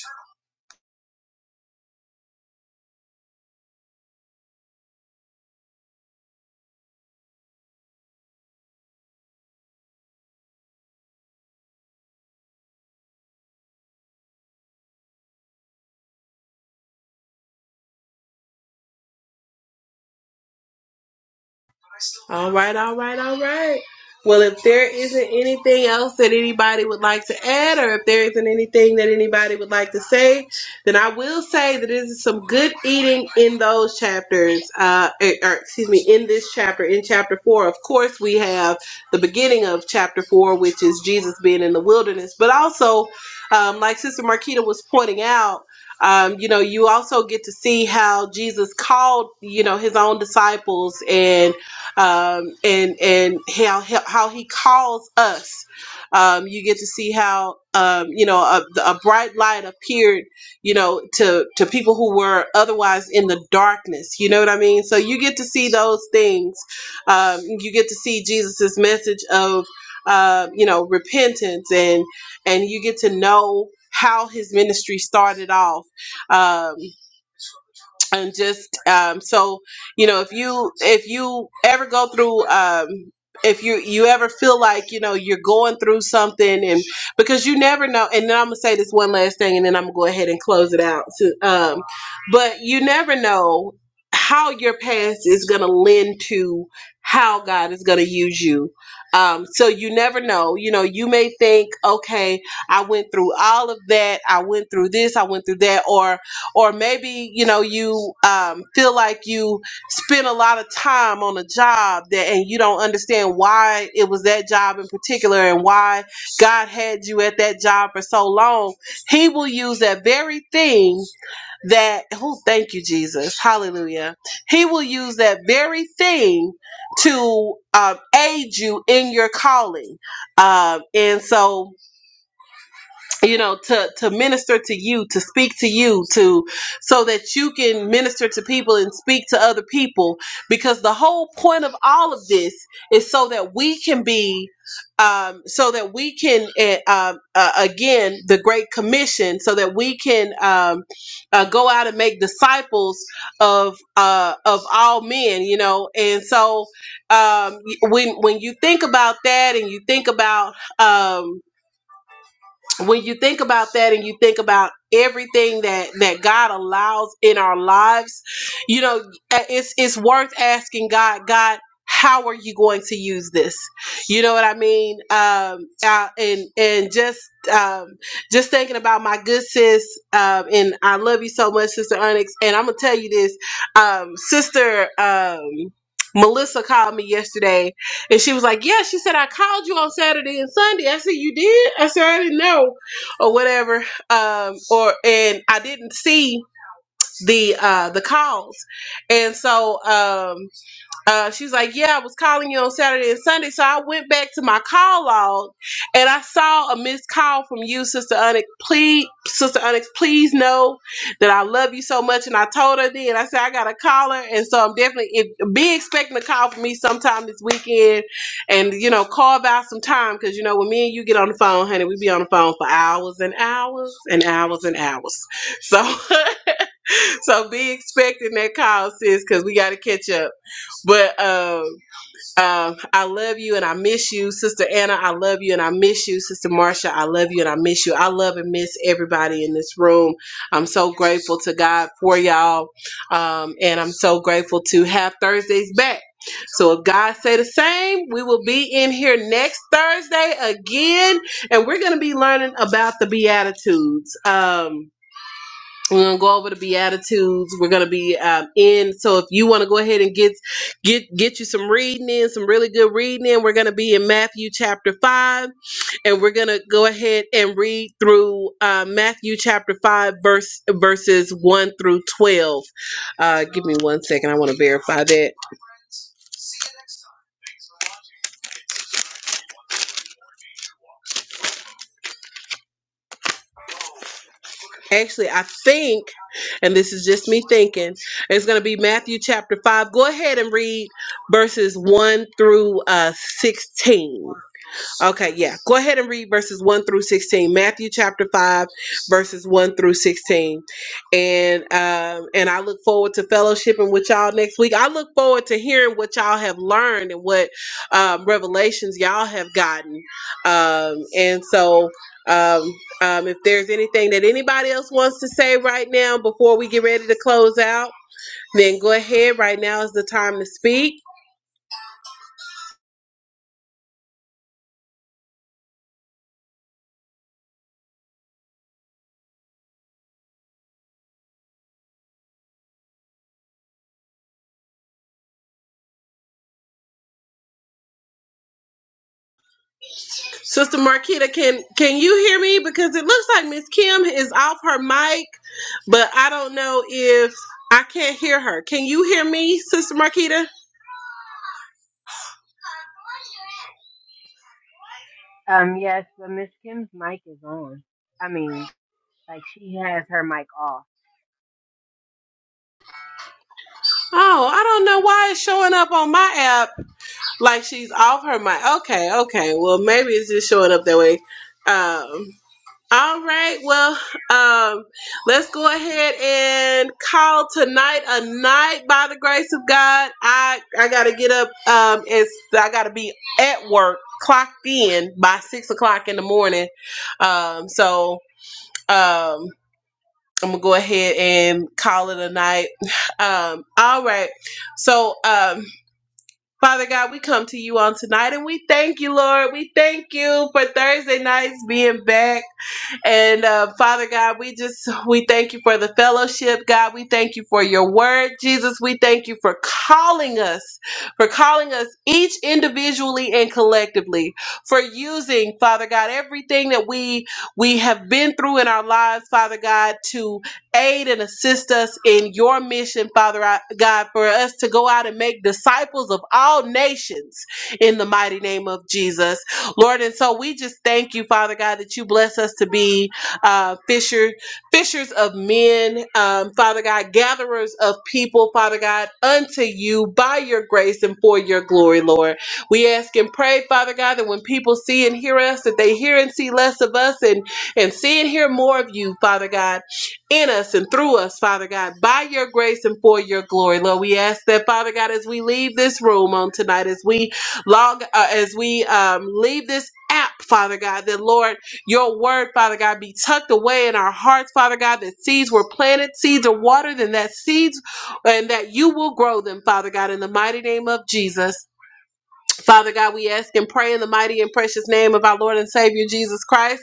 A: All right, all right, all right. Well, if there isn't anything else that anybody would like to add, or if there isn't anything that anybody would like to say, then I will say that there's some good eating in those chapters, uh, er- or, excuse me, in this chapter, in chapter four. Of course, we have the beginning of chapter four, which is Jesus being in the wilderness, but also, um, like Sister Marquita was pointing out, um, you know, you also get to see how Jesus called, you know, his own disciples and um, and and how how he calls us. Um, you get to see how um, you know a, a bright light appeared, you know, to to people who were otherwise in the darkness. You know what I mean? So you get to see those things. Um, you get to see Jesus's message of uh, you know repentance, and and you get to know how his ministry started off. Um, and just um, so you know if you if you ever go through um, if you you ever feel like you know you're going through something and because you never know and then i'm gonna say this one last thing and then i'm gonna go ahead and close it out so, um, but you never know how your past is gonna lend to how god is gonna use you um, so you never know you know you may think okay i went through all of that i went through this i went through that or or maybe you know you um, feel like you spend a lot of time on a job that and you don't understand why it was that job in particular and why god had you at that job for so long he will use that very thing that oh thank you jesus hallelujah he will use that very thing to um, aid you in your calling um, and so you know to to minister to you to speak to you to so that you can minister to people and speak to other people because the whole point of all of this is so that we can be um, so that we can eh, um, uh, again the great commission so that we can um, uh, go out and make disciples of uh, of all men you know and so um, when when you think about that and you think about um, when you think about that and you think about everything that that God allows in our lives, you know, uh, it's it's worth asking God, God, how are you going to use this? You know what I mean? Um, uh, and and just um, just thinking about my good sis, um, and I love you so much, Sister Onyx. And I'm gonna tell you this, um, Sister um, Melissa called me yesterday and she was like, Yeah, she said, I called you on Saturday and Sunday. I said, You did? I said, I didn't know or whatever. Um, or and I didn't see the uh the calls. And so um uh, she's like, Yeah, I was calling you on Saturday and Sunday. So I went back to my call log and I saw a missed call from you, Sister Onyx. Please, Sister Onyx, please know that I love you so much. And I told her then, I said, I got a caller. And so I'm definitely if, be expecting a call from me sometime this weekend and, you know, carve out some time because, you know, when me and you get on the phone, honey, we be on the phone for hours and hours and hours and hours. So, so be expecting that call, sis, because we got to catch up. But, um, um, I love you and I miss you, Sister Anna. I love you and I miss you, Sister Marcia. I love you and I miss you. I love and miss everybody in this room. I'm so grateful to God for y'all, um, and I'm so grateful to have Thursdays back. So if God say the same, we will be in here next Thursday again, and we're going to be learning about the Beatitudes. Um, we're gonna go over the Beatitudes. We're gonna be um, in. So if you want to go ahead and get get get you some reading in, some really good reading in, we're gonna be in Matthew chapter five, and we're gonna go ahead and read through uh, Matthew chapter five, verse verses one through twelve. Uh, give me one second. I want to verify that. Actually, I think, and this is just me thinking, it's gonna be Matthew chapter five. Go ahead and read verses one through uh, sixteen. Okay, yeah. Go ahead and read verses 1 through 16. Matthew chapter 5, verses 1 through 16. And um and I look forward to fellowshipping with y'all next week. I look forward to hearing what y'all have learned and what um revelations y'all have gotten. Um and so um um if there's anything that anybody else wants to say right now before we get ready to close out, then go ahead. Right now is the time to speak. Sister Marquita, can can you hear me? Because it looks like Miss Kim is off her mic, but I don't know if I can't hear her. Can you hear me, Sister Marquita?
C: Um, yes, but Miss Kim's mic is on. I mean. Like she has her mic off.
A: Oh, I don't know why it's showing up on my app like she's off her mic. Okay, okay. Well, maybe it's just showing up that way. Um, All right. Well, um, let's go ahead and call tonight a night by the grace of God. I I gotta get up. Um, it's I gotta be at work, clocked in by six o'clock in the morning. Um, so um, I'm gonna go ahead and call it a night. Um, all right. So um. Father God, we come to you on tonight and we thank you, Lord. We thank you for Thursday nights being back. And uh, Father God, we just we thank you for the fellowship, God. We thank you for your word, Jesus. We thank you for calling us, for calling us each individually and collectively, for using Father God everything that we we have been through in our lives, Father God, to aid and assist us in your mission, Father I- God, for us to go out and make disciples of all nations in the mighty name of Jesus. Lord. And so we just thank you, Father God, that you bless us to be uh, fisher, fishers of men, um, Father God, gatherers of people, Father God, unto you by your grace and for your glory, Lord. We ask and pray, Father God, that when people see and hear us, that they hear and see less of us and, and see and hear more of you, Father God, in us and through us, Father God, by your grace and for your glory, Lord. We ask that, Father God, as we leave this room on tonight, as we Log uh, as we um, leave this app, Father God, that Lord, your word, Father God, be tucked away in our hearts, Father God, that seeds were planted, seeds are watered, and that seeds and that you will grow them, Father God, in the mighty name of Jesus. Father God, we ask and pray in the mighty and precious name of our Lord and Savior Jesus Christ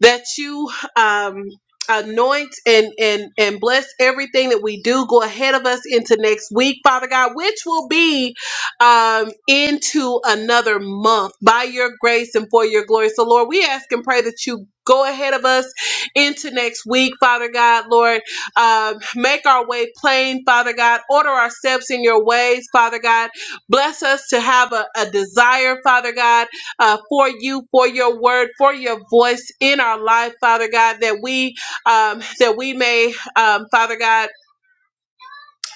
A: that you um anoint and and and bless everything that we do go ahead of us into next week father god which will be um into another month by your grace and for your glory so lord we ask and pray that you go ahead of us into next week father god lord um make our way plain father god order our steps in your ways father god bless us to have a, a desire father god uh, for you, for your word, for your voice in our life, Father God, that we um, that we may, um, Father God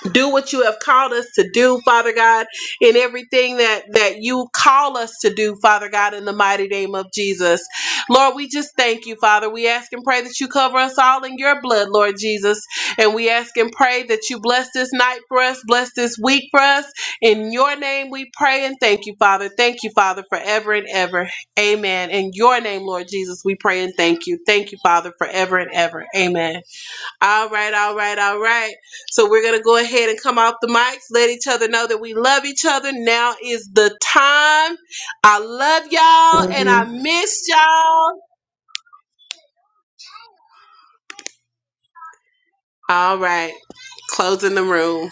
A: do what you have called us to do father god in everything that that you call us to do father god in the mighty name of jesus lord we just thank you father we ask and pray that you cover us all in your blood lord jesus and we ask and pray that you bless this night for us bless this week for us in your name we pray and thank you father thank you father forever and ever amen in your name lord jesus we pray and thank you thank you father forever and ever amen all right, all right, all right. So we're gonna go ahead and come off the mics, let each other know that we love each other. Now is the time. I love y'all and
C: More
A: I miss y'all. All right, closing the room.